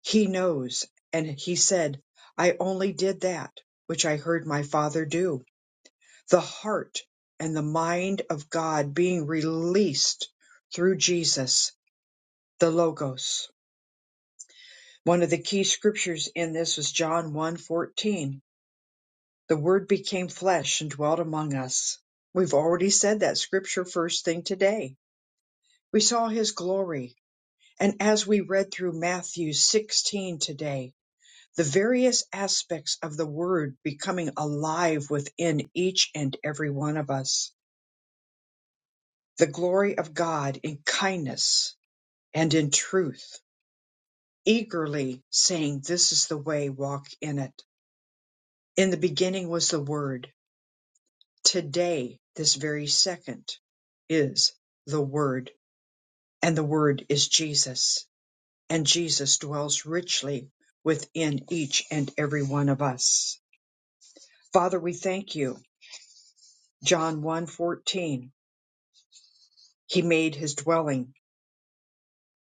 He knows. And he said, I only did that which I heard my Father do. The heart and the mind of God being released through Jesus, the Logos One of the key scriptures in this was John one fourteen. The word became flesh and dwelt among us. We've already said that scripture first thing today. We saw his glory. And as we read through Matthew 16 today, the various aspects of the word becoming alive within each and every one of us. The glory of God in kindness and in truth, eagerly saying, This is the way, walk in it. In the beginning was the word Today, this very second, is the Word, and the Word is Jesus, and Jesus dwells richly within each and every one of us. Father, we thank you. John one fourteen, He made his dwelling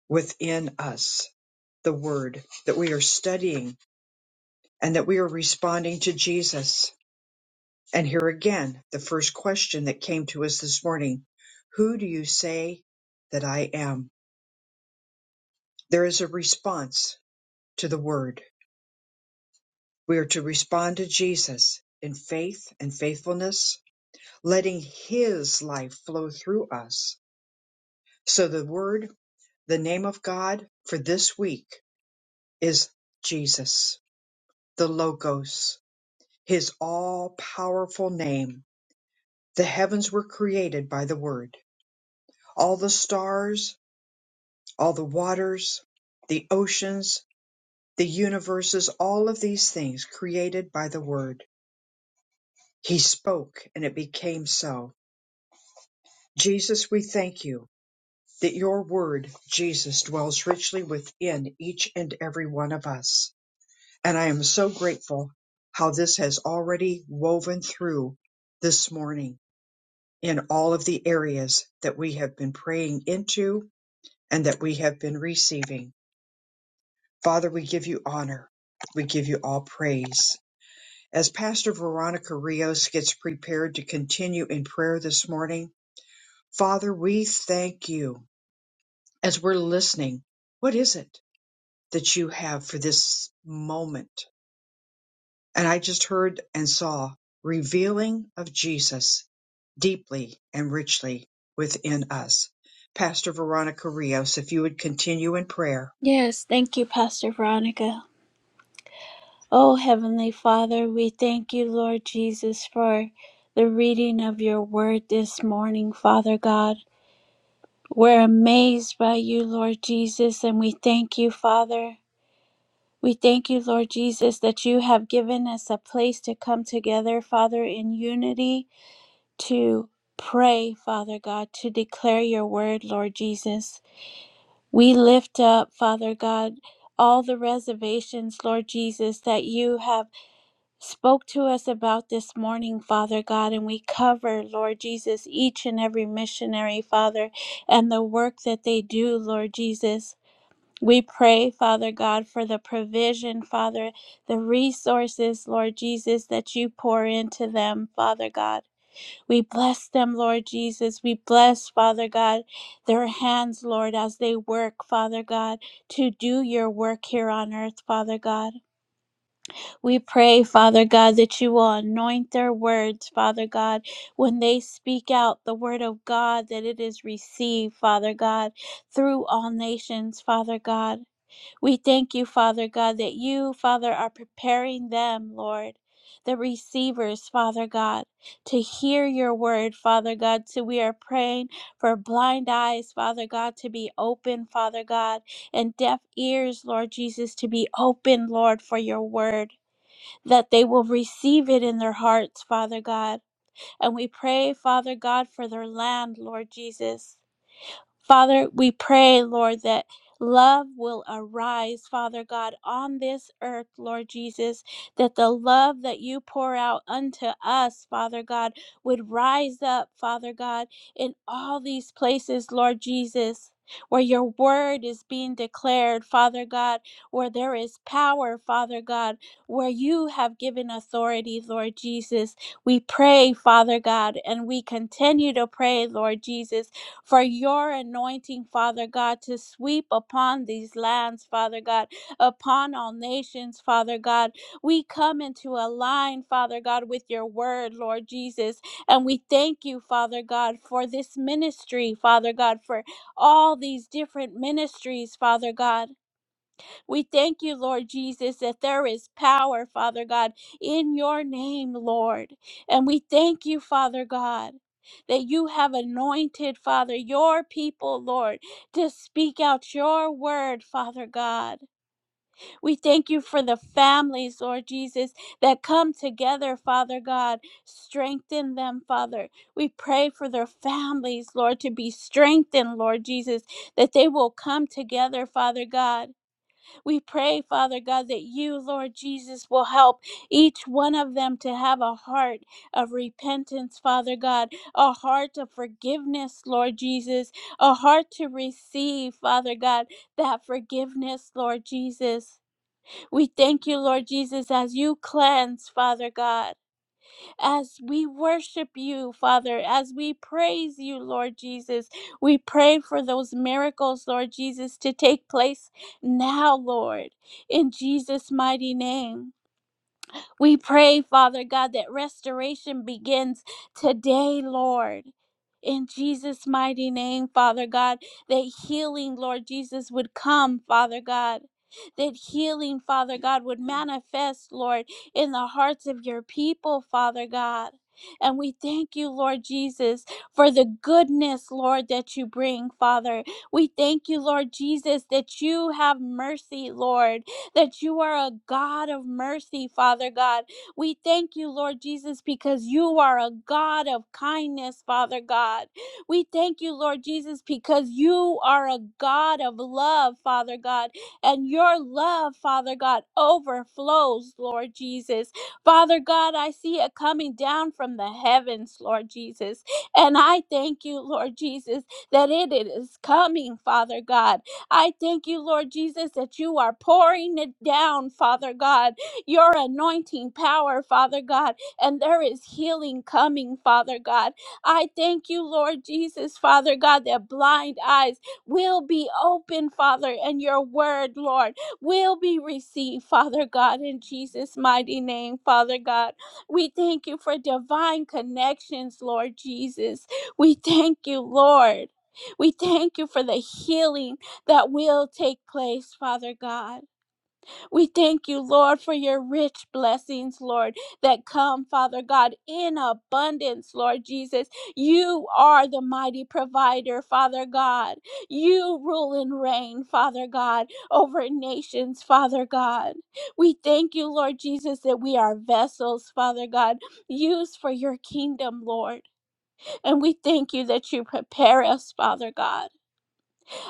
within us, the Word that we are studying and that we are responding to Jesus. And here again, the first question that came to us this morning, who do you say that I am? There is a response to the Word. We are to respond to Jesus in faith and faithfulness, letting His life flow through us. So the Word, the name of God for this week is Jesus, the Logos, His all powerful name. The heavens were created by the Word. All the stars, all the waters, the oceans, the universes, all of these things created by the Word. He spoke and it became so Jesus, we thank you that your word, Jesus, dwells richly within each and every one of us. And I am so grateful how this has already woven through this morning in all of the areas that we have been praying into and that we have been receiving. Father, we give you honor. We give you all praise. As Pastor Veronica Rios gets prepared to continue in prayer this morning, Father, we thank you as we're listening, what is it that you have for this moment? And I just heard and saw revealing of Jesus deeply and richly within us. Pastor Veronica Rios, if you would continue in prayer.
Yes, thank you, Pastor Veronica. Oh, Heavenly Father, we thank you, Lord Jesus, for the reading of your word this morning, Father God. We're amazed by you, Lord Jesus, and we thank you, Father. We thank you, Lord Jesus, that you have given us a place to come together, Father, in unity to pray, Father God, to declare your word, Lord Jesus. We lift up, Father God, all the reservations, Lord Jesus, that you have spoke to us about this morning, Father God, and we cover, Lord Jesus, each and every missionary, Father, and the work that they do, Lord Jesus. We pray, Father God, for the provision, Father, the resources, Lord Jesus, that you pour into them, Father God. We bless them, Lord Jesus. We bless, Father God, their hands, Lord, as they work, Father God, to do your work here on earth, Father God. We pray, Father God, that you will anoint their words, Father God, when they speak out the word of God, that it is received, Father God, through all nations, Father God. We thank you, Father God, that you, Father, are preparing them, Lord, the receivers, Father God, to hear your word, Father God. So we are praying for blind eyes, Father God, to be open, Father God, and deaf ears, Lord Jesus, to be open, Lord, for your word, that they will receive it in their hearts, Father God. And we pray, Father God, for their land, Lord Jesus. Father, we pray, Lord, that love will arise, Father God, on this earth, Lord Jesus, that the love that you pour out unto us, Father God, would rise up, Father God, in all these places, Lord Jesus. Where your word is being declared, Father God, where there is power, Father God, where you have given authority, Lord Jesus. We pray, Father God, and we continue to pray, Lord Jesus, for your anointing, Father God, to sweep upon these lands, Father God, upon all nations, Father God. We come into a line, Father God, with your word, Lord Jesus. And we thank you, Father God, for this ministry, Father God, for all these different ministries, Father God. We thank you, Lord Jesus, that there is power, Father God, in your name, Lord. And we thank you, Father God, that you have anointed, Father, your people, Lord, to speak out your word, Father God. We thank you for the families, Lord Jesus, that come together, Father God. Strengthen them, Father. We pray for their families, Lord, to be strengthened, Lord Jesus, that they will come together, Father God we pray, Father God, that you, Lord Jesus, will help each one of them to have a heart of repentance, Father God, a heart of forgiveness, Lord Jesus, a heart to receive, Father God, that forgiveness, Lord Jesus. We thank you, Lord Jesus, as you cleanse, Father God as we worship you, Father, as we praise you, Lord Jesus. We pray for those miracles, Lord Jesus, to take place now, Lord, in Jesus' mighty name. We pray, Father God, that restoration begins today, Lord. In Jesus' mighty name, Father God, that healing, Lord Jesus, would come, Father God. That healing, Father God, would manifest, Lord, in the hearts of your people, Father God. And we thank you, Lord Jesus, for the goodness, Lord, that you bring, Father. We thank you, Lord Jesus, that you have mercy, Lord that you are a God of mercy, Father God. We thank you, Lord Jesus, because you are a God of kindness, Father God. We thank you, Lord Jesus, because you are a God of love, Father God. And your love, Father God, overflows, Lord Jesus. Father God, I see it coming down from the heavens, Lord Jesus. And I thank you, Lord Jesus, that it it is coming, Father God. I thank you, Lord Jesus, that you are pouring it down, Father God, your anointing power, Father God, and there is healing coming, Father God. I thank you, Lord Jesus, Father God, that blind eyes will be open, Father, and your word, Lord, will be received, Father God, in Jesus' mighty name, Father God. We thank you for divine connections, Lord Jesus. We thank you, Lord. We thank you for the healing that will take place, Father God. We thank you, Lord, for your rich blessings, Lord, that come, Father God, in abundance, Lord Jesus. You are the mighty provider, Father God. You rule and reign, Father God, over nations, Father God. We thank you, Lord Jesus, that we are vessels, Father God, used for your kingdom, Lord. And we thank you that you prepare us, Father God.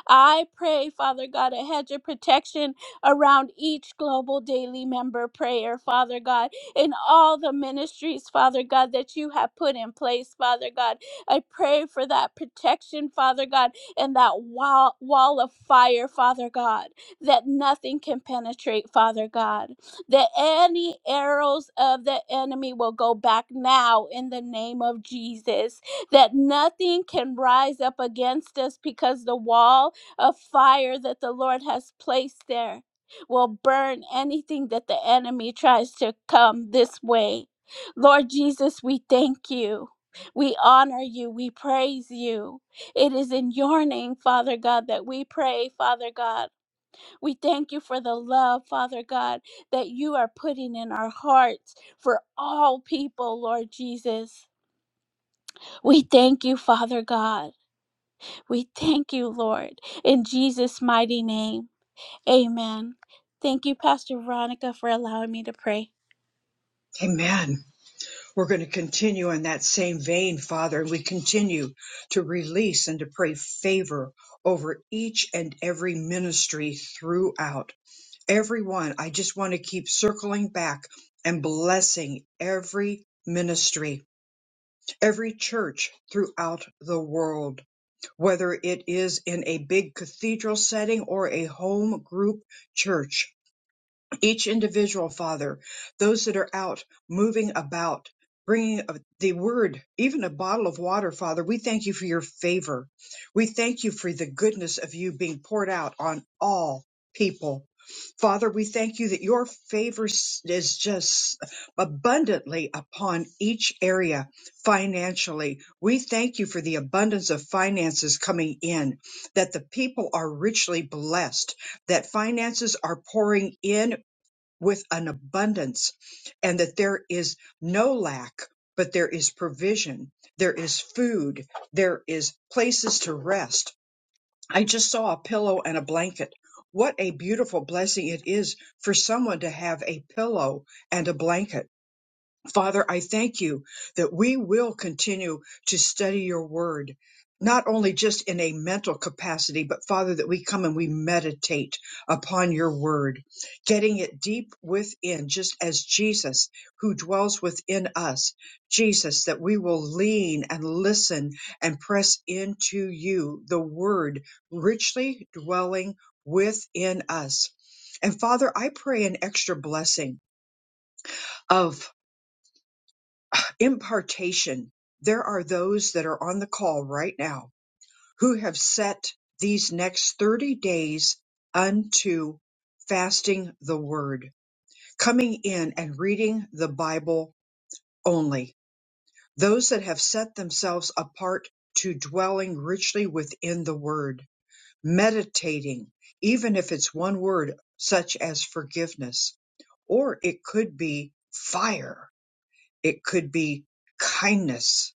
I pray, Father God, a hedge of protection around each global daily member prayer, Father God, in all the ministries, Father God, that you have put in place, Father God. I pray for that protection, Father God, and that wall, wall of fire, Father God, that nothing can penetrate, Father God, that any arrows of the enemy will go back now in the name of Jesus, that nothing can rise up against us because the wall a fire that the Lord has placed there will burn anything that the enemy tries to come this way. Lord Jesus, we thank you. We honor you. We praise you. It is in your name, Father God, that we pray, Father God. We thank you for the love, Father God, that you are putting in our hearts for all people, Lord Jesus. We thank you, Father God. We thank you, Lord, in Jesus' mighty name. Amen. Thank you, Pastor Veronica, for allowing me to pray.
Amen. We're going to continue in that same vein, Father, and we continue to release and to pray favor over each and every ministry throughout. everyone. I just want to keep circling back and blessing every ministry, every church throughout the world, whether it is in a big cathedral setting or a home group church each individual, Father, those that are out moving about, bringing of the word, even a bottle of water, Father, we thank you for your favor. We thank you for the goodness of you being poured out on all people. Father, we thank you that your favor s- is just abundantly upon each area financially. We thank you for the abundance of finances coming in, that the people are richly blessed that finances are pouring in with an abundance and that there is no lack, but there is provision, there is food, there is places to rest. I just saw a pillow and a blanket. What a beautiful blessing it is for someone to have a pillow and a blanket Father, I thank you that we will continue to study your word, not only just in a mental capacity, but Father, that we come and we meditate upon your word, getting it deep within, just as Jesus, who dwells within us, Jesus, that we will lean and listen and press into you, the word richly dwelling within us. And Father, I pray an extra blessing of impartation. There are those that are on the call right now who have set these next 30 days unto fasting the word, coming in and reading the Bible only. Those that have set themselves apart to dwelling richly within the word, meditating, even if it's one word such as forgiveness, or it could be fire, it could be kindness,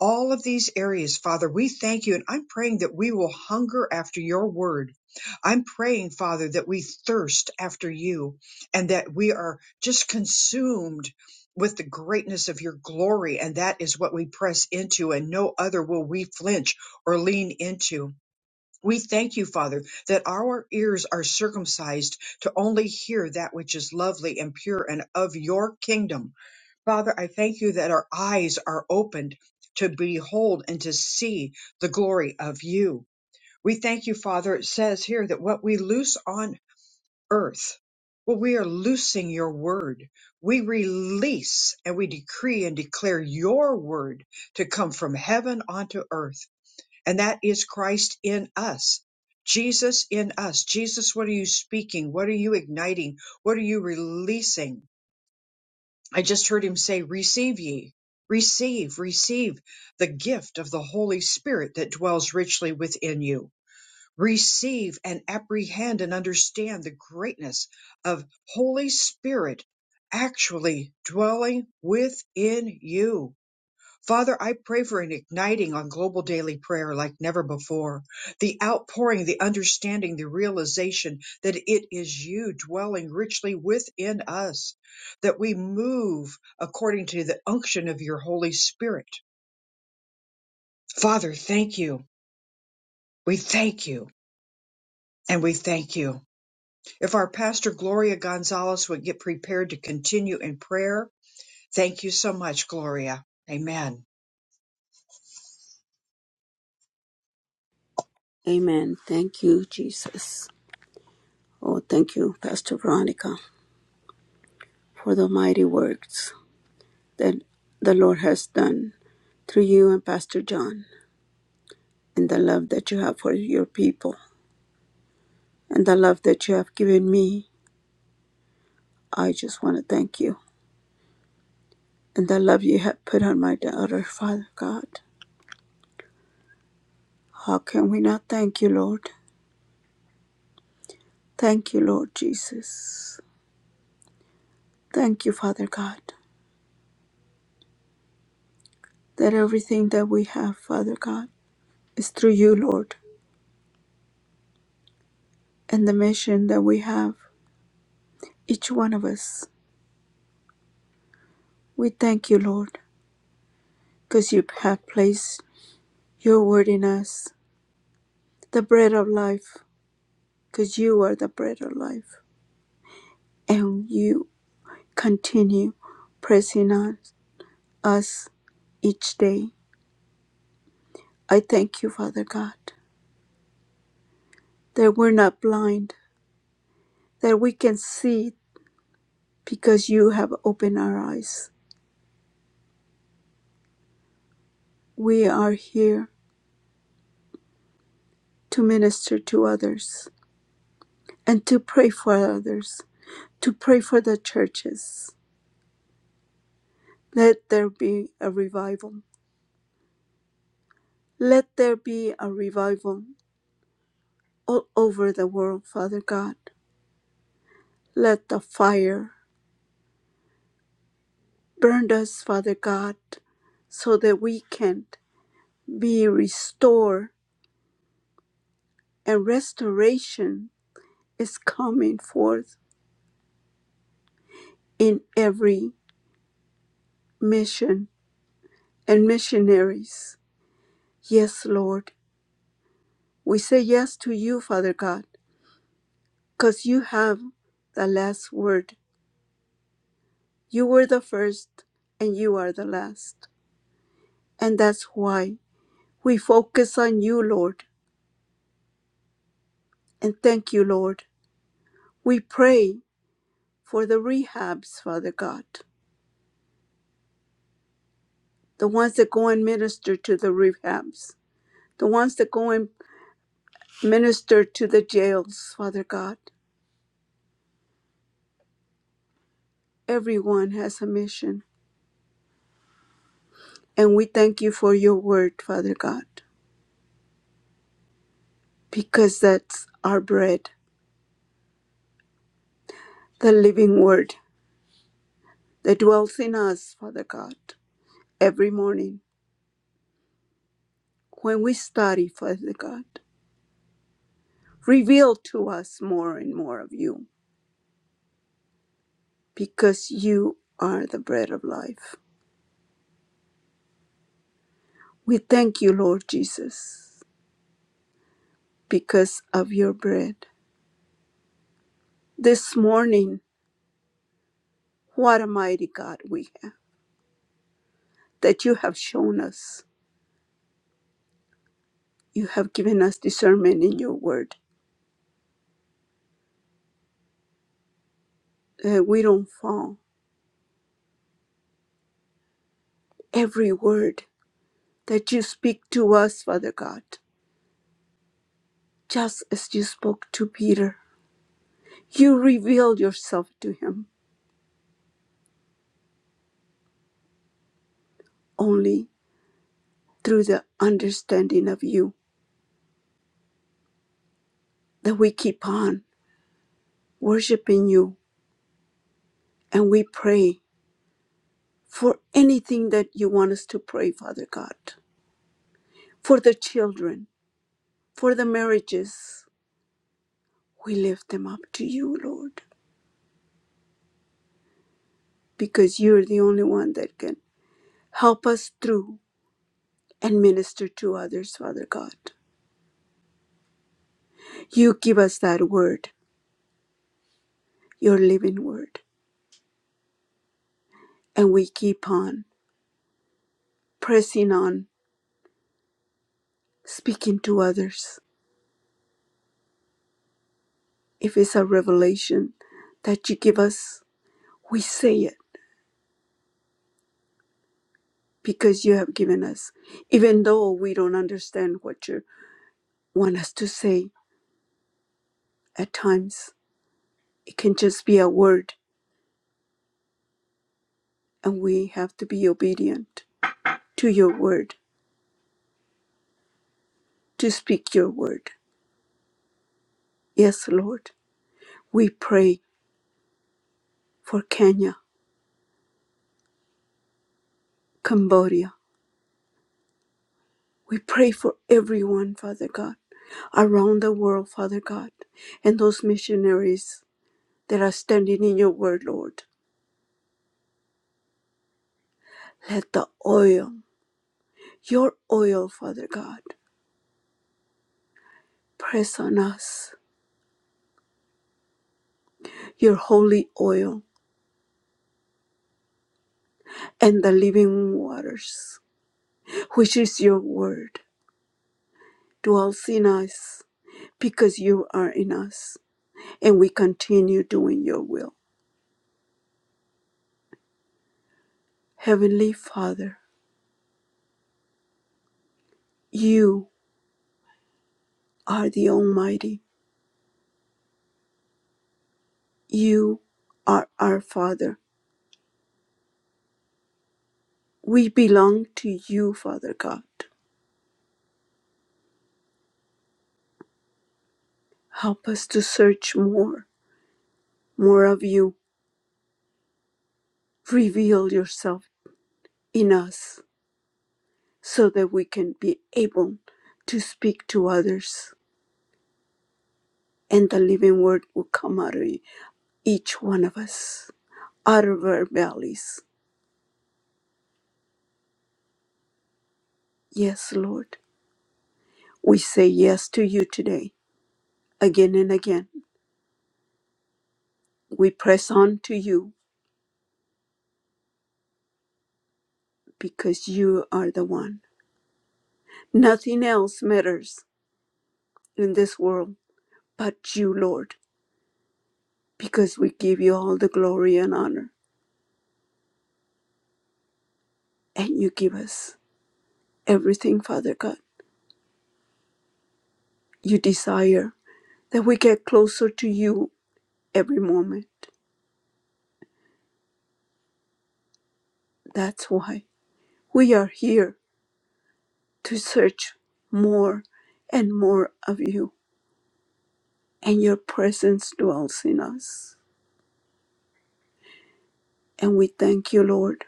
all of these areas, Father, we thank you. And I'm praying that we will hunger after your word. I'm praying, Father, that we thirst after you and that we are just consumed with the greatness of your glory. And that is what we press into, and no other will we flinch or lean into. We thank you, Father, that our ears are circumcised to only hear that which is lovely and pure and of your kingdom Father, I thank you that our eyes are opened to behold and to see the glory of you. We thank you, Father. It says here that what we loose on earth, well, we are loosing your word. We release and we decree and declare your word to come from heaven onto earth. And that is Christ in us. Jesus in us. Jesus, what are you speaking? What are you igniting? What are you releasing? I just heard him say, Receive ye, receive, receive the gift of the Holy Spirit that dwells richly within you. Receive and apprehend and understand the greatness of Holy Spirit actually dwelling within you. Father, I pray for an igniting on global daily prayer like never before. The outpouring, the understanding, the realization that it is you dwelling richly within us, that we move according to the unction of your Holy Spirit. Father, thank you. We thank you. And we thank you. If our pastor Gloria Gonzalez would get prepared to continue in prayer, thank you so much, Gloria. Amen.
Amen. Thank you, Jesus. Oh, thank you, Pastor Veronica, for the mighty works that the Lord has done through you and Pastor John, and the love that you have for your people, and the love that you have given me. I just want to thank you, and the love you have put on my daughter, Father God. How can we not thank you, Lord? Thank you, Lord Jesus. Thank you, Father God. that everything that we have, Father God, is through you, Lord, and the mission that we have, each one of us. We thank you, Lord, because you have placed your word in us, the bread of life, because you are the bread of life, and you continue pressing on us each day. I thank you, Father God, that we're not blind, that we can see because you have opened our eyes. We are here to minister to others and to pray for others, to pray for the churches. Let there be a revival. Let there be a revival all over the world, Father God. Let the fire burn us, Father God, so that we can be restored and restoration is coming forth in every mission and missionaries. Yes, Lord. We say yes to you, Father God, because you have the last word. You were the first and you are the last. And that's why we focus on you, Lord. And thank you, Lord. We pray for the rehabs, Father God, the ones that go and minister to the rehabs, the ones that go and minister to the jails, Father God. Everyone has a mission. And we thank you for your word, Father God, because that's our bread. the living word that dwells in us, Father God, every morning when we study, Father God. Reveal to us more and more of you because you are the bread of life. We thank you, Lord Jesus, because of your bread. This morning, what a mighty God we have that you have shown us. You have given us discernment in your word that we don't fall. Every word that you speak to us, Father God. just as you spoke to Peter. You revealed yourself to him only through the understanding of you that we keep on worshiping you and we pray for anything that you want us to pray, Father God, for the children, for the marriages. We lift them up to you, Lord, because you're the only one that can help us through and minister to others, Father God. You give us that word, your living word and we keep on pressing on, speaking to others. If it's a revelation that you give us, we say it because you have given us, even though we don't understand what you want us to say at times. It can just be a word, and we have to be obedient to your word, to speak your word. Yes, Lord, we pray for Kenya, Cambodia. We pray for everyone, Father God, around the world, Father God, and those missionaries that are standing in your word, Lord. Let the oil, your oil, Father God, press on us, your holy oil and the living waters, which is your word, dwells in us because you are in us and we continue doing your will. Heavenly Father, you are the Almighty. You are our Father. We belong to you, Father God. Help us to search more, more of you. Reveal yourself in us so that we can be able to speak to others and the living word will come out of each one of us, out of our bellies. Yes, Lord. We say yes to you today, again and again. We press on to you because you are the one. Nothing else matters in this world but you, Lord, because we give you all the glory and honor, and you give us everything, Father God. You desire that we get closer to you every moment. That's why we are here to search more and more of you, and your presence dwells in us. And we thank you, Lord,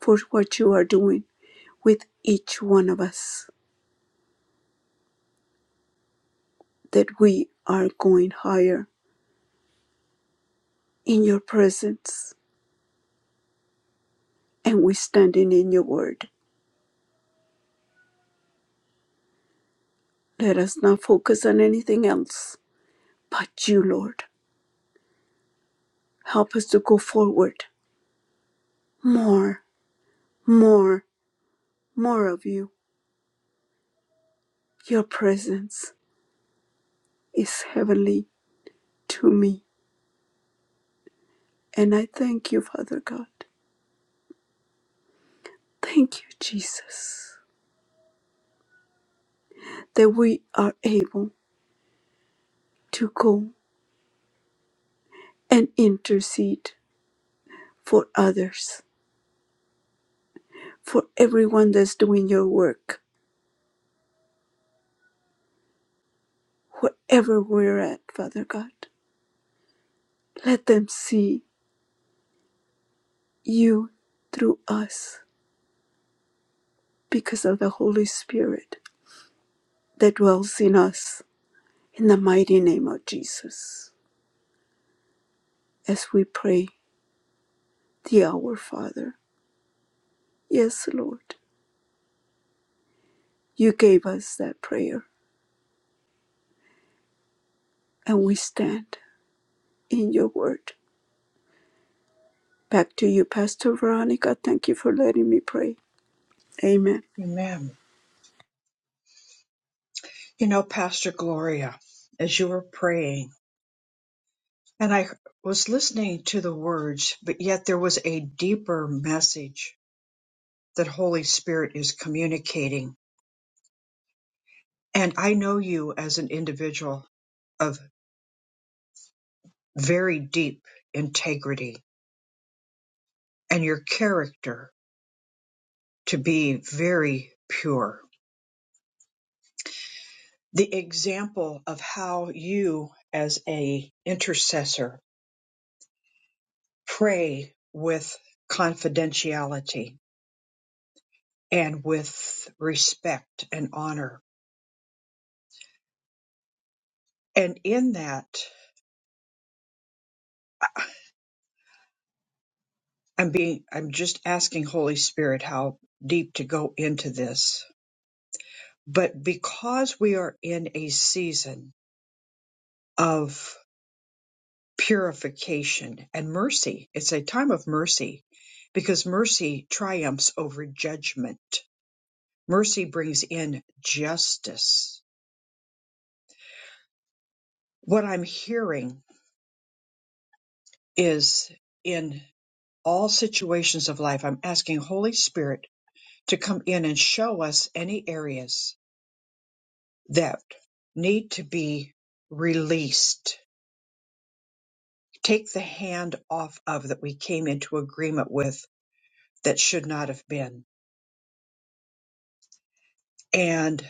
for what you are doing with each one of us, that we are going higher in your presence and we're standing in your word. Let us not focus on anything else but you, Lord. Help us to go forward more, more, more of you. Your presence is heavenly to me. And I thank you, Father God. Thank you, Jesus, that we are able to go and intercede for others, for everyone that's doing your work, wherever we're at, Father God. Let them see you through us because of the Holy Spirit that dwells in us. In the mighty name of Jesus, as we pray the Our Father. Yes, Lord, you gave us that prayer, and we stand in your word. Back to you, Pastor Veronica. Thank you for letting me pray. Amen.
Amen. You know, Pastor Gloria, as you were praying, And I was listening to the words, but yet there was a deeper message that Holy Spirit is communicating. And I know you as an individual of very deep integrity and your character to be very pure. The example of how you as a intercessor pray with confidentiality and with respect and honor. And in that I'm being I'm just asking Holy Spirit how deep to go into this. But because we are in a season of purification and mercy, it's a time of mercy because mercy triumphs over judgment. Mercy brings in justice. What I'm hearing is in all situations of life, I'm asking Holy Spirit to come in and show us any areas that need to be released. Take the hand off of that we came into agreement with that should not have been. And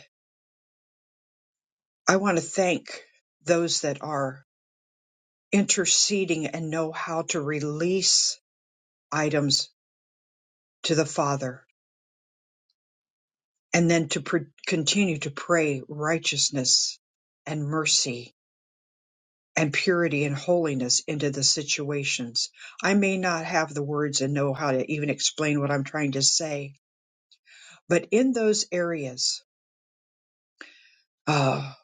I want to thank those that are interceding and know how to release items to the Father and then to pr- continue to pray righteousness and mercy and purity and holiness into the situations. I may not have the words and know how to even explain what I'm trying to say, But in those areas, ah,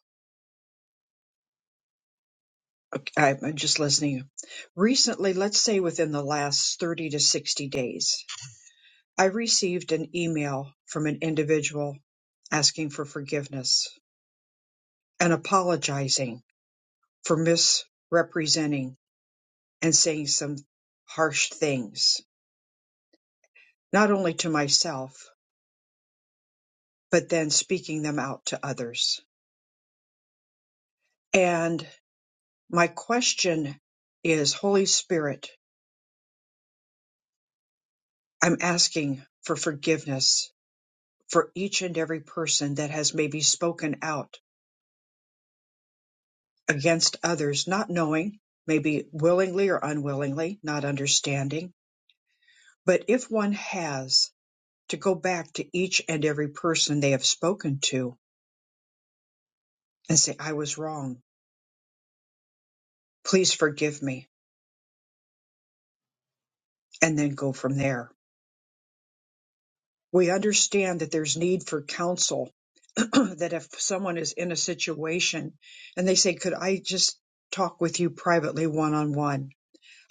i I'm just listening. Recently, let's say within the last 30 to 60 days, I received an email from an individual asking for forgiveness and apologizing for misrepresenting and saying some harsh things, not only to myself, but then speaking them out to others. And my question is Holy Spirit, I'm asking for forgiveness for each and every person that has maybe spoken out against others, not knowing, maybe willingly or unwillingly, not understanding. But if one has to go back to each and every person they have spoken to and say, I was wrong, please forgive me, and then go from there. We understand that there's need for counsel, that if someone is in a situation and they say, Could I just talk with you privately one on one?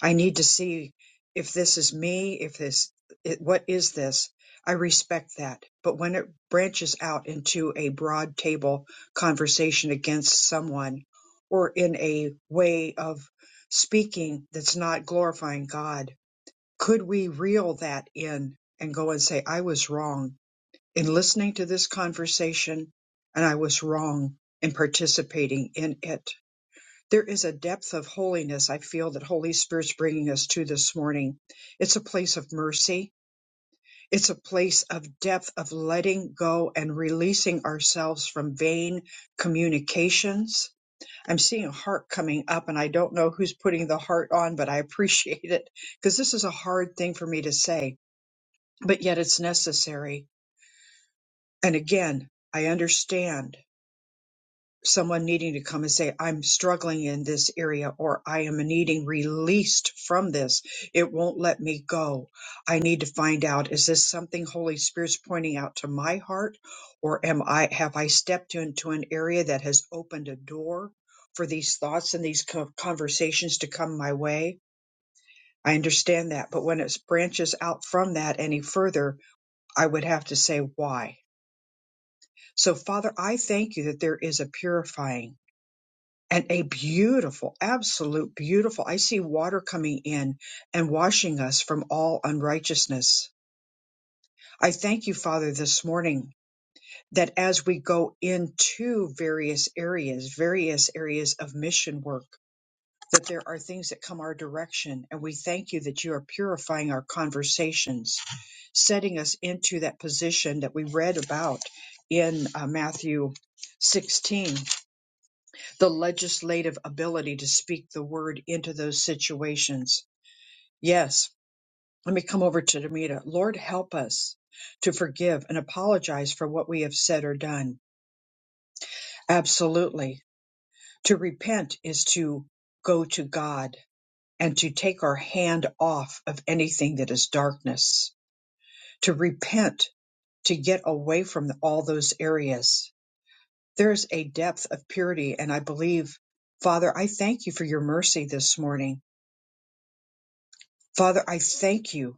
I need to see if this is me, if this, it, what is this? I respect that. But when it branches out into a broad table conversation against someone or in a way of speaking that's not glorifying God, could we reel that in and go and say, I was wrong in listening to this conversation and I was wrong in participating in it? There is a depth of holiness I feel that Holy Spirit's bringing us to this morning. It's a place of mercy. It's a place of depth of letting go and releasing ourselves from vain communications. I'm seeing a heart coming up and I don't know who's putting the heart on, but I appreciate it because this is a hard thing for me to say, but yet it's necessary. And again, I understand someone needing to come and say, I'm struggling in this area, or I am needing released from this. It won't let me go. I need to find out, is this something Holy Spirit's pointing out to my heart? Or am I, have I stepped into an area that has opened a door for these thoughts and these co- conversations to come my way? I understand that, but when it branches out from that any further, I would have to say why. So Father, I thank you that there is a purifying and a beautiful, absolute beautiful. I see water coming in and washing us from all unrighteousness. I thank you, Father, this morning that as we go into various areas, various areas of mission work, that there are things that come our direction. And we thank you that you are purifying our conversations, setting us into that position that we read about in uh, Matthew 16 the legislative ability to speak the word into those situations. Yes, let me come over to Demita. Lord, help us to forgive and apologize for what we have said or done. Absolutely. To repent is to go to God and to take our hand off of anything that is darkness. To repent, to get away from all those areas. There is a depth of purity, and I believe, Father, I thank you for your mercy this morning Father, I thank you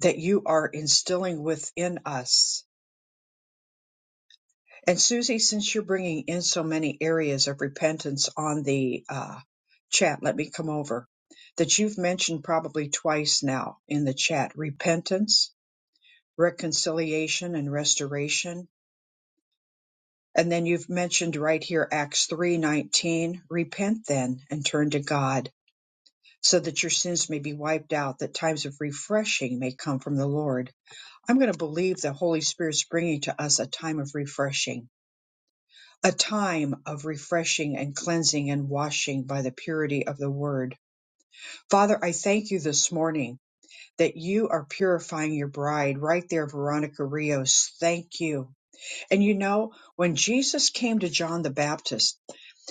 that you are instilling within us. And Susie, since you're bringing in so many areas of repentance on the uh, chat, let me come over that you've mentioned probably twice now in the chat repentance, reconciliation, and restoration. And then you've mentioned right here Acts 3:19, repent then and turn to God so that your sins may be wiped out that times of refreshing may come from the Lord. I'm going to believe the Holy Spirit's bringing to us a time of refreshing, a time of refreshing and cleansing and washing by the purity of the Word. Father, I thank you this morning that you are purifying your bride right there, Veronica Rios. Thank you. And you know, when Jesus came to John the Baptist,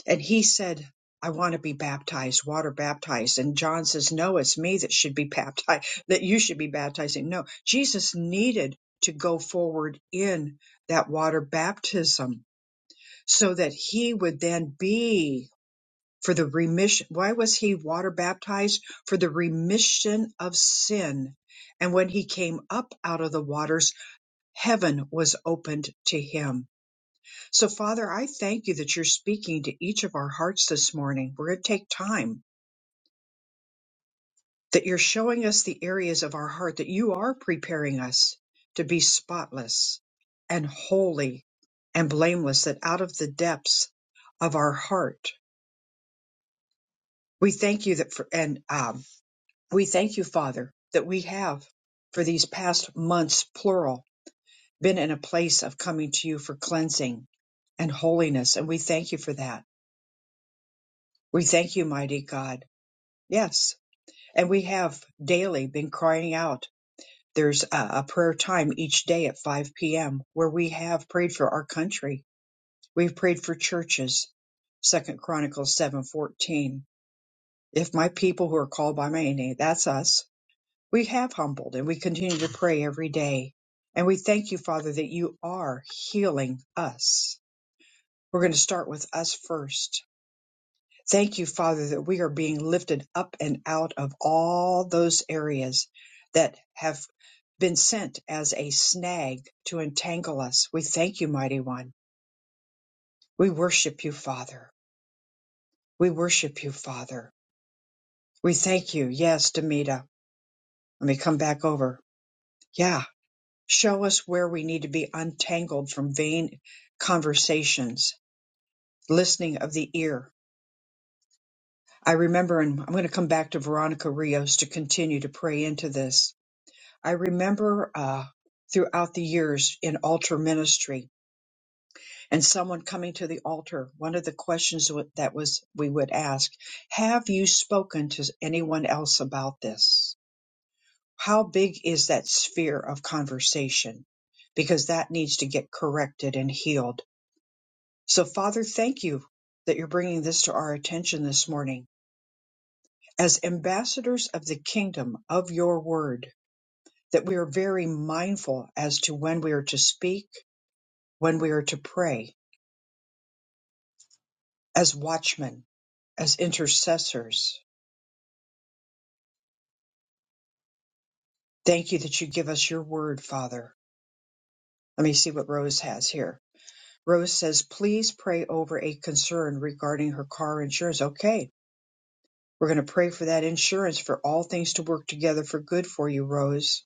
and he said, I want to be baptized, water baptized. And John says, No, it's me that should be baptized, that you should be baptizing. No, Jesus needed to go forward in that water baptism so that he would then be for the remission. Why was he water baptized? For the remission of sin. And when he came up out of the waters, heaven was opened to him so, Father, I thank you that you're speaking to each of our hearts this morning. We're going to take time, that you're showing us the areas of our heart that you are preparing us to be spotless and holy and blameless, that out of the depths of our heart, we thank you that for, and um, we thank you, Father, that we have for these past months, plural, been in a place of coming to you for cleansing and holiness. And we thank you for that. We thank you, mighty God. Yes, And we have daily been crying out. There's a, a prayer time each day at 5 p.m. where we have prayed for our country. We've prayed for churches. Second Chronicles 7:14. If my people who are called by my name, that's us. We have humbled and we continue to pray every day. And we thank you, Father, that you are healing us. We're going to start with us first Thank you, Father, that we are being lifted up and out of all those areas that have been sent as a snag to entangle us. We thank you, Mighty One. We worship you, Father. We worship you, Father. We thank you. Yes, Demita. Let me come back over. Yeah. Show us where we need to be untangled from vain conversations, listening of the ear. I remember, and I'm going to come back to Veronica Rios to continue to pray into this I remember uh, throughout the years in altar ministry and someone coming to the altar, one of the questions wa- that was we would ask, have you spoken to anyone else about this? How big is that sphere of conversation? Because that needs to get corrected and healed. So Father, thank you that you're bringing this to our attention this morning. As ambassadors of the kingdom of your word, that we are very mindful as to when we are to speak when we are to pray as watchmen, as intercessors. Thank you that you give us your word, Father. Let me see what Rose has here. Rose says, please pray over a concern regarding her car insurance. Okay, we're going to pray for that insurance for all things to work together for good for you, Rose.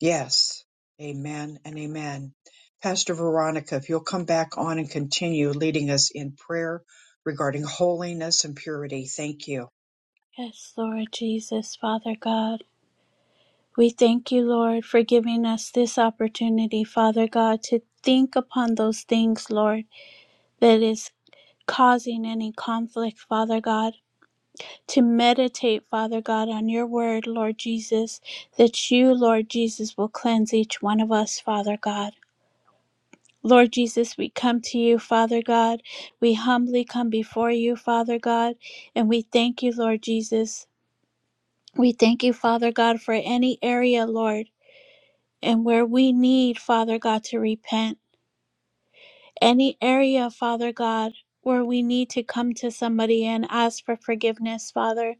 Yes, amen and amen. Pastor Veronica, if you'll come back on and continue leading us in prayer regarding holiness and purity, thank you.
Yes, Lord Jesus, Father God. We thank you, Lord, for giving us this opportunity, Father God, to think upon those things, Lord, that is. causing any conflict, Father God, to meditate, Father God, on your word, Lord Jesus, that you, Lord Jesus, will cleanse each one of us, Father God. Lord Jesus, we come to you, Father God. We humbly come before you, Father God, and we thank you, Lord Jesus. We thank you, Father God, for any area, Lord, and where we need, Father God, to repent. Any area, Father God, where we need to come to somebody and ask for forgiveness, Father.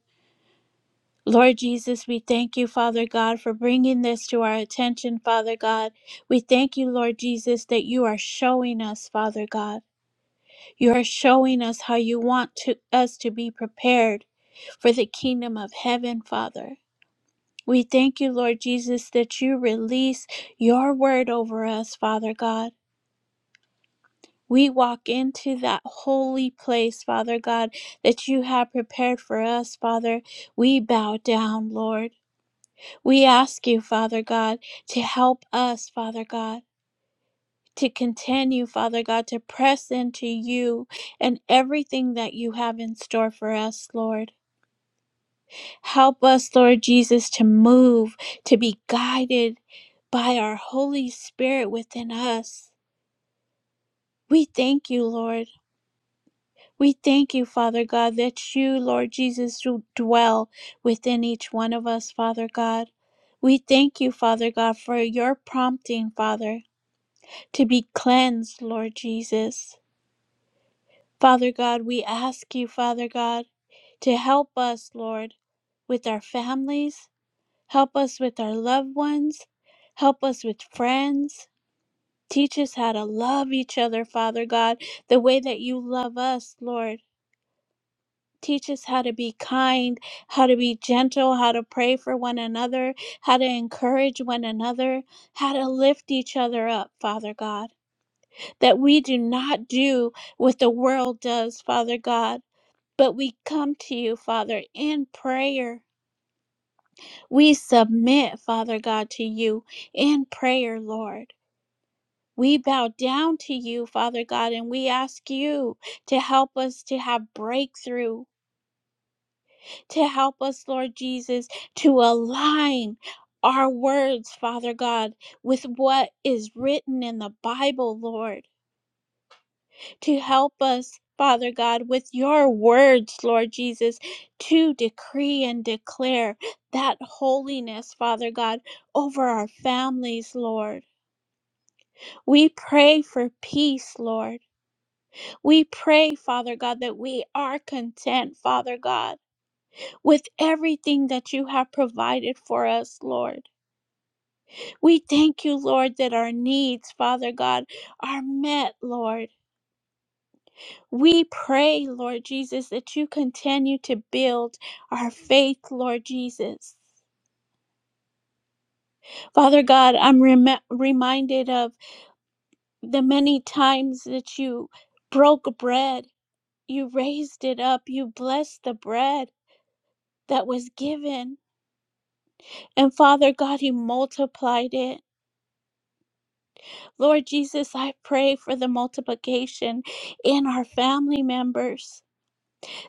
Lord Jesus, we thank you, Father God, for bringing this to our attention, Father God. We thank you, Lord Jesus, that you are showing us, Father God. You are showing us how you want to, us to be prepared for the kingdom of heaven, Father. We thank you, Lord Jesus, that you release your word over us, Father God. We walk into that holy place, Father God, that you have prepared for us, Father. We bow down, Lord. We ask you, Father God, to help us, Father God, to continue, Father God, to press into you and everything that you have in store for us, Lord. Help us, Lord Jesus, to move, to be guided by our Holy Spirit within us. We thank you, Lord. We thank you, Father God, that you, Lord Jesus, do dwell within each one of us, Father God. We thank you, Father God, for your prompting, Father. to be cleansed, Lord Jesus. Father God, we ask you, Father God, to help us, Lord, with our families, help us with our loved ones, help us with friends. Teach us how to love each other, Father God, the way that you love us, Lord. Teach us how to be kind, how to be gentle, how to pray for one another, how to encourage one another, how to lift each other up, Father God. that we do not do what the world does, Father God, but we come to you, Father, in prayer. We submit, Father God, to you in prayer, Lord. We bow down to you, Father God, and we ask you to help us to have breakthrough, to help us, Lord Jesus, to align our words, Father God, with what is written in the Bible, Lord. to help us, Father God, with your words, Lord Jesus, to decree and declare that holiness, Father God, over our families, Lord. We pray for peace, Lord. We pray, Father God, that we are content, Father God, with everything that you have provided for us, Lord. We thank you, Lord, that our needs, Father God, are met, Lord. We pray, Lord Jesus, that you continue to build our faith, Lord Jesus. Father God, I'm rem- reminded of the many times that you broke bread, you raised it up, you blessed the bread that was given. And Father God, you multiplied it. Lord Jesus, I pray for the multiplication in our family members,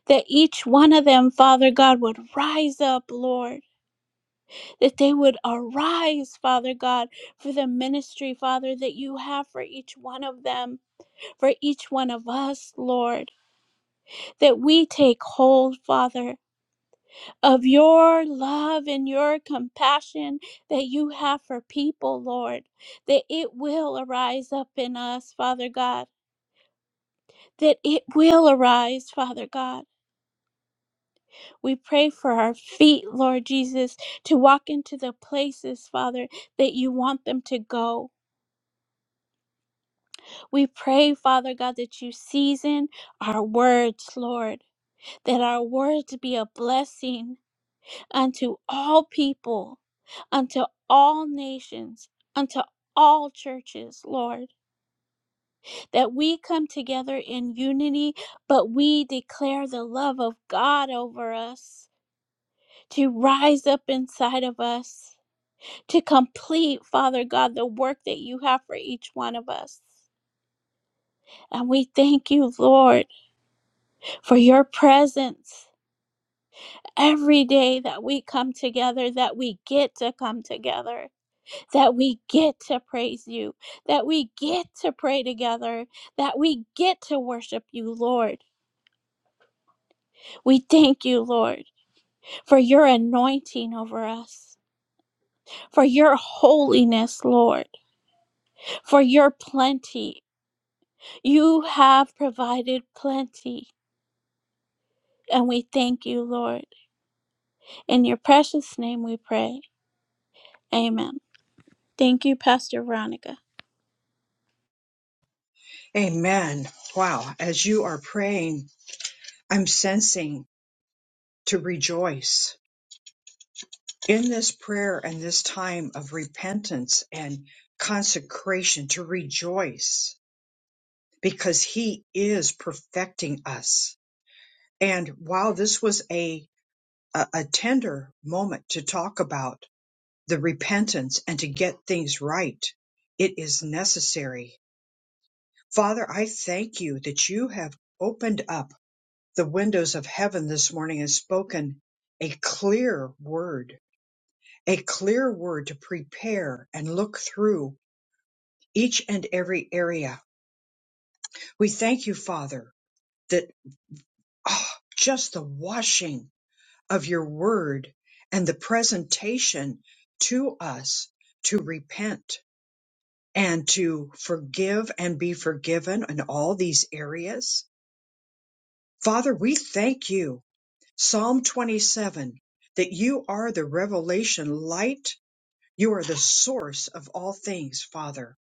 that each one of them, Father God, would rise up, Lord that they would arise, Father God, for the ministry, Father, that you have for each one of them, for each one of us, Lord, that we take hold, Father, of your love and your compassion that you have for people, Lord, that it will arise up in us, Father God, that it will arise, Father God. We pray for our feet, Lord Jesus, to walk into the places, Father, that you want them to go We pray, Father God, that you season our words, Lord, that our words be a blessing unto all people, unto all nations, unto all churches, Lord, that we come together in unity, but we declare the love of God over us to rise up inside of us, to complete, Father God, the work that you have for each one of us. And we thank you, Lord. for your presence every day that we come together, that we get to come together, that we get to praise you, that we get to pray together, that we get to worship you, Lord. We thank you, Lord, for your anointing over us. For your holiness, Lord, for your plenty. You have provided plenty, and we thank you, Lord. In your precious name we pray. Amen. Thank you, Pastor Veronica.
Amen. Wow. As you are praying, I'm sensing to rejoice in this prayer and this time of repentance and consecration to rejoice because he is perfecting us. And while this was a, a, a tender moment to talk about the repentance and to get things right, it is necessary. Father, I thank you that you have opened up the windows of heaven this morning and spoken a clear word, a clear word to prepare and look through each and every area. We thank you, Father, that ah, just the washing of your word and the presentation to us to repent and to forgive and be forgiven in all these areas. Father, we thank you Psalm 27 that you are the revelation light. You are the source of all things, Father.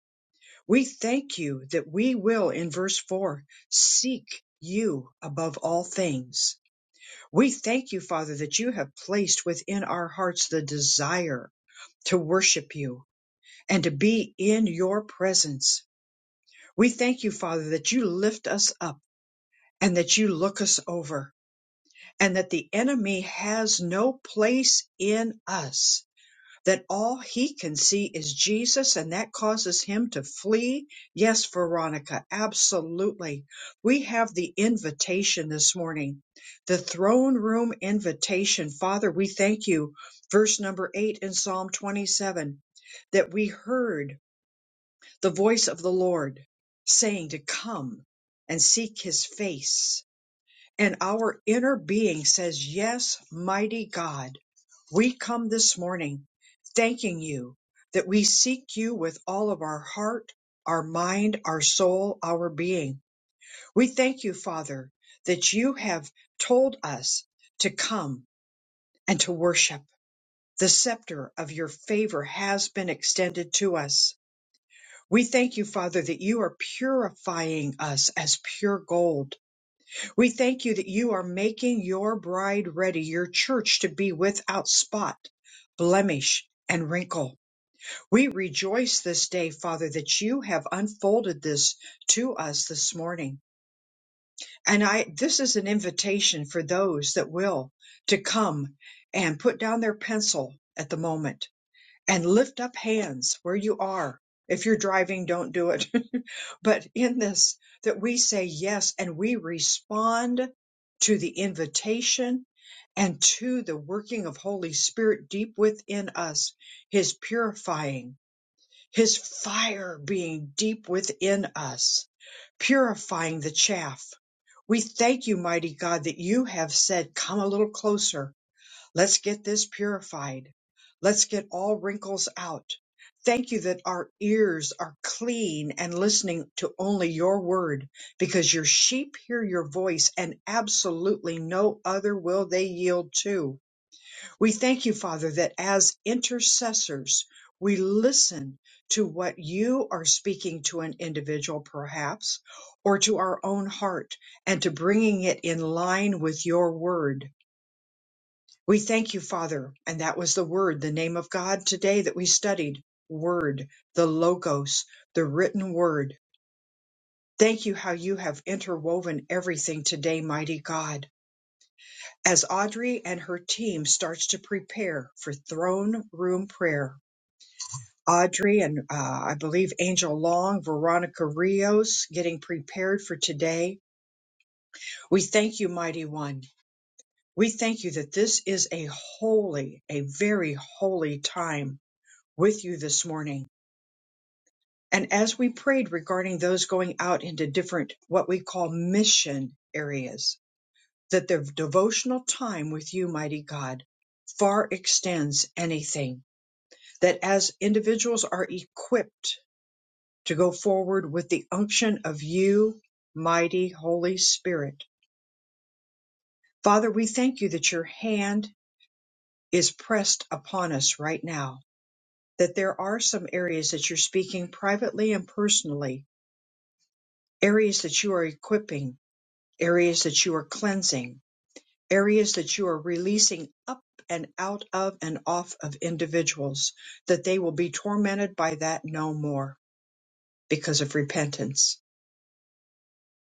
We thank you that we will, in verse 4, seek you above all things. We thank you, Father, that you have placed within our hearts the desire to worship you and to be in your presence. We thank you, Father, that you lift us up and that you look us over and that the enemy has no place in us that all he can see is Jesus and that causes him to flee. Yes, Veronica, absolutely. We have the invitation this morning, the throne room invitation. Father, we thank you. Verse number eight in Psalm 27 that we heard the voice of the Lord saying to come and seek his face. And our inner being says, Yes, mighty God, we come this morning thanking you that we seek you with all of our heart, our mind, our soul, our being. We thank you, Father, that you have told us to come and to worship. The scepter of your favor has been extended to us. We thank you, Father, that you are purifying us as pure gold we thank you that you are making your bride ready, your church to be without spot, blemish, and wrinkle. We rejoice this day, Father, that you have unfolded this to us this morning. And I, this is an invitation for those that will to come and put down their pencil at the moment and lift up hands where you are. If you're driving, don't do it. but in this, that we say yes and we respond to the invitation and to the working of Holy Spirit deep within us, His purifying, His fire being deep within us, purifying the chaff. We thank you, mighty God, that you have said, come a little closer Let's get this purified. Let's get all wrinkles out. Thank you that our ears are clean and listening to only your word because your sheep hear your voice and absolutely no other will they yield to. We thank you, Father, that as intercessors, we listen to what you are speaking to an individual, perhaps, or to our own heart, and to bringing it in line with your word. We thank you, Father. And that was the Word, the name of God today that we studied. Word, the Logos, the written Word. Thank you how you have interwoven everything today, mighty God. As Audrey and her team starts to prepare for throne room prayer, Audrey and uh, I believe Angel Long, Veronica Rios getting prepared for today. We thank you, mighty one. We thank you that this is a holy, a very holy time with you this morning. And as we prayed regarding those going out into different, what we call mission areas, that their devotional time with you, mighty God, far extends anything. That as individuals are equipped to go forward with the unction of you, mighty Holy Spirit. Father, we thank you that your hand is pressed upon us right now, that there are some areas that you're speaking privately and personally areas that you are equipping, areas that you are cleansing, areas that you are releasing up and out of and off of individuals, that they will be tormented by that no more because of repentance.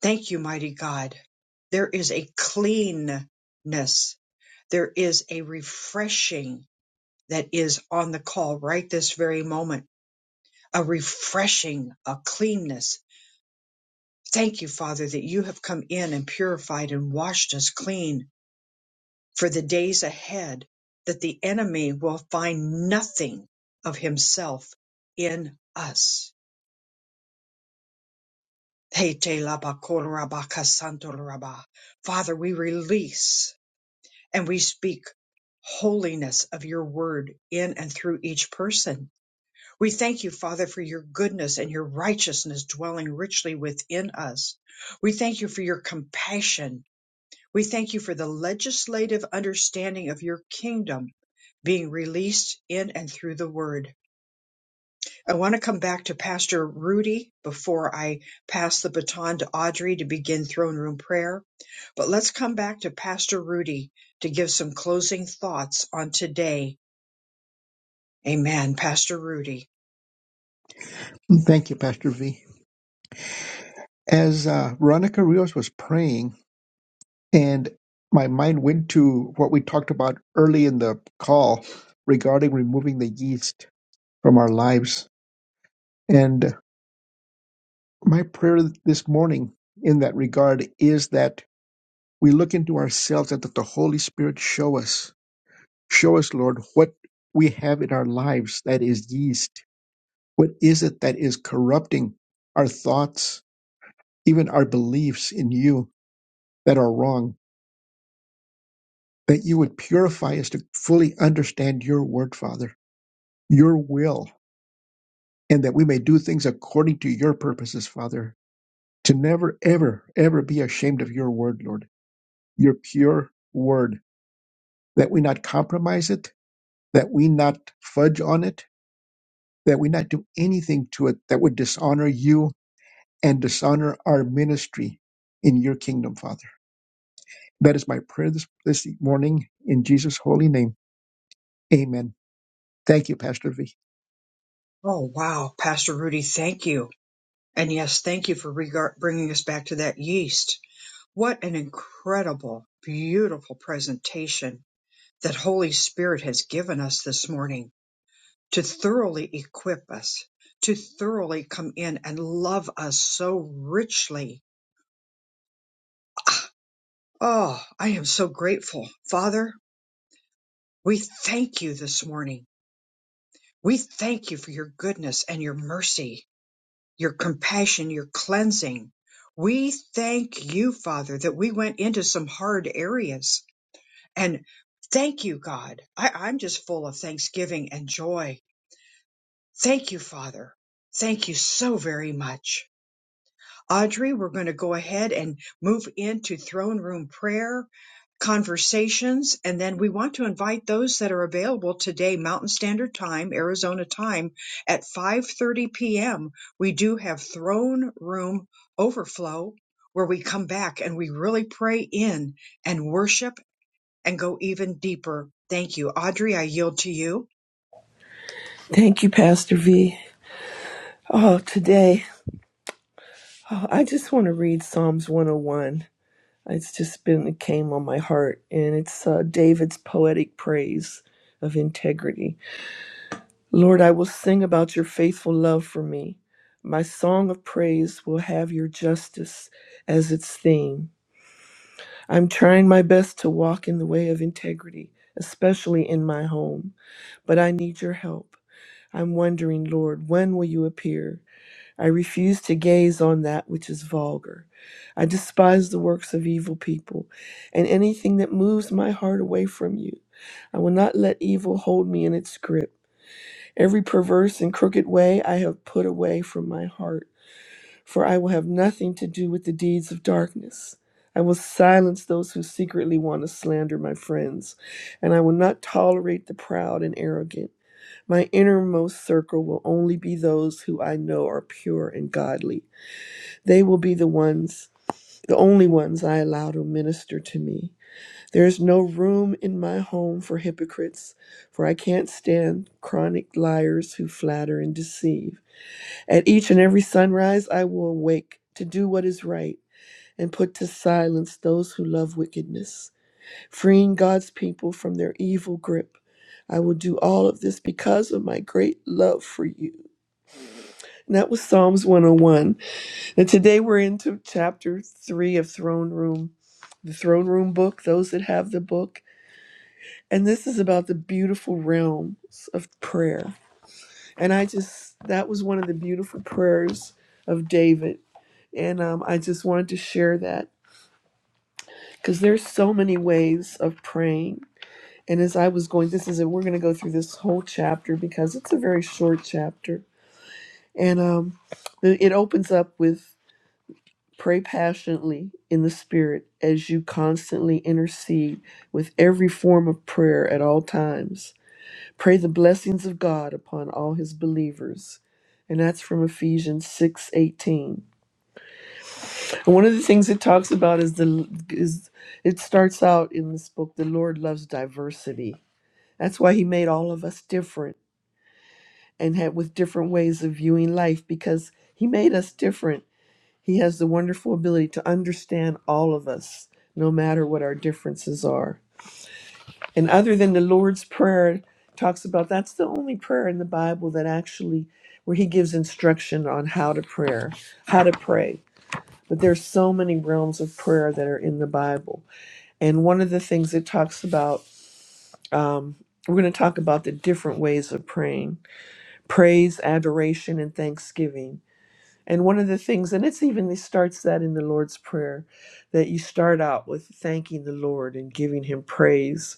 Thank you, mighty God. There is a cleanness, there is a refreshing that is on the call right this very moment, a refreshing, a cleanness. Thank you, Father, that you have come in and purified and washed us clean for the days ahead that the enemy will find nothing of himself in us. Hey, te laba koraba kasanto raba. Father, we release and we speak holiness of your word in and through each person. We thank you, Father, for your goodness and your righteousness dwelling richly within us. We thank you for your compassion We thank you for the legislative understanding of your kingdom being released in and through the word. I want to come back to Pastor Rudy before I pass the baton to Audrey to begin throne room prayer. But let's come back to Pastor Rudy to give some closing thoughts on today. Amen. Pastor Rudy.
Thank you, Pastor V. As uh, Veronica Rios was praying, And my mind went to what we talked about early in the call regarding removing the yeast from our lives. And my prayer this morning in that regard is that we look into ourselves and that the Holy Spirit show us, show us, Lord, what we have in our lives that is yeast. What is it that is corrupting our thoughts, even our beliefs in you that are wrong? That you would purify us to fully understand your word, Father your will and that we may do things according to your purposes, Father, to never, ever, ever be ashamed of your word, Lord, your pure word, that we not compromise it, that we not fudge on it, that we not do anything to it that would dishonor you and dishonor our ministry in your kingdom, Father. That is my prayer this, this morning in Jesus' holy name. Amen. Thank you, Pastor V.
Oh, wow. Pastor Rudy, thank you. And yes, thank you for regar- bringing us back to that yeast. What an incredible, beautiful presentation that Holy Spirit has given us this morning to thoroughly equip us, to thoroughly come in and love us so richly. Oh, I am so grateful. Father, we thank you this morning. We thank you for your goodness and your mercy, your compassion, your cleansing. We thank you, Father, that we went into some hard areas. And thank you, God. I, I'm just full of thanksgiving and joy Thank you, Father. Thank you so very much. Audrey, we're going to go ahead and move into throne room prayer, conversations, and then we want to invite those that are available today, Mountain Standard Time, Arizona time, at 5.30 p.m. We do have throne room overflow where we come back and we really pray in and worship and go even deeper. Thank you. Audrey, I yield to you.
Thank you, Pastor V. Oh, today, oh, I just want to read Psalms 101. It's just been, it came on my heart, and it's uh, David's poetic praise of integrity. Lord, I will sing about your faithful love for me. My song of praise will have your justice as its theme. I'm trying my best to walk in the way of integrity, especially in my home, but I need your help. I'm wondering, Lord, when will you appear? I refuse to gaze on that which is vulgar. I despise the works of evil people and anything that moves my heart away from you. I will not let evil hold me in its grip. Every perverse and crooked way I have put away from my heart, for I will have nothing to do with the deeds of darkness. I will silence those who secretly want to slander my friends, and I will not tolerate the proud and arrogant. My innermost circle will only be those who I know are pure and godly. They will be the ones, the only ones I allow to minister to me. There is no room in my home for hypocrites, for I can't stand chronic liars who flatter and deceive. At each and every sunrise, I will awake to do what is right and put to silence those who love wickedness, freeing God's people from their evil grip. I will do all of this because of my great love for you. And that was Psalms 101. And today we're into chapter three of Throne Room, the Throne Room book, those that have the book. And this is about the beautiful realms of prayer. And I just, that was one of the beautiful prayers of David. And um, I just wanted to share that because there's so many ways of praying. And as I was going, this is it, we're going to go through this whole chapter because it's a very short chapter. And um, the- it opens up with Pray passionately in the Spirit as you constantly intercede with every form of prayer at all times. Pray the blessings of God upon all his believers. And that's from Ephesians 6:18. And one of the things it talks about is the is it starts out in this book the Lord loves diversity. That's why he made all of us different and had with different ways of viewing life because he made us different He has the wonderful ability to understand all of us, no matter what our differences are. And other than the Lord's Prayer talks about, that's the only prayer in the Bible that actually where he gives instruction on how to prayer, how to pray. But there's so many realms of prayer that are in the Bible. And one of the things it talks about, um, we're going to talk about the different ways of praying praise, adoration, and thanksgiving And one of the things, and it's even it starts that in the Lord's Prayer, that you start out with thanking the Lord and giving Him praise.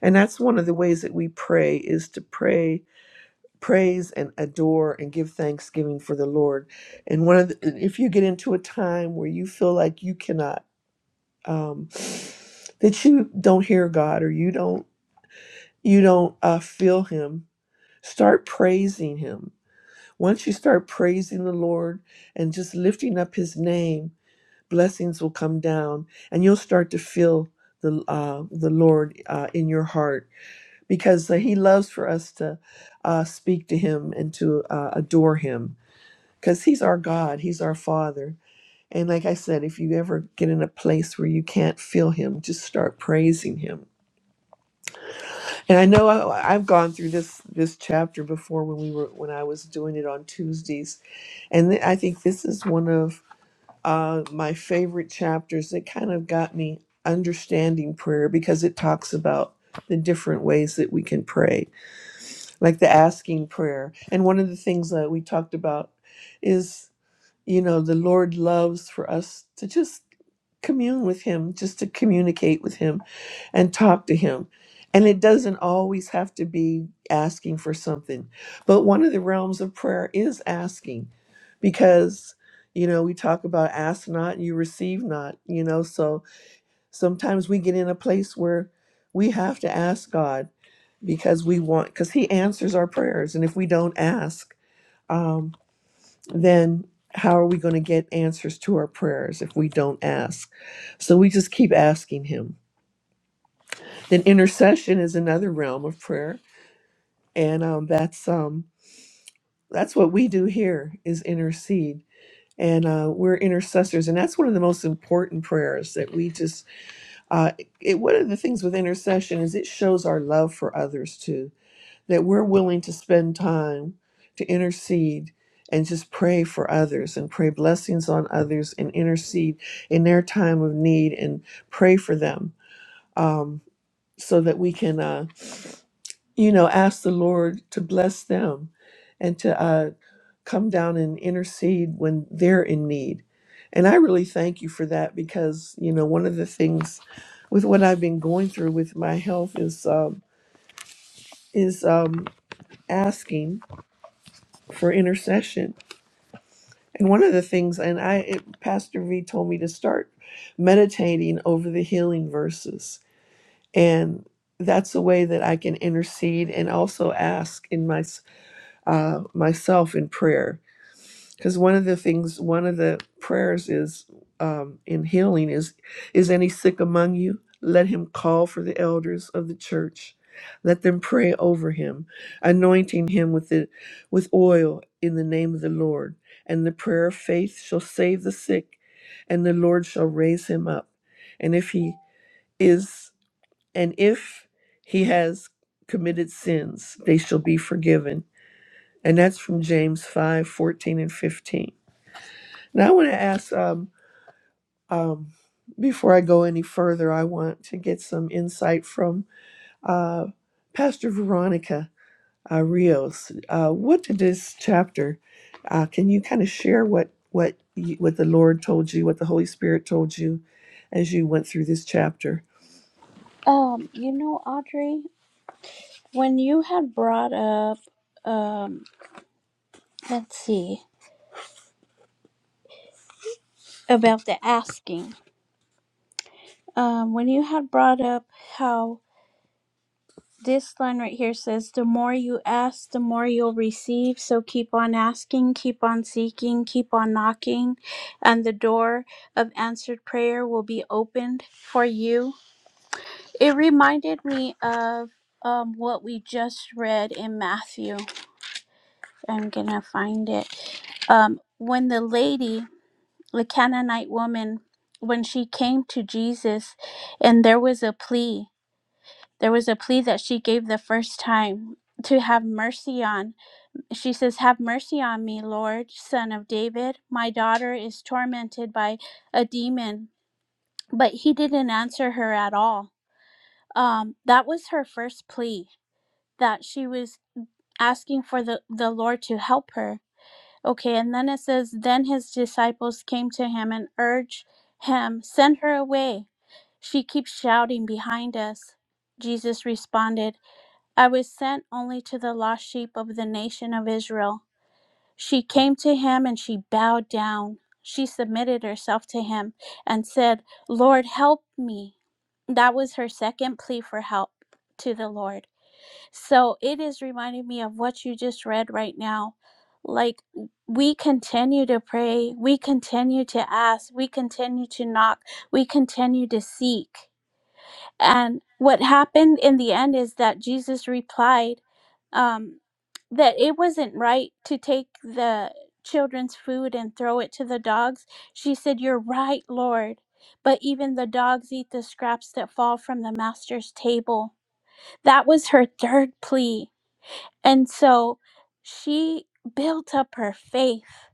And that's one of the ways that we pray is to pray, praise, and adore and give thanksgiving for the Lord. And one of the, if you get into a time where you feel like you cannot, um, that you don't hear God or you don't you don't uh, feel Him, start praising Him. Once you start praising the Lord and just lifting up His name blessings will come down and you'll start to feel the uh, the Lord uh, in your heart because uh, he loves for us to uh, speak to him and to uh, adore him because he's our God he's our father and like I said if you ever get in a place where you can't feel him just start praising him and I know I, I've gone through this this chapter before when we were when I was doing it on Tuesdays and I think this is one of uh, my favorite chapters that kind of got me understanding prayer because it talks about the different ways that we can pray, like the asking prayer. And one of the things that we talked about is, you know, the Lord loves for us to just commune with Him, just to communicate with Him and talk to him. And it doesn't always have to be asking for something. But one of the realms of prayer is asking because, you know, we talk about ask not, you receive not, you know. So sometimes we get in a place where we have to ask God because we want, because He answers our prayers. And if we don't ask, um, then how are we going to get answers to our prayers if we don't ask? So we just keep asking Him then intercession is another realm of prayer, and um, that's um, that's what we do here is intercede, and uh, we're intercessors, and that's one of the most important prayers that we just. Uh, it, one of the things with intercession is it shows our love for others too, that we're willing to spend time to intercede and just pray for others and pray blessings on others and intercede in their time of need and pray for them um, so that we can. Uh, you know, ask the Lord to bless them and to uh, come down and intercede when they're in need. And I really thank you for that because, you know, one of the things with what I've been going through with my health is um, is um, asking for intercession. And one of the things, and I, it, Pastor V told me to start meditating over the healing verses, and that's a way that I can intercede and also ask in myself uh, myself in prayer because one of the things one of the prayers is um, in healing is is any sick among you let him call for the elders of the church let them pray over him anointing him with the with oil in the name of the lord and the prayer of faith shall save the sick and the lord shall raise him up and if he is and if he has committed sins they shall be forgiven and that's from James 5 14 and 15. Now, I want to ask, um, um, before I go any further, I want to get some insight from uh, Pastor Veronica uh, Rios. Uh, what did this chapter, uh, can you kind of share what, what, you, what the Lord told you, what the Holy Spirit told you as you went through this chapter?
Um, you know, Audrey, when you had brought up, um, let's see, about the asking, um, when you had brought up how this line right here says, the more you ask, the more you'll receive. So keep on asking, keep on seeking, keep on knocking, and the door of answered prayer will be opened for you. It reminded me of um, what we just read in Matthew I'm gonna find it. Um, when the lady, the Canaanite woman, when she came to Jesus, and there was a plea, there was a plea that she gave the first time to have mercy on. She says, Have mercy on me, Lord, son of David. My daughter is tormented by a demon. But he didn't answer her at all. Um, that was her first plea that she was asking for the, the Lord to help her Okay, and then it says, Then his disciples came to him and urged him, Send her away. She keeps shouting behind us. Jesus responded, I was sent only to the lost sheep of the nation of Israel. She came to him and she bowed down. She submitted herself to him and said, Lord, help me. That was her second plea for help to the Lord. So it is reminding me of what you just read right now. Like we continue to pray, we continue to ask, we continue to knock, we continue to seek. And what happened in the end is that Jesus replied um, that it wasn't right to take the children's food and throw it to the dogs. She said, You're right, Lord. But even the dogs eat the scraps that fall from the master's table. That was her third plea and so she built up her faith.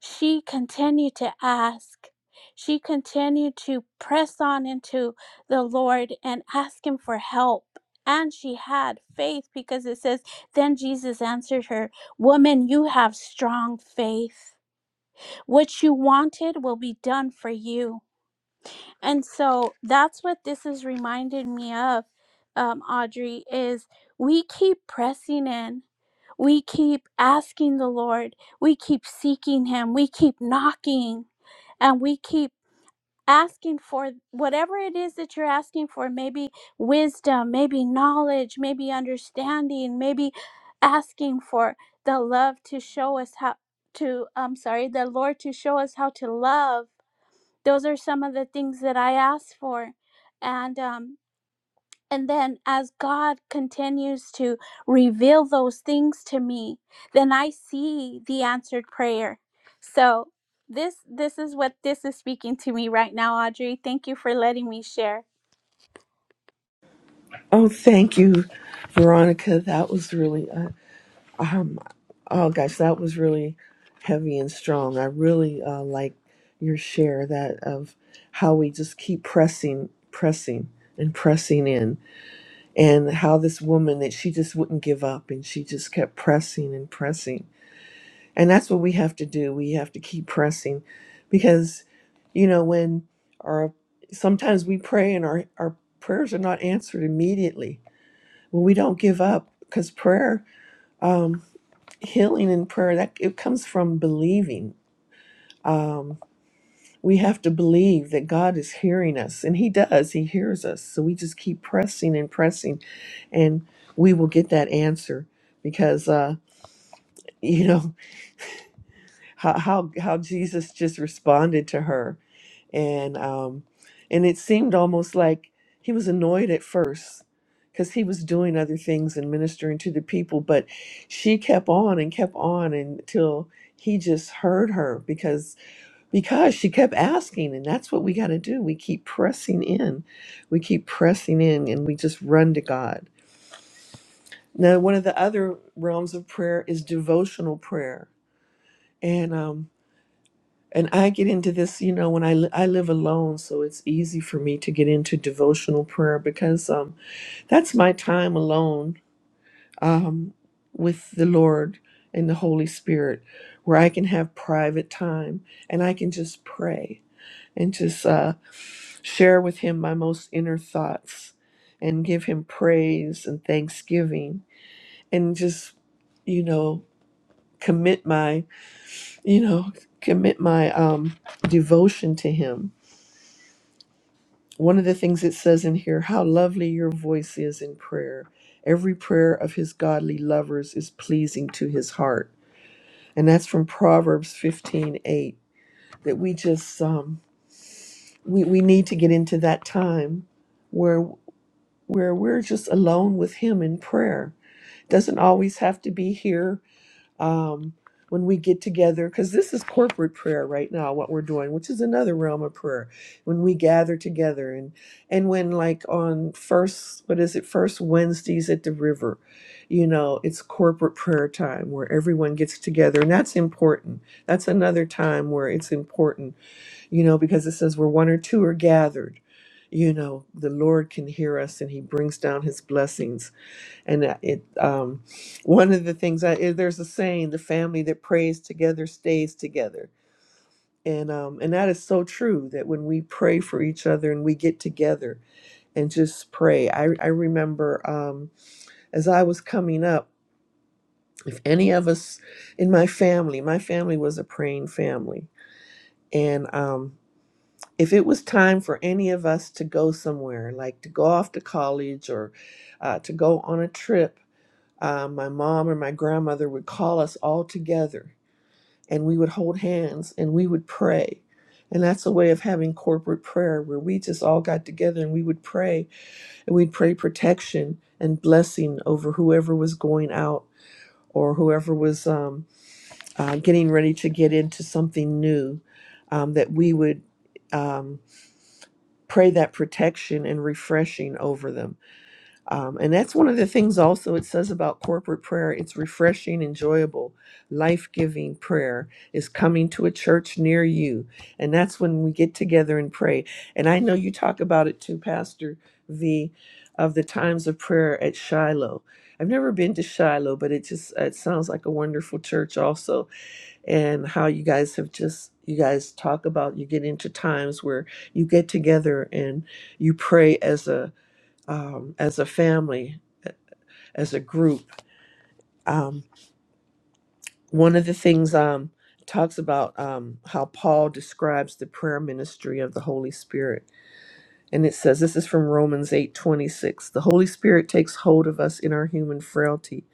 She continued to ask. She continued to press on into the Lord and ask Him for help. And she had faith because it says, Then Jesus answered her, Woman, you have strong faith. What you wanted will be done for you. And so that's what this is reminding me of, um, Audrey, is we keep pressing in we keep asking the Lord, we keep seeking Him, we keep knocking, and we keep asking for whatever it is that you're asking for maybe wisdom, maybe knowledge, maybe understanding, maybe asking for the love to show us how to, I'm sorry, the Lord to show us how to love. Those are some of the things that I asked for. And, um, and then, as God continues to reveal those things to me, then I see the answered prayer. So, this this is what this is speaking to me right now, Audrey. Thank you for letting me share.
Oh, thank you, Veronica. That was really, uh, Um, oh gosh, that was really heavy and strong. I really uh, like your share that of how we just keep pressing, pressing, and pressing in, and how this woman that she just wouldn't give up, and she just kept pressing and pressing, and that's what we have to do. We have to keep pressing, because you know when our sometimes we pray and our our prayers are not answered immediately. Well, we don't give up because prayer. Um, healing and prayer that it comes from believing um we have to believe that god is hearing us and he does he hears us so we just keep pressing and pressing and we will get that answer because uh you know how how, how jesus just responded to her and um, and it seemed almost like he was annoyed at first because he was doing other things and ministering to the people, but she kept on and kept on until he just heard her because because she kept asking and that's what we got to do we keep pressing in we keep pressing in and we just run to god now one of the other realms of prayer is devotional prayer and um and I get into this, you know, when I li- I live alone, so it's easy for me to get into devotional prayer because um, that's my time alone um, with the Lord and the Holy Spirit, where I can have private time and I can just pray and just uh, share with Him my most inner thoughts and give Him praise and thanksgiving and just, you know, commit my, you know, commit my um, devotion to Him one of the things it says in here how lovely your voice is in prayer every prayer of his godly lovers is pleasing to his heart and that's from proverbs 15 8. that we just um we, we need to get into that time where where we're just alone with him in prayer doesn't always have to be here um, when we get together, because this is corporate prayer right now, what we're doing, which is another realm of prayer. When we gather together, and and when like on first, what is it, first Wednesdays at the river, you know, it's corporate prayer time where everyone gets together, and that's important. That's another time where it's important, you know, because it says where one or two are gathered. You know, the Lord can hear us and He brings down His blessings and uh, it um one of the things i eh, there's a saying the family that prays together stays together and um and that is so true that when we pray for each other and we get together and just pray i i remember um as i was coming up if any of us in my family my family was a praying family and um if it was time for any of us to go somewhere like to go off to college or uh, to go on a trip uh, my mom or my grandmother would call us all together and we would hold hands and we would pray. And that's a way of having corporate prayer where we just all got together and we would pray and we'd pray protection and blessing over whoever was going out or whoever was um, uh, getting ready to get into something new, um, that we would um, pray that protection and refreshing over them Um, and that's one of the things also it says about corporate prayer. It's refreshing, enjoyable, life giving prayer is coming to a church near you. And that's when we get together and pray. And I know you talk about it too, Pastor V, of the times of prayer at Shiloh. I've never been to Shiloh, but it just uh, it sounds like a wonderful church also. And how you guys have just you guys talk about you get into times where you get together and you pray as a um, as a family, as a group. Um, one of the things um, talks about um, how Paul describes the prayer ministry of the Holy Spirit, and it says this is from Romans eight twenty six. The Holy Spirit takes hold of us in our human frailty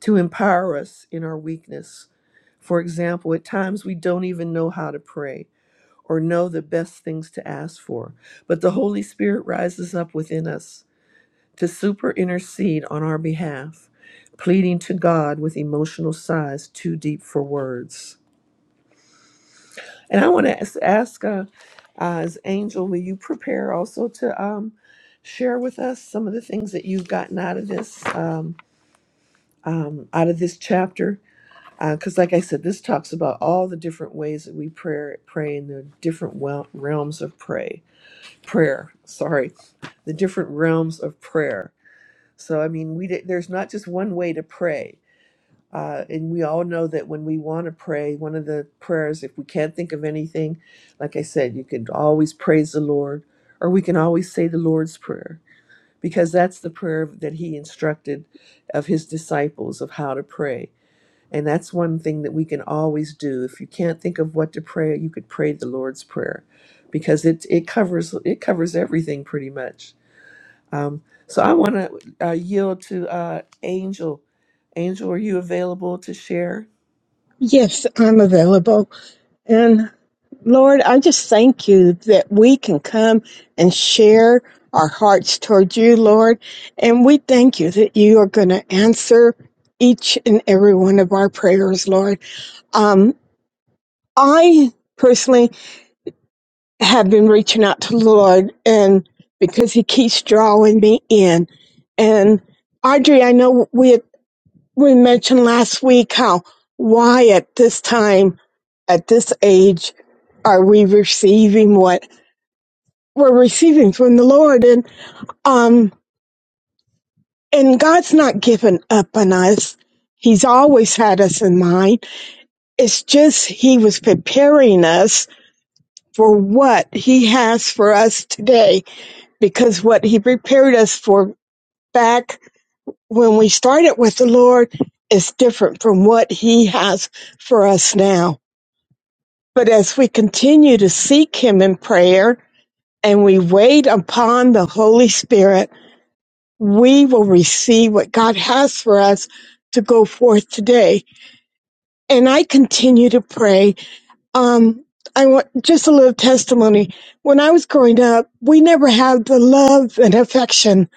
to empower us in our weakness. For example, at times we don't even know how to pray or know the best things to ask for, but the Holy Spirit rises up within us to super intercede on our behalf, pleading to God with emotional sighs too deep for words. And I want to ask, ask uh, uh, as Angel, will you prepare also to um, share with us some of the things that you've gotten out of this um, um, out of this chapter? Because, like I said, this talks about all the different ways that we pray, pray in the different wel- realms of pray, prayer. Sorry, the different realms of prayer So, I mean, we there's not just one way to pray. Uh, and we all know that when we want to pray, one of the prayers, if we can't think of anything, like I said, you can always praise the Lord, or we can always say the Lord's Prayer, because that's the prayer that He instructed of His disciples of how to pray. And that's one thing that we can always do. If you can't think of what to pray, you could pray the Lord's Prayer, because it it covers it covers everything pretty much um, so I want to uh, yield to uh, Angel. Angel, are you available to share?
Yes, I'm available. And Lord, I just thank you that we can come and share our hearts toward you, Lord. And we thank you that you are going to answer each and every one of our prayers, Lord. Um, I personally have been reaching out to the Lord and because he keeps drawing me in. And Audrey, I know we had we mentioned last week how why at this time at this age are we receiving what we're receiving from the lord and um and god's not given up on us he's always had us in mind it's just he was preparing us for what he has for us today because what he prepared us for back when we started with the lord is different from what he has for us now But as we continue to seek Him in prayer and we wait upon the Holy Spirit, we will receive what God has for us to go forth today. And I continue to pray. Um, I want just a little testimony. When I was growing up, we never had the love and affection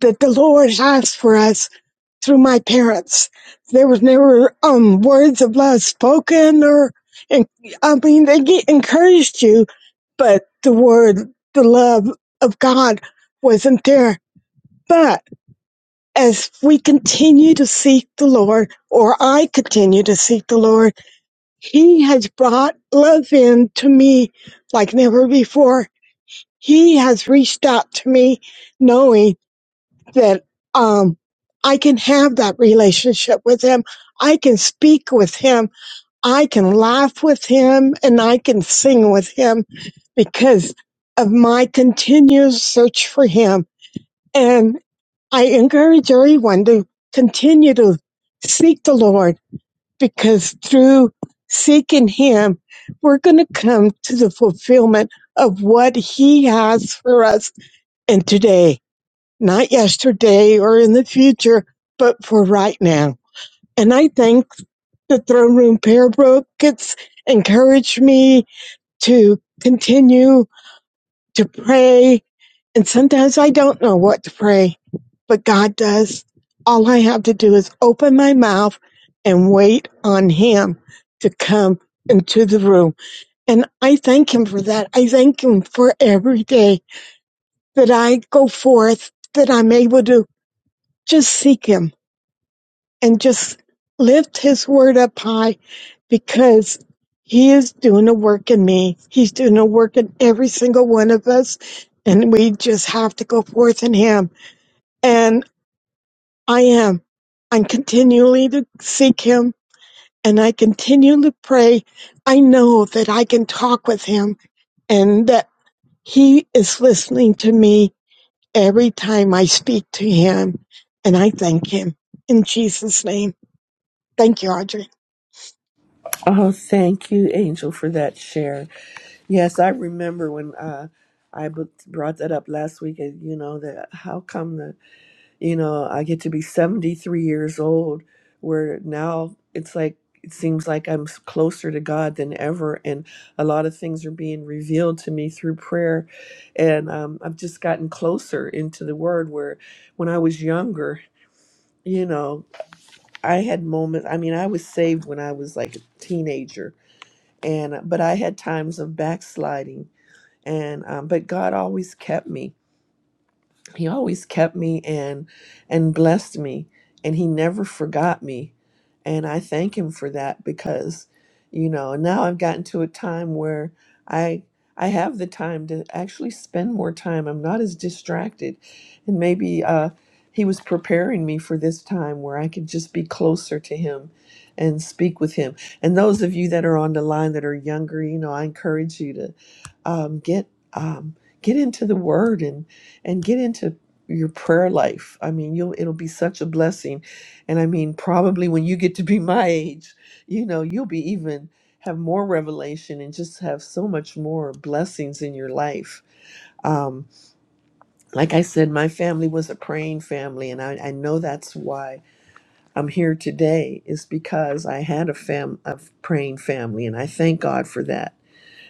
that the Lord has for us through my parents. There was never um words of love spoken or and I mean they get encouraged you, but the word the love of God wasn't there. But as we continue to seek the Lord, or I continue to seek the Lord, He has brought love in to me like never before. He has reached out to me knowing that um, I can have that relationship with him. I can speak with him. I can laugh with him and I can sing with him because of my continued search for him. And I encourage everyone to continue to seek the Lord because through seeking him, we're going to come to the fulfillment of what he has for us in today not yesterday or in the future, but for right now. And I think the Throne Room Prayer Book it's encouraged me to continue to pray. And sometimes I don't know what to pray, but God does. All I have to do is open my mouth and wait on Him to come into the room. And I thank Him for that. I thank Him for every day that I go forth, that I'm able to just seek Him and just lift his word up high because he is doing a work in me. He's doing a work in every single one of us. And we just have to go forth in him. And I am. I'm continually to seek him and I continue to pray. I know that I can talk with him and that he is listening to me every time I speak to him. And I thank him in Jesus' name. Thank you, Audrey.
Oh, thank you, Angel, for that share. Yes, I remember when uh, I b- brought that up last week. uh, You know that how come the you know, I get to be 73 years old, where now it's like, it seems like I'm s- closer to God than ever. And a lot of things are being revealed to me through prayer. And um, I've just gotten closer into the word where when I was younger, you know, I had moments. I mean, I was saved when I was like a teenager, and but I had times of backsliding. And um, but God always kept me he always kept me and and blessed me and he never forgot me and i thank him for that because you know now i've gotten to a time where i i have the time to actually spend more time i'm not as distracted and maybe uh he was preparing me for this time where i could just be closer to him and speak with him and those of you that are on the line that are younger you know i encourage you to um, get um, get into the word and get into your prayer life. I mean, you'll it'll be such a blessing. And I mean, probably when you get to be my age, you know, you'll be even have more revelation and just have so much more blessings in your life. Um, like I said, my family was a praying family, and I, I know that's why I'm here today is because I had a fam a praying family, and I thank God for that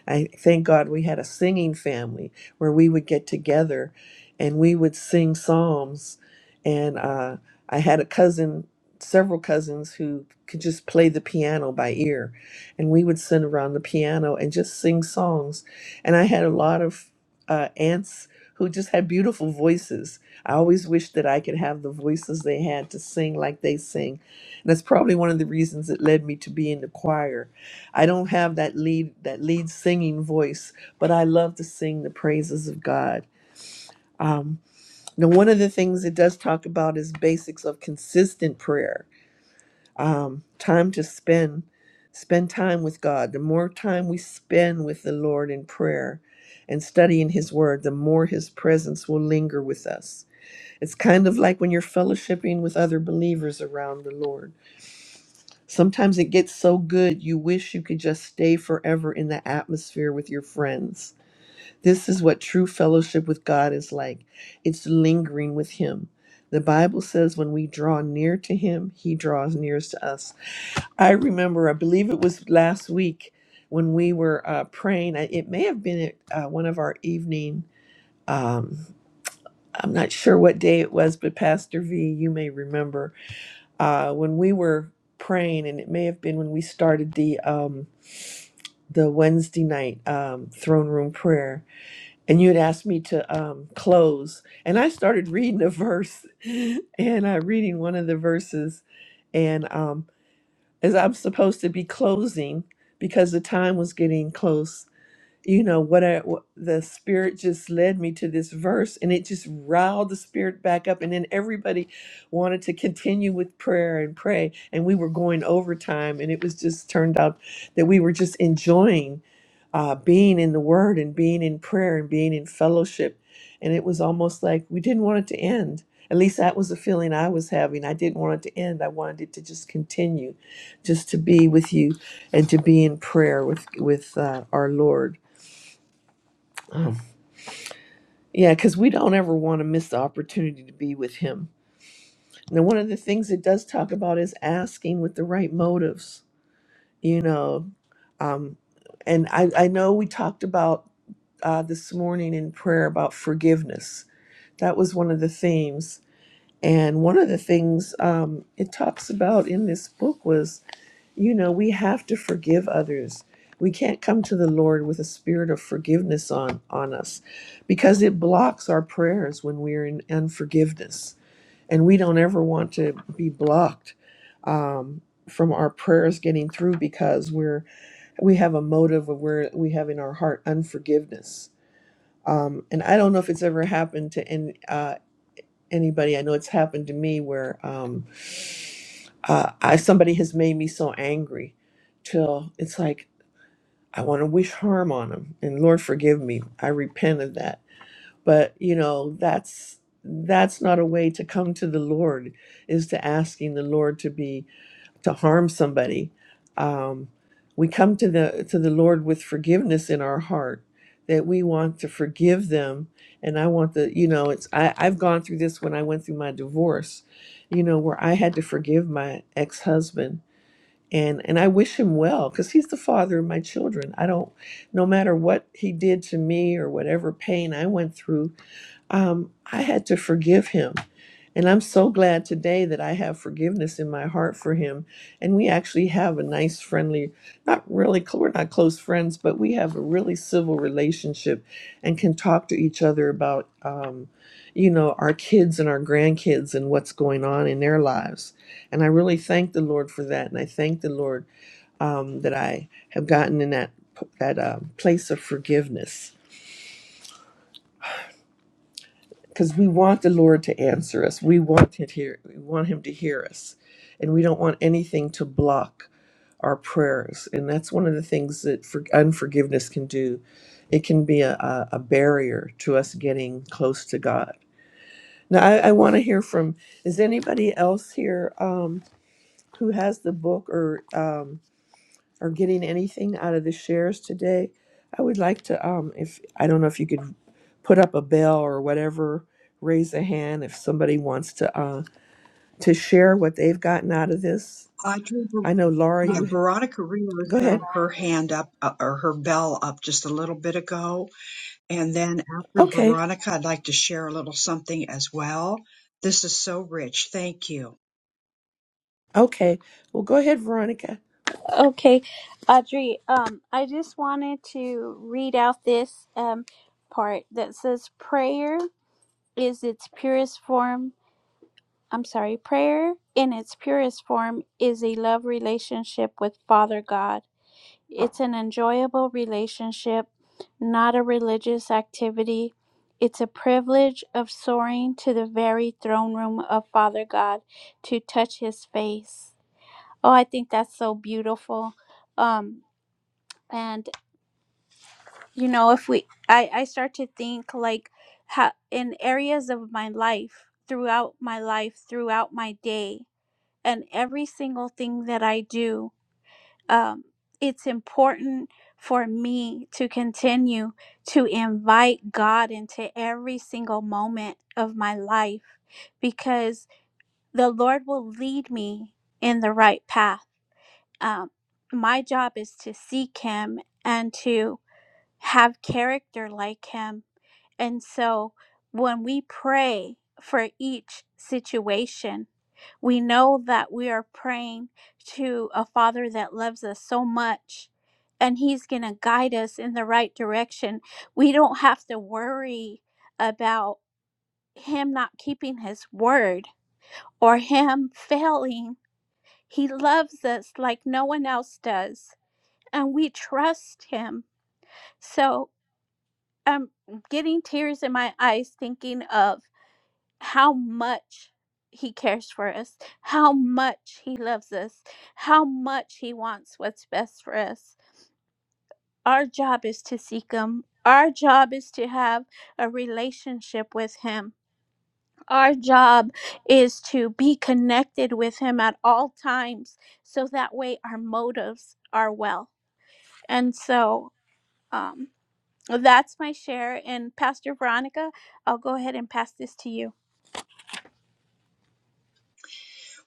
I thank God we had a singing family where we would get together and we would sing psalms. And uh, I had a cousin, several cousins who could just play the piano by ear. And we would sit around the piano and just sing songs. And I had a lot of uh, aunts who just had beautiful voices. I always wished that I could have the voices they had to sing like they sing. And that's probably one of the reasons it led me to be in the choir I don't have that lead that lead singing voice, but I love to sing the praises of God. Um, now, one of the things it does talk about is basics of consistent prayer, um, time to spend spend time with God. The more time we spend with the Lord in prayer and studying His Word, the more His presence will linger with us. It's kind of like when you're fellowshipping with other believers around the Lord Sometimes it gets so good you wish you could just stay forever in the atmosphere with your friends. This is what true fellowship with God is like it's lingering with Him. The Bible says when we draw near to Him, He draws nearest to us. I remember, I believe it was last week when we were uh, praying. I- It may have been at uh, one of our evening. Um, I'm not sure what day it was, but Pastor V, you may remember uh, when we were praying, and it may have been when we started the um, the Wednesday night um, throne room prayer, and you had asked me to um, close, and I started reading a verse, and I reading one of the verses, and um, as I'm supposed to be closing because the time was getting close, you know what I what, the spirit just led me to this verse and it just riled the spirit back up and then everybody wanted to continue with prayer and pray and we were going overtime and it was just turned out that we were just enjoying uh, being in the word and being in prayer and being in fellowship and it was almost like we didn't want it to end at least that was the feeling I was having. I didn't want it to end. I wanted it to just continue, just to be with you and to be in prayer with with uh, our Lord. Um, yeah, because we don't ever want to miss the opportunity to be with Him. Now, one of the things it does talk about is asking with the right motives, you know. Um, and I, I know we talked about uh, this morning in prayer about forgiveness. That was one of the themes. And one of the things um, it talks about in this book was You know, we have to forgive others. We can't come to the Lord with a spirit of forgiveness on, on us because it blocks our prayers when we're in unforgiveness. And we don't ever want to be blocked um, from our prayers getting through because we're we have a motive of where we have in our heart unforgiveness. Um, and I don't know if it's ever happened to any. uh, anybody. I know it's happened to me where um, uh, I, somebody has made me so angry till it's like I want to wish harm on them. And Lord, forgive me. I repent of that. But you know, that's that's not a way to come to the Lord. Is to asking the Lord to be to harm somebody. Um, we come to the to the Lord with forgiveness in our heart that we want to forgive them. And I want the you know it's I I've gone through this when I went through my divorce, you know where I had to forgive my ex husband. And, and I wish him well because he's the father of my children. I don't, no matter what he did to me or whatever pain I went through, um, I had to forgive him. And I'm so glad today that I have forgiveness in my heart for him. And we actually have a nice, friendly, not really, cl- we're not close friends, but we have a really civil relationship and can talk to each other about, um, you know, our kids and our grandkids and what's going on in their lives. And I really thank the Lord for that. And I thank the Lord um, that I have gotten in that, that uh, place of forgiveness because we want the Lord to answer us. We want to hear. We want Him to hear us, and we don't want anything to block our prayers. And that's one of the things that for, unforgiveness can do. It can be a, a a barrier to us getting close to God. Now, I, I want to hear from. Is anybody else here um, who has the book or? um, or getting anything out of the shares today, I would like to, um, if I don't know if you could put up a bell or whatever, raise a hand if somebody wants to uh, to share what they've gotten out of this.
Audrey,
I know Laura,
Yeah,
you
Veronica Rios
go ahead.
had her hand up uh, or her bell up just a little bit ago. And then after
Okay,
Veronica, I'd like to share a little something as well. This is so rich. Thank you.
okay. Well, go ahead, Veronica.
Okay, Audrey. Um, I just wanted to read out this um part that says, "Prayer is its purest form." I'm sorry, prayer in its purest form is a love relationship with Father God. It's an enjoyable relationship, not a religious activity. It's a privilege of soaring to the very throne room of Father God to touch his face. Oh, I think that's so beautiful. Um, and you know, if we, I, I start to think like how in areas of my life, throughout my life, throughout my day, and every single thing that I do. um, it's important for me to continue to invite God into every single moment of my life because the Lord will lead me in the right path. Um, my job is to seek Him and to have character like Him and so when we pray for each situation, we know that we are praying to a Father that loves us so much and He's going to guide us in the right direction. We don't have to worry about Him not keeping His word or Him failing. He loves us like no one else does, and we trust Him. So I'm getting tears in my eyes thinking of how much he cares for us, how much he loves us, how much he wants what's best for us. Our job is to seek him. Our job is to have a relationship with him. Our job is to be connected with him at all times so that way our motives are well. And so um, that's my share. And Pastor Veronica, I'll go ahead and pass this to you.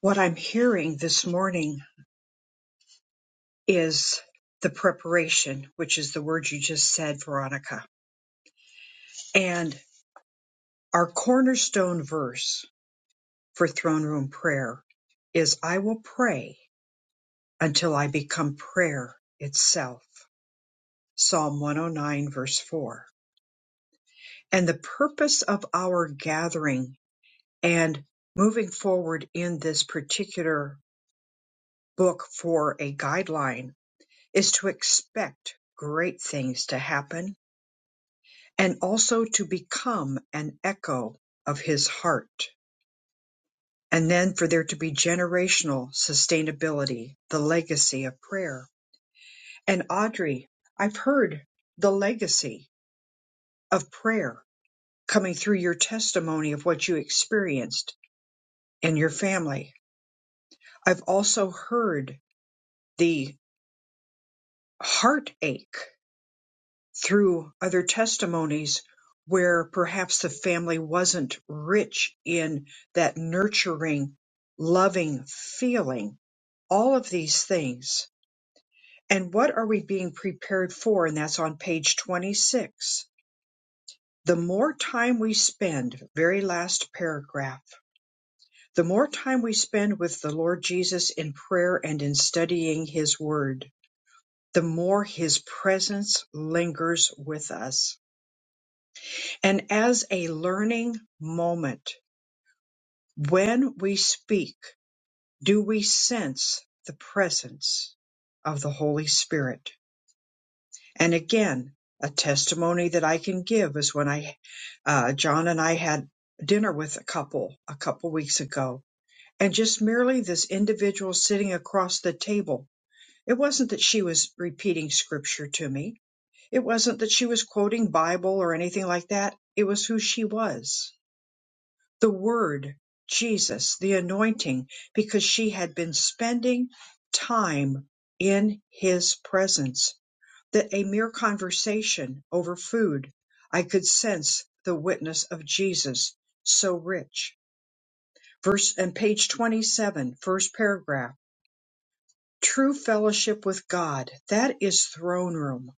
What I'm hearing this morning is the preparation, which is the word you just said, Veronica. And our cornerstone verse for throne room prayer is I will pray until I become prayer itself. Psalm 109, verse 4 and the purpose of our gathering and moving forward in this particular book for a guideline is to expect great things to happen and also to become an echo of his heart. And then for there to be generational sustainability, the legacy of prayer. And Audrey, I've heard the legacy of prayer coming through your testimony of what you experienced in your family I've also heard the heartache through other testimonies where perhaps the family wasn't rich in that nurturing, loving feeling, all of these things. And what are we being prepared for? And that's on page 26. The more time we spend, very last paragraph, the more time we spend with the Lord Jesus in prayer and in studying his word the more his presence lingers with us. And as a learning moment, when we speak, do we sense the presence of the Holy Spirit? And again, a testimony that I can give is when I, uh, John and I had dinner with a couple a couple weeks ago, and just merely this individual sitting across the table. It wasn't that she was repeating scripture to me It wasn't that she was quoting Bible or anything like that. It was who she was. The word, Jesus, the anointing, because she had been spending time in his presence. That a mere conversation over food, I could sense the witness of Jesus so rich. Verse and page 27, first paragraph. True fellowship with God, that is throne room,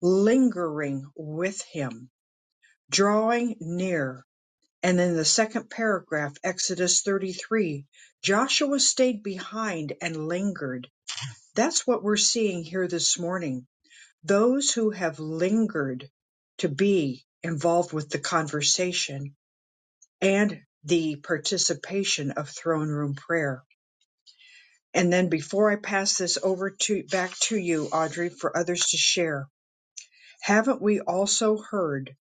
lingering with him drawing near. And in the second paragraph, Exodus 33, Joshua stayed behind and lingered. That's what we're seeing here this morning. Those who have lingered to be involved with the conversation and the participation of throne room prayer. And then before I pass this over to back to you, Audrey, for others to share, haven't we also heard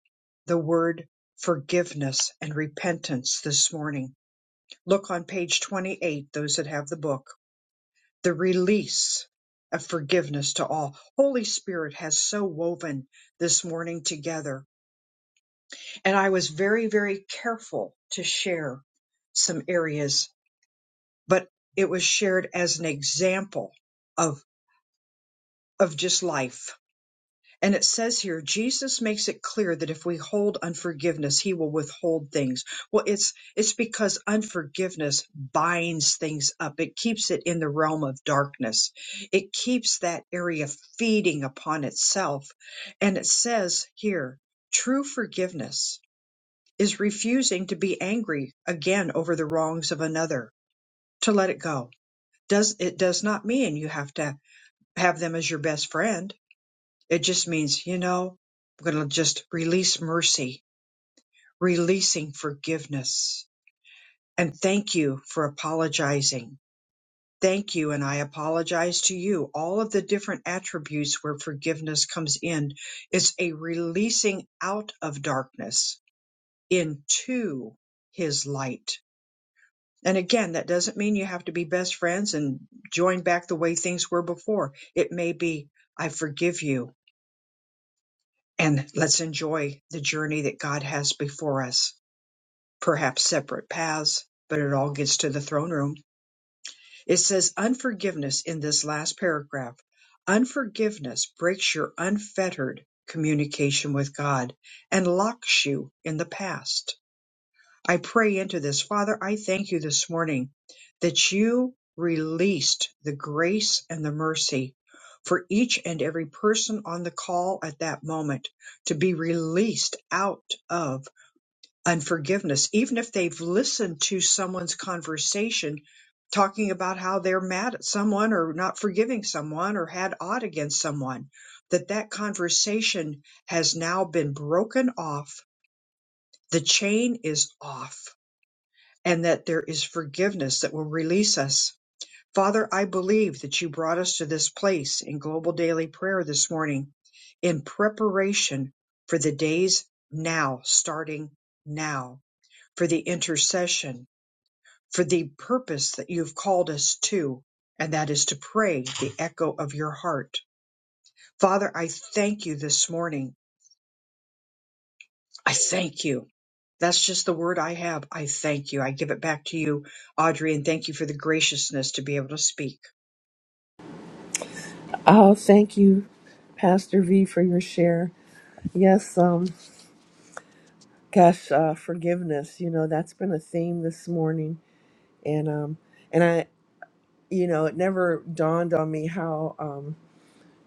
the word forgiveness and repentance this morning? Look on page 28, those that have the book, the release of forgiveness to all. Holy Spirit has so woven this morning together. And I was very, very careful to share some areas, but it was shared as an example of, of just life And it says here, Jesus makes it clear that if we hold unforgiveness, he will withhold things. Well, it's, it's because unforgiveness binds things up. It keeps it in the realm of darkness. It keeps that area feeding upon itself. And it says here, true forgiveness is refusing to be angry again over the wrongs of another, to let it go. Does, it does not mean you have to have them as your best friend it just means, you know, I'm going to just release mercy, releasing forgiveness. And thank you for apologizing. Thank you. And I apologize to you. All of the different attributes where forgiveness comes in is a releasing out of darkness into his light. And again, that doesn't mean you have to be best friends and join back the way things were before. It may be, I forgive you. and let's enjoy the journey that God has before us. Perhaps separate paths, but it all gets to the throne room. It says unforgiveness in this last paragraph. Unforgiveness breaks your unfettered communication with God and locks you in the past I pray into this. Father, I thank you this morning that you released the grace and the mercy for each and every person on the call at that moment to be released out of unforgiveness, even if they've listened to someone's conversation talking about how they're mad at someone or not forgiving someone or had odd against someone that that conversation has now been broken off the chain is off and that there is forgiveness that will release us. Father, I believe that you brought us to this place in global daily prayer this morning in preparation for the days now, starting now, for the intercession, for the purpose that you've called us to, and that is to pray the echo of your heart. Father, I thank you this morning I thank you. That's just the word I have. I thank you. I give it back to you, Audrey, and thank you for the graciousness to be able to speak.
Oh, thank you, Pastor V, for your share. Yes, um, gosh, uh, forgiveness. You know that's been a theme this morning, and um, and I, you know, it never dawned on me how um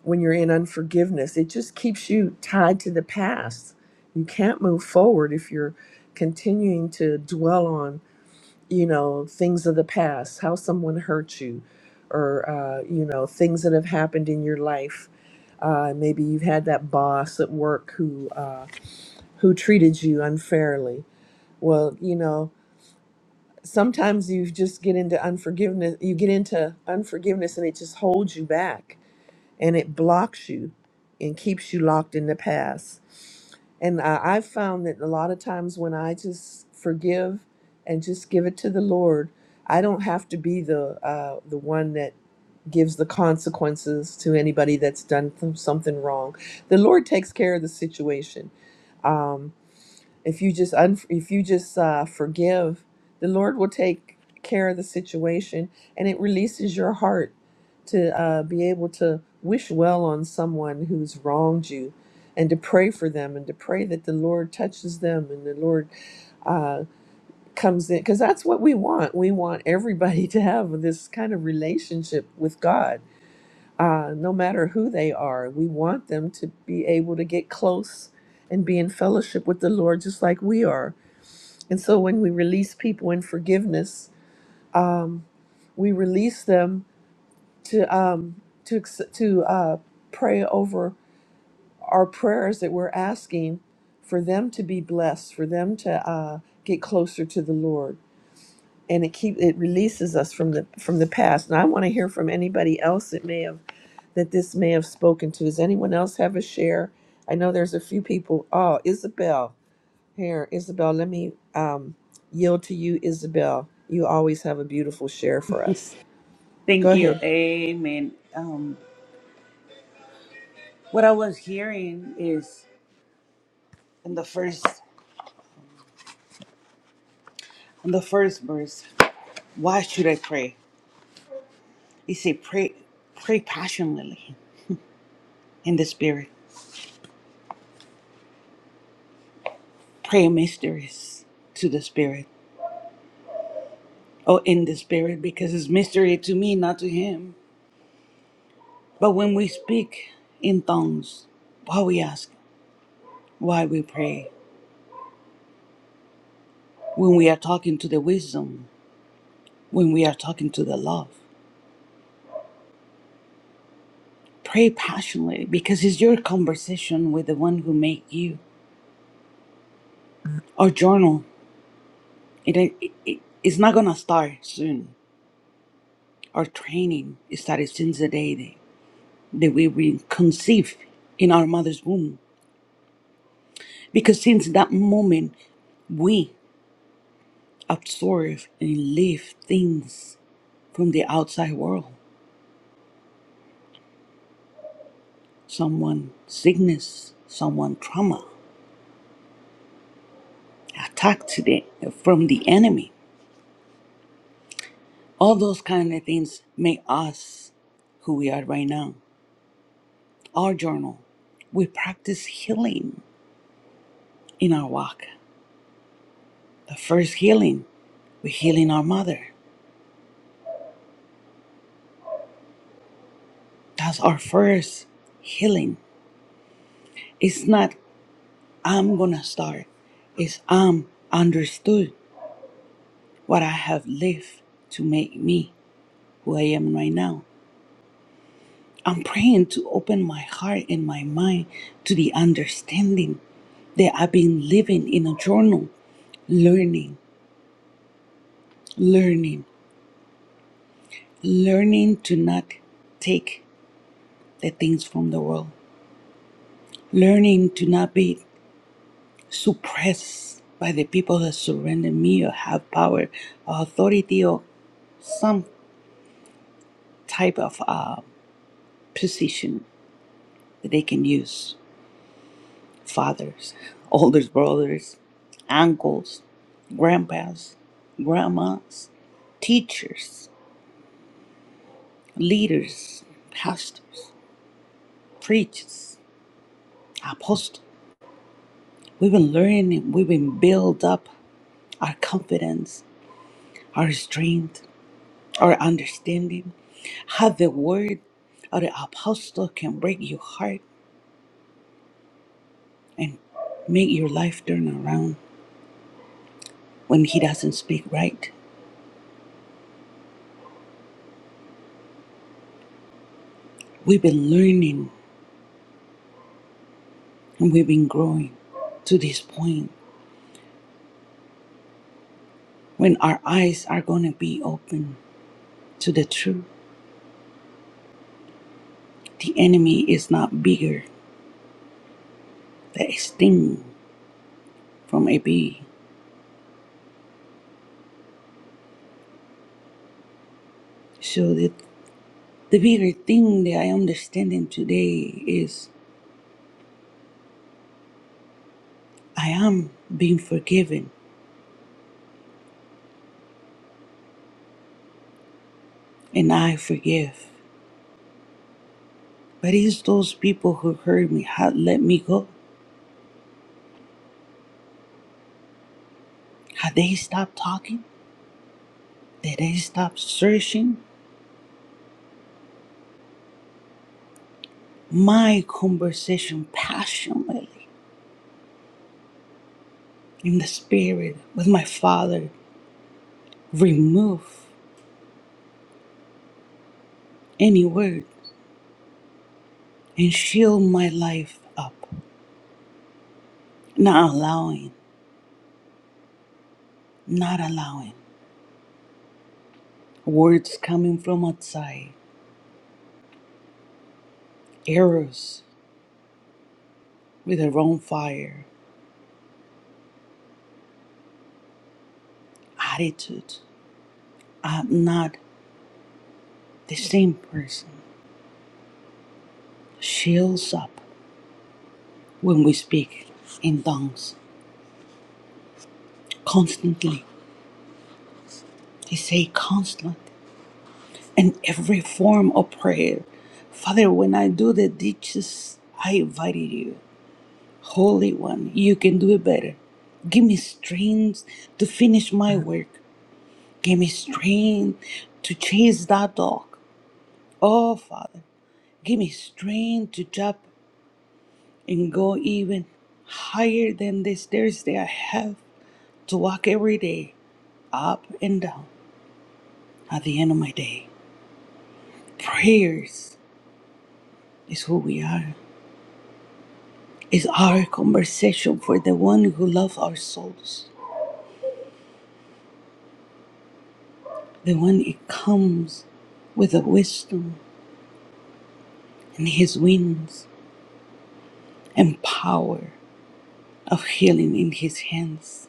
when you're in unforgiveness. It just keeps you tied to the past. You can't move forward if you're continuing to dwell on, you know, things of the past, how someone hurt you, or, uh, you know, things that have happened in your life. Uh, maybe you've had that boss at work who, uh, who treated you unfairly. Well, you know, sometimes you just get into unforgiveness. You get into unforgiveness and it just holds you back and it blocks you and keeps you locked in the past. And I, I found that a lot of times when I just forgive and just give it to the Lord, I don't have to be the uh, the one that gives the consequences to anybody that's done th- something wrong. The Lord takes care of the situation. Um, if you just un- if you just uh, forgive, the Lord will take care of the situation, and it releases your heart to uh, be able to wish well on someone who's wronged you, and to pray for them, and to pray that the Lord touches them, and the Lord uh, comes in because that's what we want. We want everybody to have this kind of relationship with God, uh, no matter who they are. We want them to be able to get close and be in fellowship with the Lord, just like we are. And so when we release people in forgiveness, um, we release them to um, to ex- to uh, pray over our prayers that we're asking for them to be blessed, for them to uh, get closer to the Lord, and it keep it releases us from the from the past. And I want to hear from anybody else that may have that this may have spoken to. Does anyone else have a share? I know there's a few people. Oh, Isabel. Here, Isabel, let me um, yield to you, Isabel. You always have a beautiful share for us. Go
Thank you.
ahead.
Amen. Um, what I was hearing is in the first in the first verse, why should I pray? He said, pray pray passionately in the spirit. Pray mysteries to the spirit. Or in the spirit, because it's mystery to me, not to him. But when we speak in tongues, why we ask, why we pray, when we are talking to the wisdom, when we are talking to the love. Pray passionately because it's your conversation with the one who made you. Our journal, it, it, it it's not gonna start soon. Our training started since the day that, that we were conceived in our mother's womb. Because since that moment, we absorb and live things from the outside world. Someone sickness, someone trauma, attack today from the enemy. All those kind of things make us who we are right now. Our journal, we practice healing in our walk. The first healing, we're healing our mother. That's our first healing. It's not I'm gonna start. It's I'm understood what I have lived to make me who I am right now. I'm praying to open my heart and my mind to the understanding that I've been living in a journal, learning. learning learning to not take the things from the world learning to not be suppressed by the people that surrender me or have power or authority or some type of uh, position that they can use fathers older brothers uncles grandpas grandmas teachers leaders pastors preachers apostles We've been learning, we've been build up our confidence, our strength, our understanding, how the word of the apostle can break your heart and make your life turn around when he doesn't speak right. We've been learning and we've been growing to this point when our eyes are going to be open to the truth. The enemy is not bigger than a sting from a bee. So the The bigger thing that I understanding today is I am being forgiven and I forgive. But it's those people who hurt me, had let me go. Had they stopped talking? Did they stop searching my conversation passionately in the spirit with my father? Remove any word and shield my life up, not allowing, not allowing words coming from outside, errors with a wrong fire attitude. I'm not the same person. Shields up when we speak in tongues constantly. They say constant and every form of prayer. Father, when I do the ditches, I invited you. Holy One, you can do it better. Give me strength to finish my work. Give me strength to chase that dog. Oh, Father, give me strength to jump and go even higher than the stairs that I have to walk every day, up and down at the end of my day. Prayers is who we are. It's our conversation for the one who loves our souls, the one it comes with the wisdom and his wings and power of healing in his hands.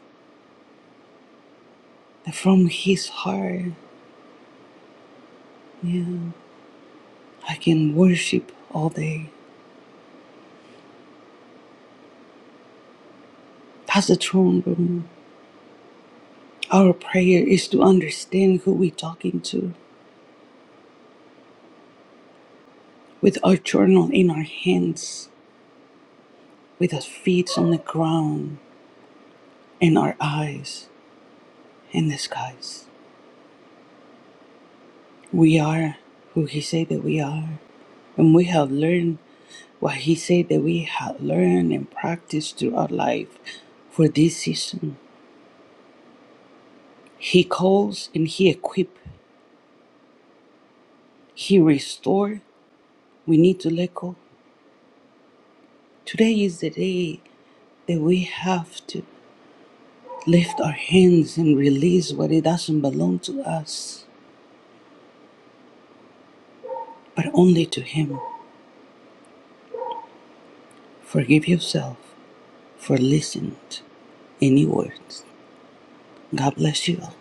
That from his heart, yeah, I can worship all day. That's the throne room Our prayer is to understand who we're talking to with our journal in our hands, with our feet on the ground, and our eyes in the skies. We are who He said that we are, and we have learned what He said that we have learned and practiced through our life for this season. He calls and He equips, He restores. We need to let go. Today is the day that we have to. lift our hands and release what it doesn't belong to us, but only to Him. Forgive yourself for listening to any words. God bless you all.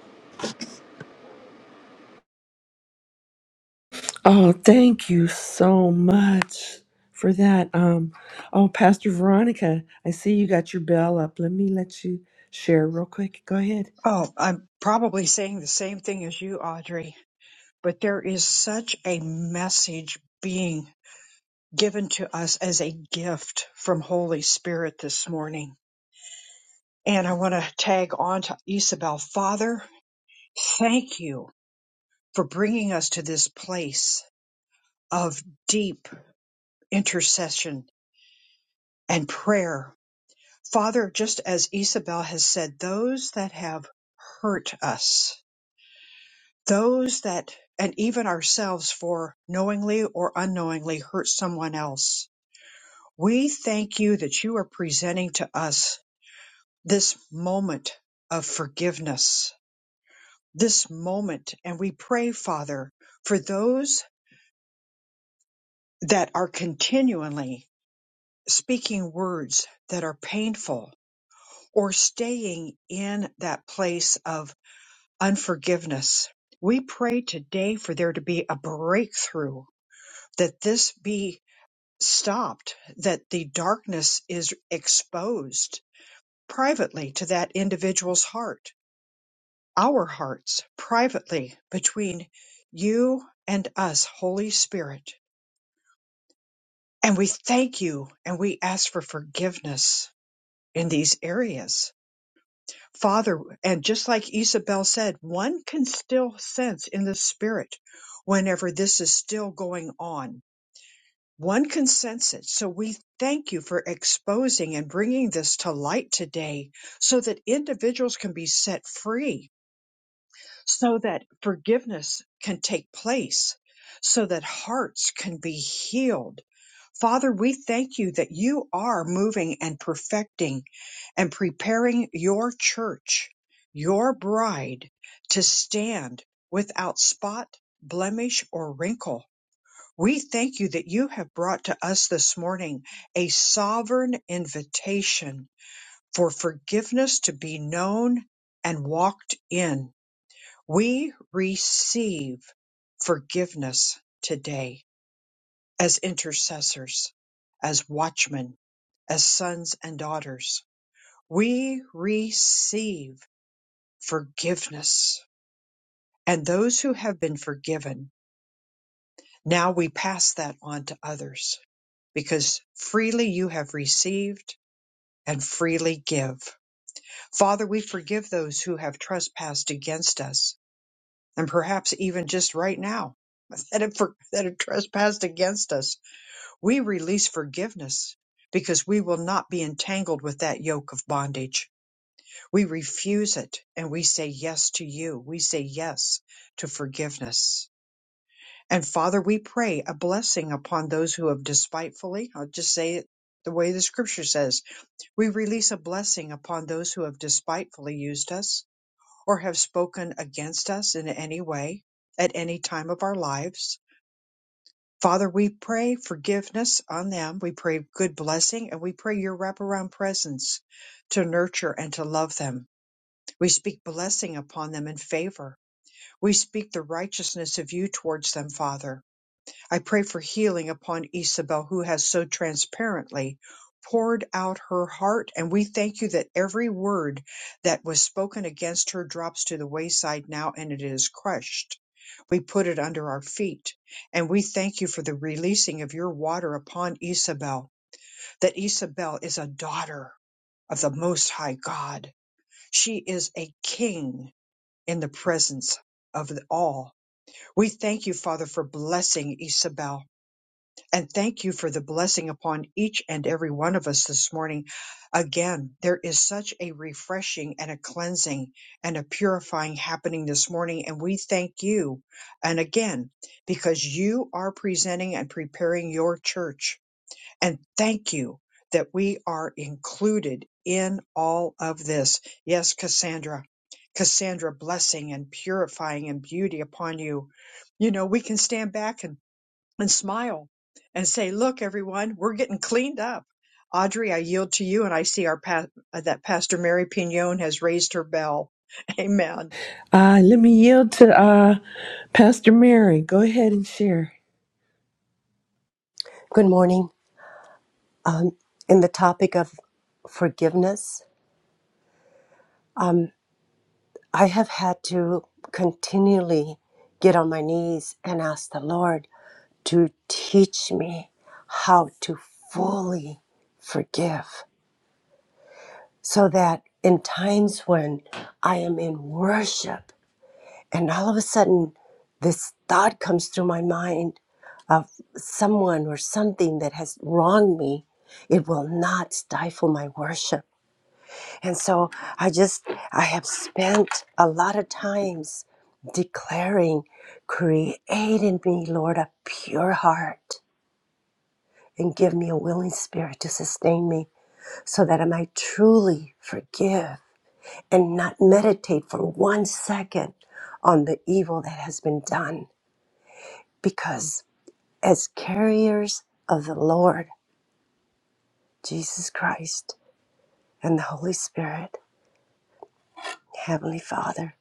Oh, thank you so much for that. Um, oh, Pastor Veronica, I see you got your bell up. Let me let you share real quick. Go ahead.
Oh, I'm probably saying the same thing as you, Audrey, but there is such a message being given to us as a gift from Holy Spirit this morning. And I want to tag on to Isabel. Father, thank you for bringing us to this place of deep intercession and prayer Father, just as Isabel has said, those that have hurt us, those that, and even ourselves for knowingly or unknowingly hurt someone else, we thank you that you are presenting to us this moment of forgiveness, this moment. And we pray, Father, for those that are continually speaking words that are painful or staying in that place of unforgiveness. We pray today for there to be a breakthrough, that this be stopped, that the darkness is exposed privately to that individual's heart, our hearts, privately between you and us, Holy Spirit. And we thank you and we ask for forgiveness in these areas Father, and just like Isabel said, one can still sense in the spirit whenever this is still going on. One can sense it. So we thank you for exposing and bringing this to light today so that individuals can be set free, so that forgiveness can take place, so that hearts can be healed. Father, we thank you that you are moving and perfecting and preparing your church, your bride, to stand without spot, blemish, or wrinkle. We thank you that you have brought to us this morning a sovereign invitation for forgiveness to be known and walked in. We receive forgiveness today as intercessors, as watchmen, as sons and daughters. We receive forgiveness. And those who have been forgiven, now we pass that on to others because freely you have received and freely give. Father, we forgive those who have trespassed against us and perhaps even just right now that have, for- that have trespassed against us. We release forgiveness because we will not be entangled with that yoke of bondage. We refuse it and we say yes to you. We say yes to forgiveness. And Father, we pray a blessing upon those who have despitefully, I'll just say it the way the scripture says, we release a blessing upon those who have despitefully used us or have spoken against us in any way at any time of our lives. Father, we pray forgiveness on them. We pray good blessing and we pray your wraparound presence to nurture and to love them. We speak blessing upon them in favor. We speak the righteousness of you towards them, Father. I pray for healing upon Isabel, who has so transparently poured out her heart. And we thank you that every word that was spoken against her drops to the wayside now and it is crushed. We put it under our feet. And we thank you for the releasing of your water upon Isabel, that Isabel is a daughter of the Most High God. She is a king in the presence of all. We thank you, Father, for blessing Isabel and thank you for the blessing upon each and every one of us this morning. Again, there is such a refreshing and a cleansing and a purifying happening this morning, and we thank you. And again, because you are presenting and preparing your church, and thank you that we are included in all of this. Yes, Cassandra. Cassandra, blessing and purifying and beauty upon you. You know, we can stand back and and smile and say, "Look, everyone, we're getting cleaned up." Audrey, I yield to you, and I see our pa- uh, that Pastor Mary Pignon has raised her bell. Amen.
Uh, let me yield to uh, Pastor Mary. Go ahead and share.
Good morning. Um, in the topic of forgiveness, I have had to continually get on my knees and ask the Lord to teach me how to fully forgive so that in times when I am in worship and all of a sudden this thought comes through my mind of someone or something that has wronged me, it will not stifle my worship And so I just, I have spent a lot of times declaring, create in me, Lord, a pure heart and give me a willing spirit to sustain me so that I might truly forgive and not meditate for one second on the evil that has been done. Because as carriers of the Lord, Jesus Christ, and the Holy Spirit, Heavenly Father,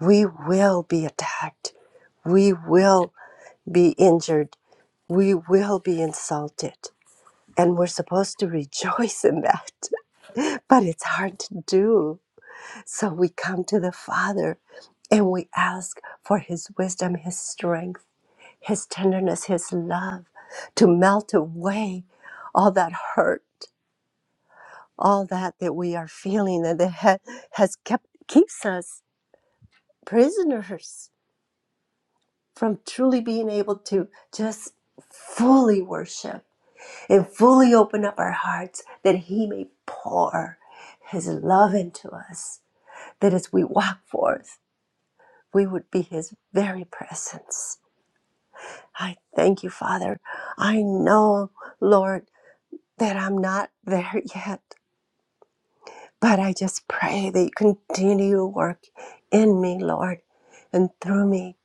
we will be attacked We will be injured. We will be insulted. And we're supposed to rejoice in that, but it's hard to do. So we come to the Father and we ask for His wisdom, His strength, His tenderness, His love to melt away all that hurt, all that that we are feeling and that ha- has kept keeps us prisoners from truly being able to just fully worship and fully open up our hearts that He may pour His love into us, that as we walk forth, we would be His very presence. I thank you, Father. I know, Lord, that I'm not there yet, but I just pray that you continue to work in me, Lord, and through me,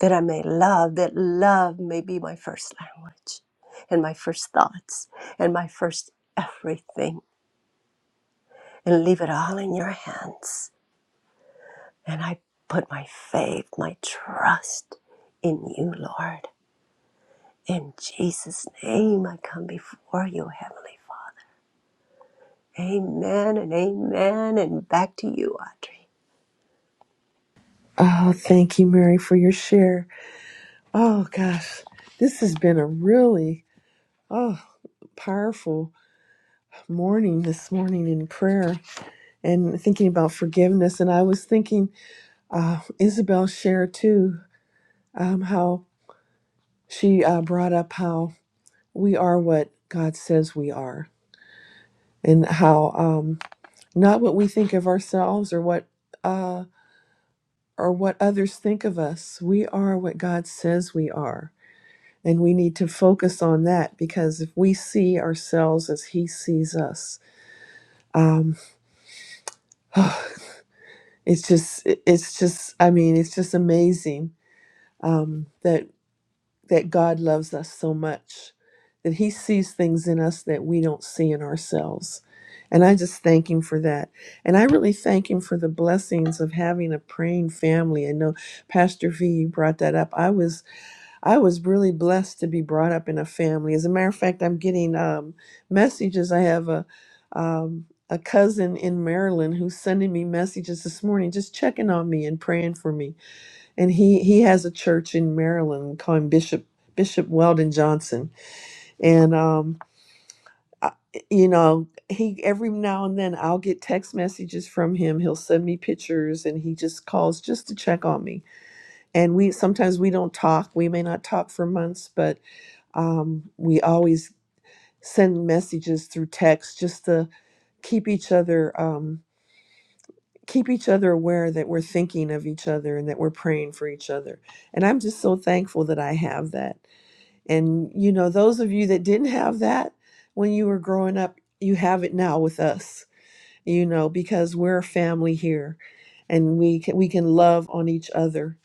that I may love, that love may be my first language and my first thoughts and my first everything. and leave it all in your hands. And I put my faith, my trust in you, Lord. In Jesus' name, I come before you, Heavenly Father. Amen and amen. And back to you, Audrey.
Oh, thank you, Mary, for your share. Oh, gosh, this has been a really oh powerful morning this morning in prayer and thinking about forgiveness. And I was thinking, uh, Isabel shared too um, how she uh, brought up how we are what God says we are, and how um, not what we think of ourselves or what uh, or what others think of us. We are what God says we are. And we need to focus on that because if we see ourselves as He sees us, um, it's just it's just i mean it's just amazing um that that god loves us so much that he sees things in us that we don't see in ourselves and i just thank him for that and i really thank him for the blessings of having a praying family i know pastor v you brought that up i was I was really blessed to be brought up in a family. As a matter of fact, I'm getting um, messages. I have a um, a cousin in Maryland who's sending me messages this morning, just checking on me and praying for me. And he he has a church in Maryland we call him Bishop Bishop Weldon Johnson. And um, I, you know, he every now and then I'll get text messages from him. He'll send me pictures, and he just calls just to check on me. And we sometimes we don't talk. We may not talk for months, but um, we always send messages through text just to keep each other um, keep each other aware that we're thinking of each other and that we're praying for each other. And I'm just so thankful that I have that. And you know, those of you that didn't have that when you were growing up, you have it now with us. You know, because we're a family here, and we can we can love on each other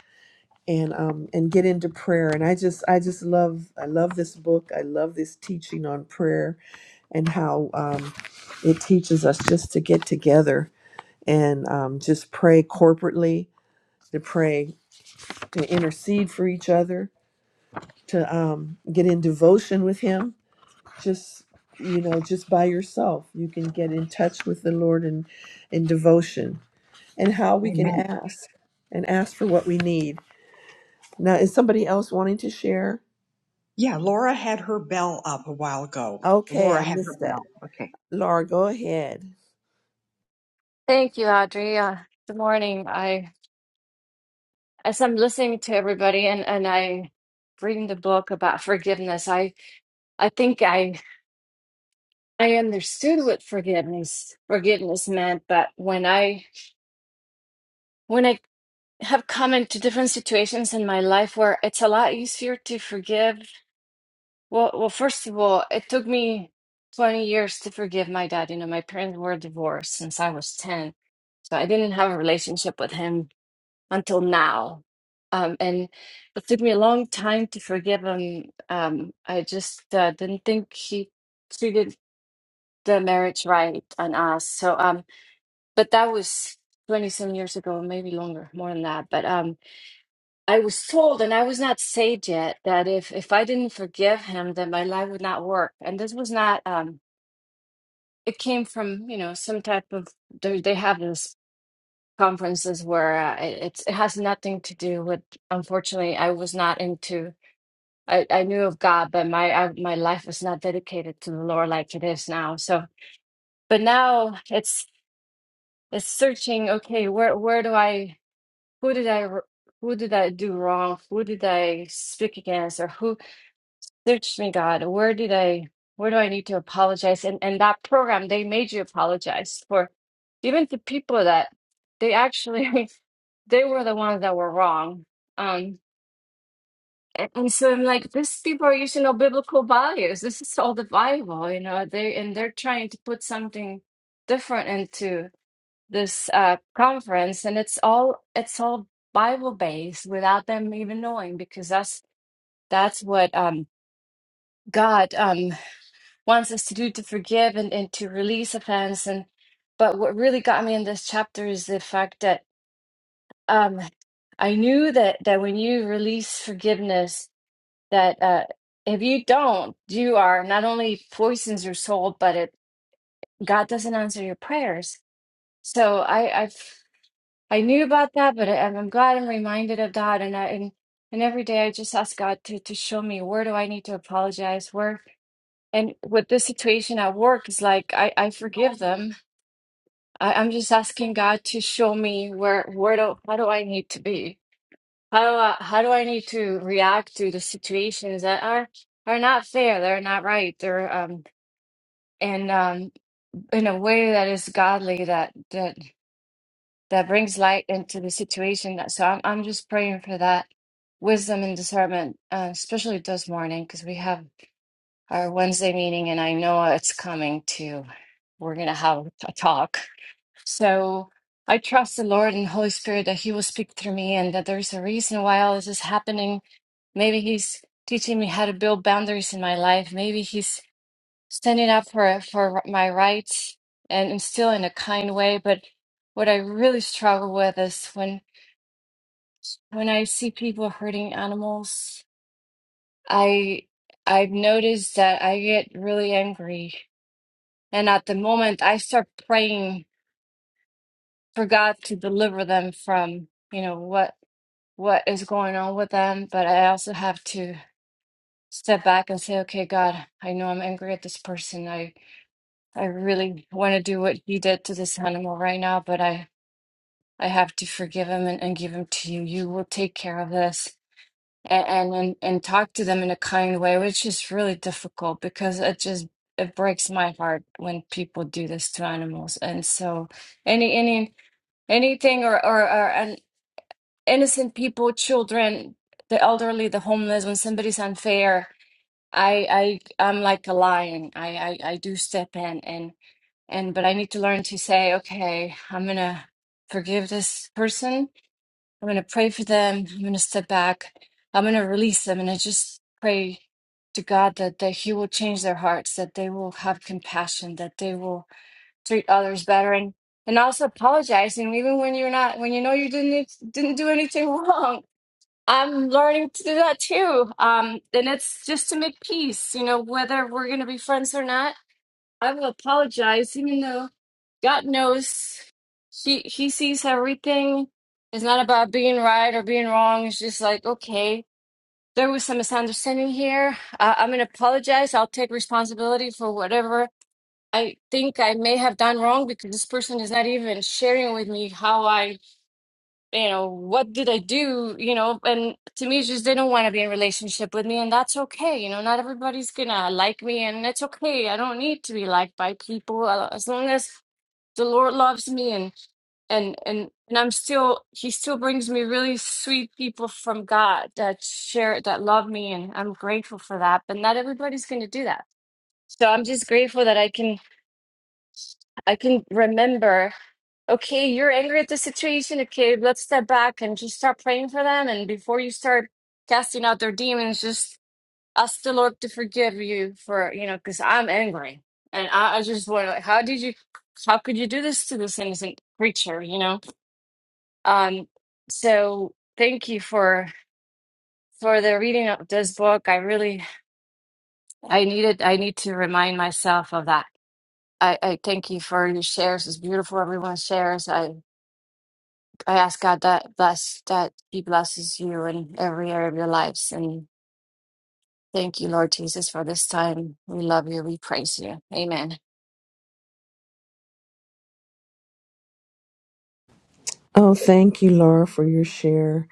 and um and get into prayer. And I just I just love I love this book. I love this teaching on prayer and how um, it teaches us just to get together and um, just pray corporately, to pray, to intercede for each other, to um, get in devotion with Him. Just you know, just by yourself, you can get in touch with the Lord and in in devotion, and how we can
Amen.
ask and ask for what we need. Now, is somebody else wanting to share?
Yeah, Laura had her bell up a while ago.
Okay,
Laura
I
had her
missed that.
bell. Okay.
Laura, go ahead.
Thank you, Audrey. Uh, good morning. I, as I'm listening to everybody and, and I reading the book about forgiveness, I, I think I, I understood what forgiveness, forgiveness meant, but when I, when I have come into different situations in my life where it's a lot easier to forgive, well, well, first of all, it took me 20 years to forgive my dad. You know, my parents were divorced since I was 10, so I didn't have a relationship with him until now. Um, and it took me a long time to forgive him. Um, I just uh, didn't think he treated the marriage right on us. So, um, but that was 20 some years ago, maybe longer, more than that. But um, I was told, and I was not saved yet, that if if I didn't forgive him, then my life would not work. And this was not. Um, it came from you know some type of they they have this conferences where uh, it- it's it has nothing to do with unfortunately I was not into I, I knew of God but my I, my life was not dedicated to the Lord like it is now so but now it's it's searching okay where where do I who did I r- who did I do wrong who did I speak against or who search me God where did I where do I need to apologize and and that program they made you apologize for even to people that they actually they were the ones that were wrong. Um, and, and so I'm like, these people are using no biblical values. This is all the Bible, you know. They and they're trying to put something different into this uh, conference, and it's all it's all Bible based without them even knowing, because that's that's what um, God um, wants us to do to forgive and, and to release offense. And but what really got me in this chapter is the fact that. um I knew that that when you release forgiveness, that uh, if you don't, you are not only poisons your soul, but it God doesn't answer your prayers. So I I I knew about that, but I, I'm glad I'm reminded of that. And I and, and every day I just ask God to to show me where do I need to apologize, where and with this situation at work is like I I forgive them. I, I'm just asking God to show me where where do how do I need to be How do I, how do I need to react to the situations that are are not fair, they're not right, they're um and um in a way that is godly that that that brings light into the situation. That so I'm I'm just praying for that wisdom and discernment, uh, especially this morning because we have our Wednesday meeting and I know it's coming too. We're gonna have a talk. So I trust the Lord and Holy Spirit that He will speak through me and that there's a reason why all this is happening. Maybe He's teaching me how to build boundaries in my life. Maybe He's standing up for for my rights and, and still in a kind way. But what I really struggle with is when when I see people hurting animals, I I've noticed that I get really angry. And at the moment I start praying for God to deliver them from, you know, what what is going on with them, but I also have to step back and say, okay, God, I know I'm angry at this person. I I really want to do what he did to this animal right now, but I I have to forgive him and, and give him to you. You will take care of this. And, and and and talk to them in a kind way, which is really difficult because it just it breaks my heart when people do this to animals. And so any any anything or or, or an innocent people, children, the elderly, the homeless, when somebody's unfair, I I I'm like a lion. I I, I do step in and and but I need to learn to say, okay, I'm gonna forgive this person. I'm gonna pray for them. I'm gonna step back. I'm gonna release them and I just pray to God that, that He will change their hearts, that they will have compassion, that they will treat others better and and also apologizing even when you're not when you know you didn't didn't do anything wrong I'm learning to do that too. Um, and it's just to make peace, you know, whether we're going to be friends or not. I will apologize, even though God knows he he sees everything. It's not about being right or being wrong. It's just like, okay, there was some misunderstanding here. Uh, I'm gonna apologize. I'll take responsibility for whatever I think I may have done wrong because this person is not even sharing with me how I you know, what did I do? You know, and to me, she just didn't want to be in a relationship with me, and that's okay. You know, not everybody's gonna like me, and it's okay. I don't need to be liked by people uh, as long as the Lord loves me, and and and and I'm still. He still brings me really sweet people from God that share that love me, and I'm grateful for that. But not everybody's gonna do that. So I'm just grateful that I can I can remember okay, you're angry at the situation. Okay, let's step back and just start praying for them. And before you start casting out their demons, just ask the Lord to forgive you for, you know, because I'm angry. And I, I just want to, how did you, how could you do this to this innocent creature, you know? Um, so thank you for for the reading of this book. I really, I needed, I need to remind myself of that. I, I thank you for your shares. It's beautiful, everyone's shares. I. I ask God that bless that He blesses you in every area of your lives. And thank you, Lord Jesus, for this time. We love you. We praise you. Amen.
Oh, thank you, Laura, for your share.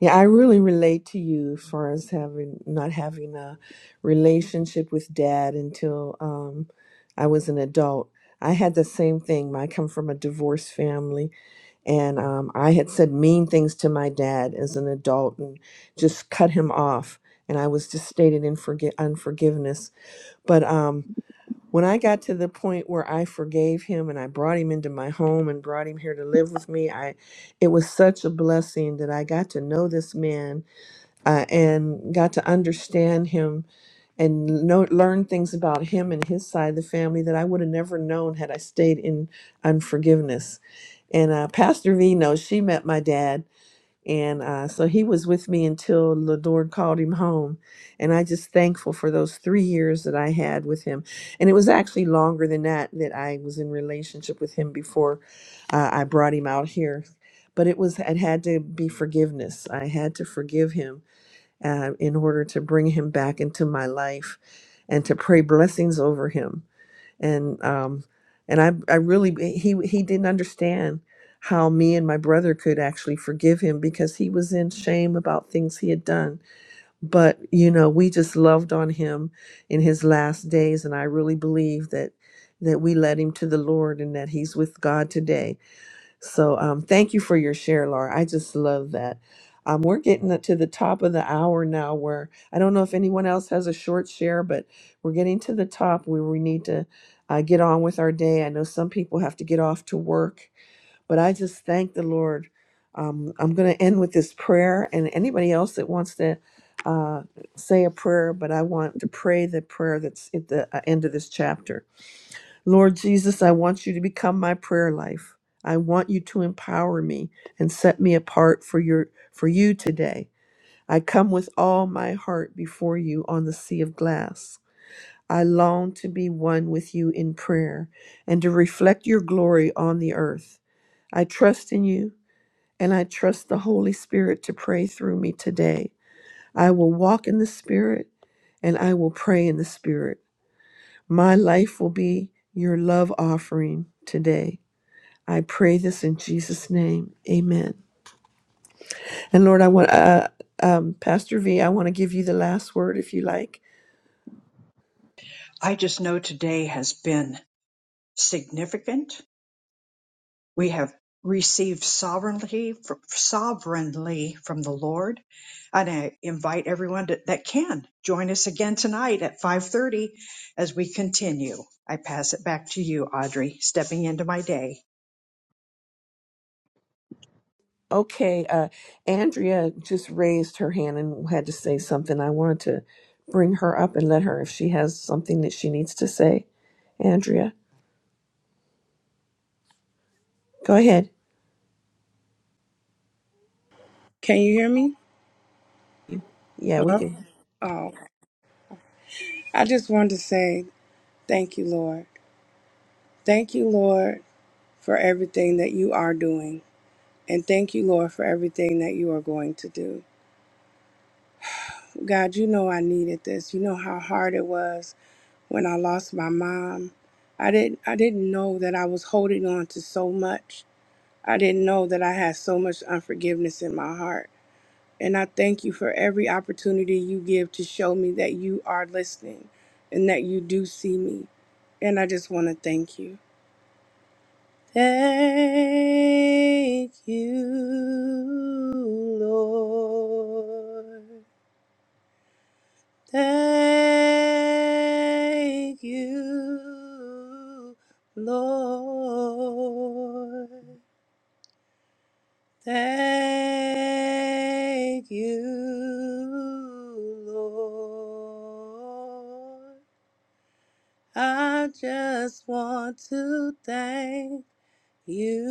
Yeah, I really relate to you as far as having not having a relationship with dad until um, I was an adult. I had the same thing. I come from a divorced family, and um, I had said mean things to my dad as an adult and just cut him off. And I was just stated in forgi- unforgiveness. But um, when I got to the point where I forgave him and I brought him into my home and brought him here to live with me, I it was such a blessing that I got to know this man uh, and got to understand him and know, learn things about him and his side of the family that I would have never known had I stayed in unforgiveness. And uh, Pastor V knows she met my dad. And uh, so he was with me until the Lord called him home. And I just thankful for those three years that I had with him. And it was actually longer than that that I was in relationship with him before uh, I brought him out here. But it was it had to be forgiveness. I had to forgive him uh, in order to bring him back into my life and to pray blessings over him and um and i i really he he didn't understand how me and my brother could actually forgive him because he was in shame about things he had done but you know we just loved on him in his last days and i really believe that that we led him to the lord and that he's with god today so um, thank you for your share, Laura. I just love that. Um, we're getting up to the top of the hour now where I don't know if anyone else has a short share, but we're getting to the top where we need to uh, get on with our day. I know some people have to get off to work, but I just thank the Lord. Um, I'm going to end with this prayer and anybody else that wants to uh, say a prayer, but I want to pray the prayer that's at the uh, end of this chapter. Lord Jesus, I want you to become my prayer life. I want you to empower me and set me apart for your for you today. I come with all my heart before you on the sea of glass. I long to be one with you in prayer and to reflect your glory on the earth. I trust in you and I trust the Holy Spirit to pray through me today. I will walk in the Spirit and I will pray in the Spirit. My life will be your love offering today. I pray this in Jesus' name. Amen. And Lord, I want, uh, um, Pastor V, I want to give you the last word if you like.
I just know today has been significant. We have received sovereignly fr- sovereignly from the Lord. And I invite everyone to, that can join us again tonight at 5:30 as we continue. I pass it back to you, Audrey, stepping into my day.
Okay. Uh, Andrea just raised her hand and had to say something. I wanted to bring her up and let her, if she has something that she needs to say. Andrea, go ahead.
Can you hear me?
Yeah, we
Hello?
can.
Oh, I just wanted to say thank you, Lord. Thank you, Lord, for everything that you are doing. And thank you, Lord, for everything that you are going to do. God, you know I needed this. You know how hard it was when I lost my mom. I didn't I didn't know that I was holding on to so much. I didn't know that I had so much unforgiveness in my heart. And I thank you for every opportunity you give to show me that you are listening and that you do see me. And I just want to thank you. Thank you, Lord. Thank you, Lord. Thank you, Lord. I just want to thank you,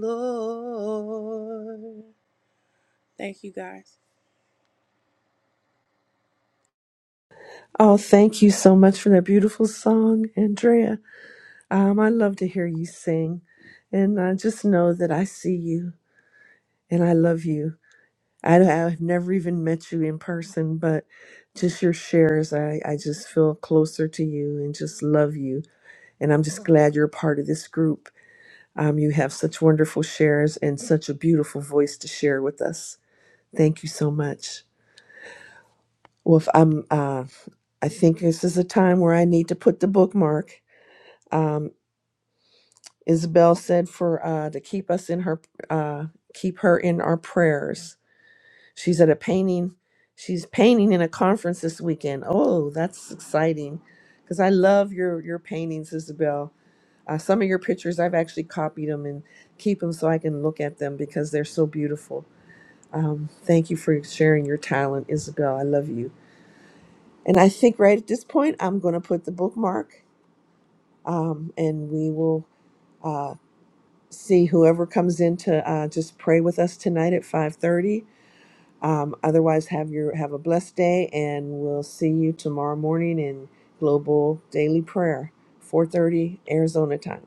Lord. Thank you, guys.
Oh, thank you so much for that beautiful song, Andrea. Um, I love to hear you sing, and I just know that I see you and I love you. I, I've never even met you in person, but just your shares, I, I just feel closer to you and just love you. And I'm just glad you're a part of this group. Um, you have such wonderful shares and such a beautiful voice to share with us. Thank you so much. Well, if I'm, uh, I think this is a time where I need to put the bookmark. Um. Isabel said for uh, to keep us in her uh, keep her in our prayers. She's at a painting. She's painting in a conference this weekend. Oh, that's exciting because I love your your paintings, Isabel. Uh, some of your pictures I've actually copied them and keep them so I can look at them because they're so beautiful. Um, thank you for sharing your talent, Isabel. I love you. And I think right at this point I'm going to put the bookmark um, and we will. uh, see whoever comes in to uh, just pray with us tonight at 5.30 um, otherwise have your have a blessed day and we'll see you tomorrow morning in global daily prayer 4.30 arizona time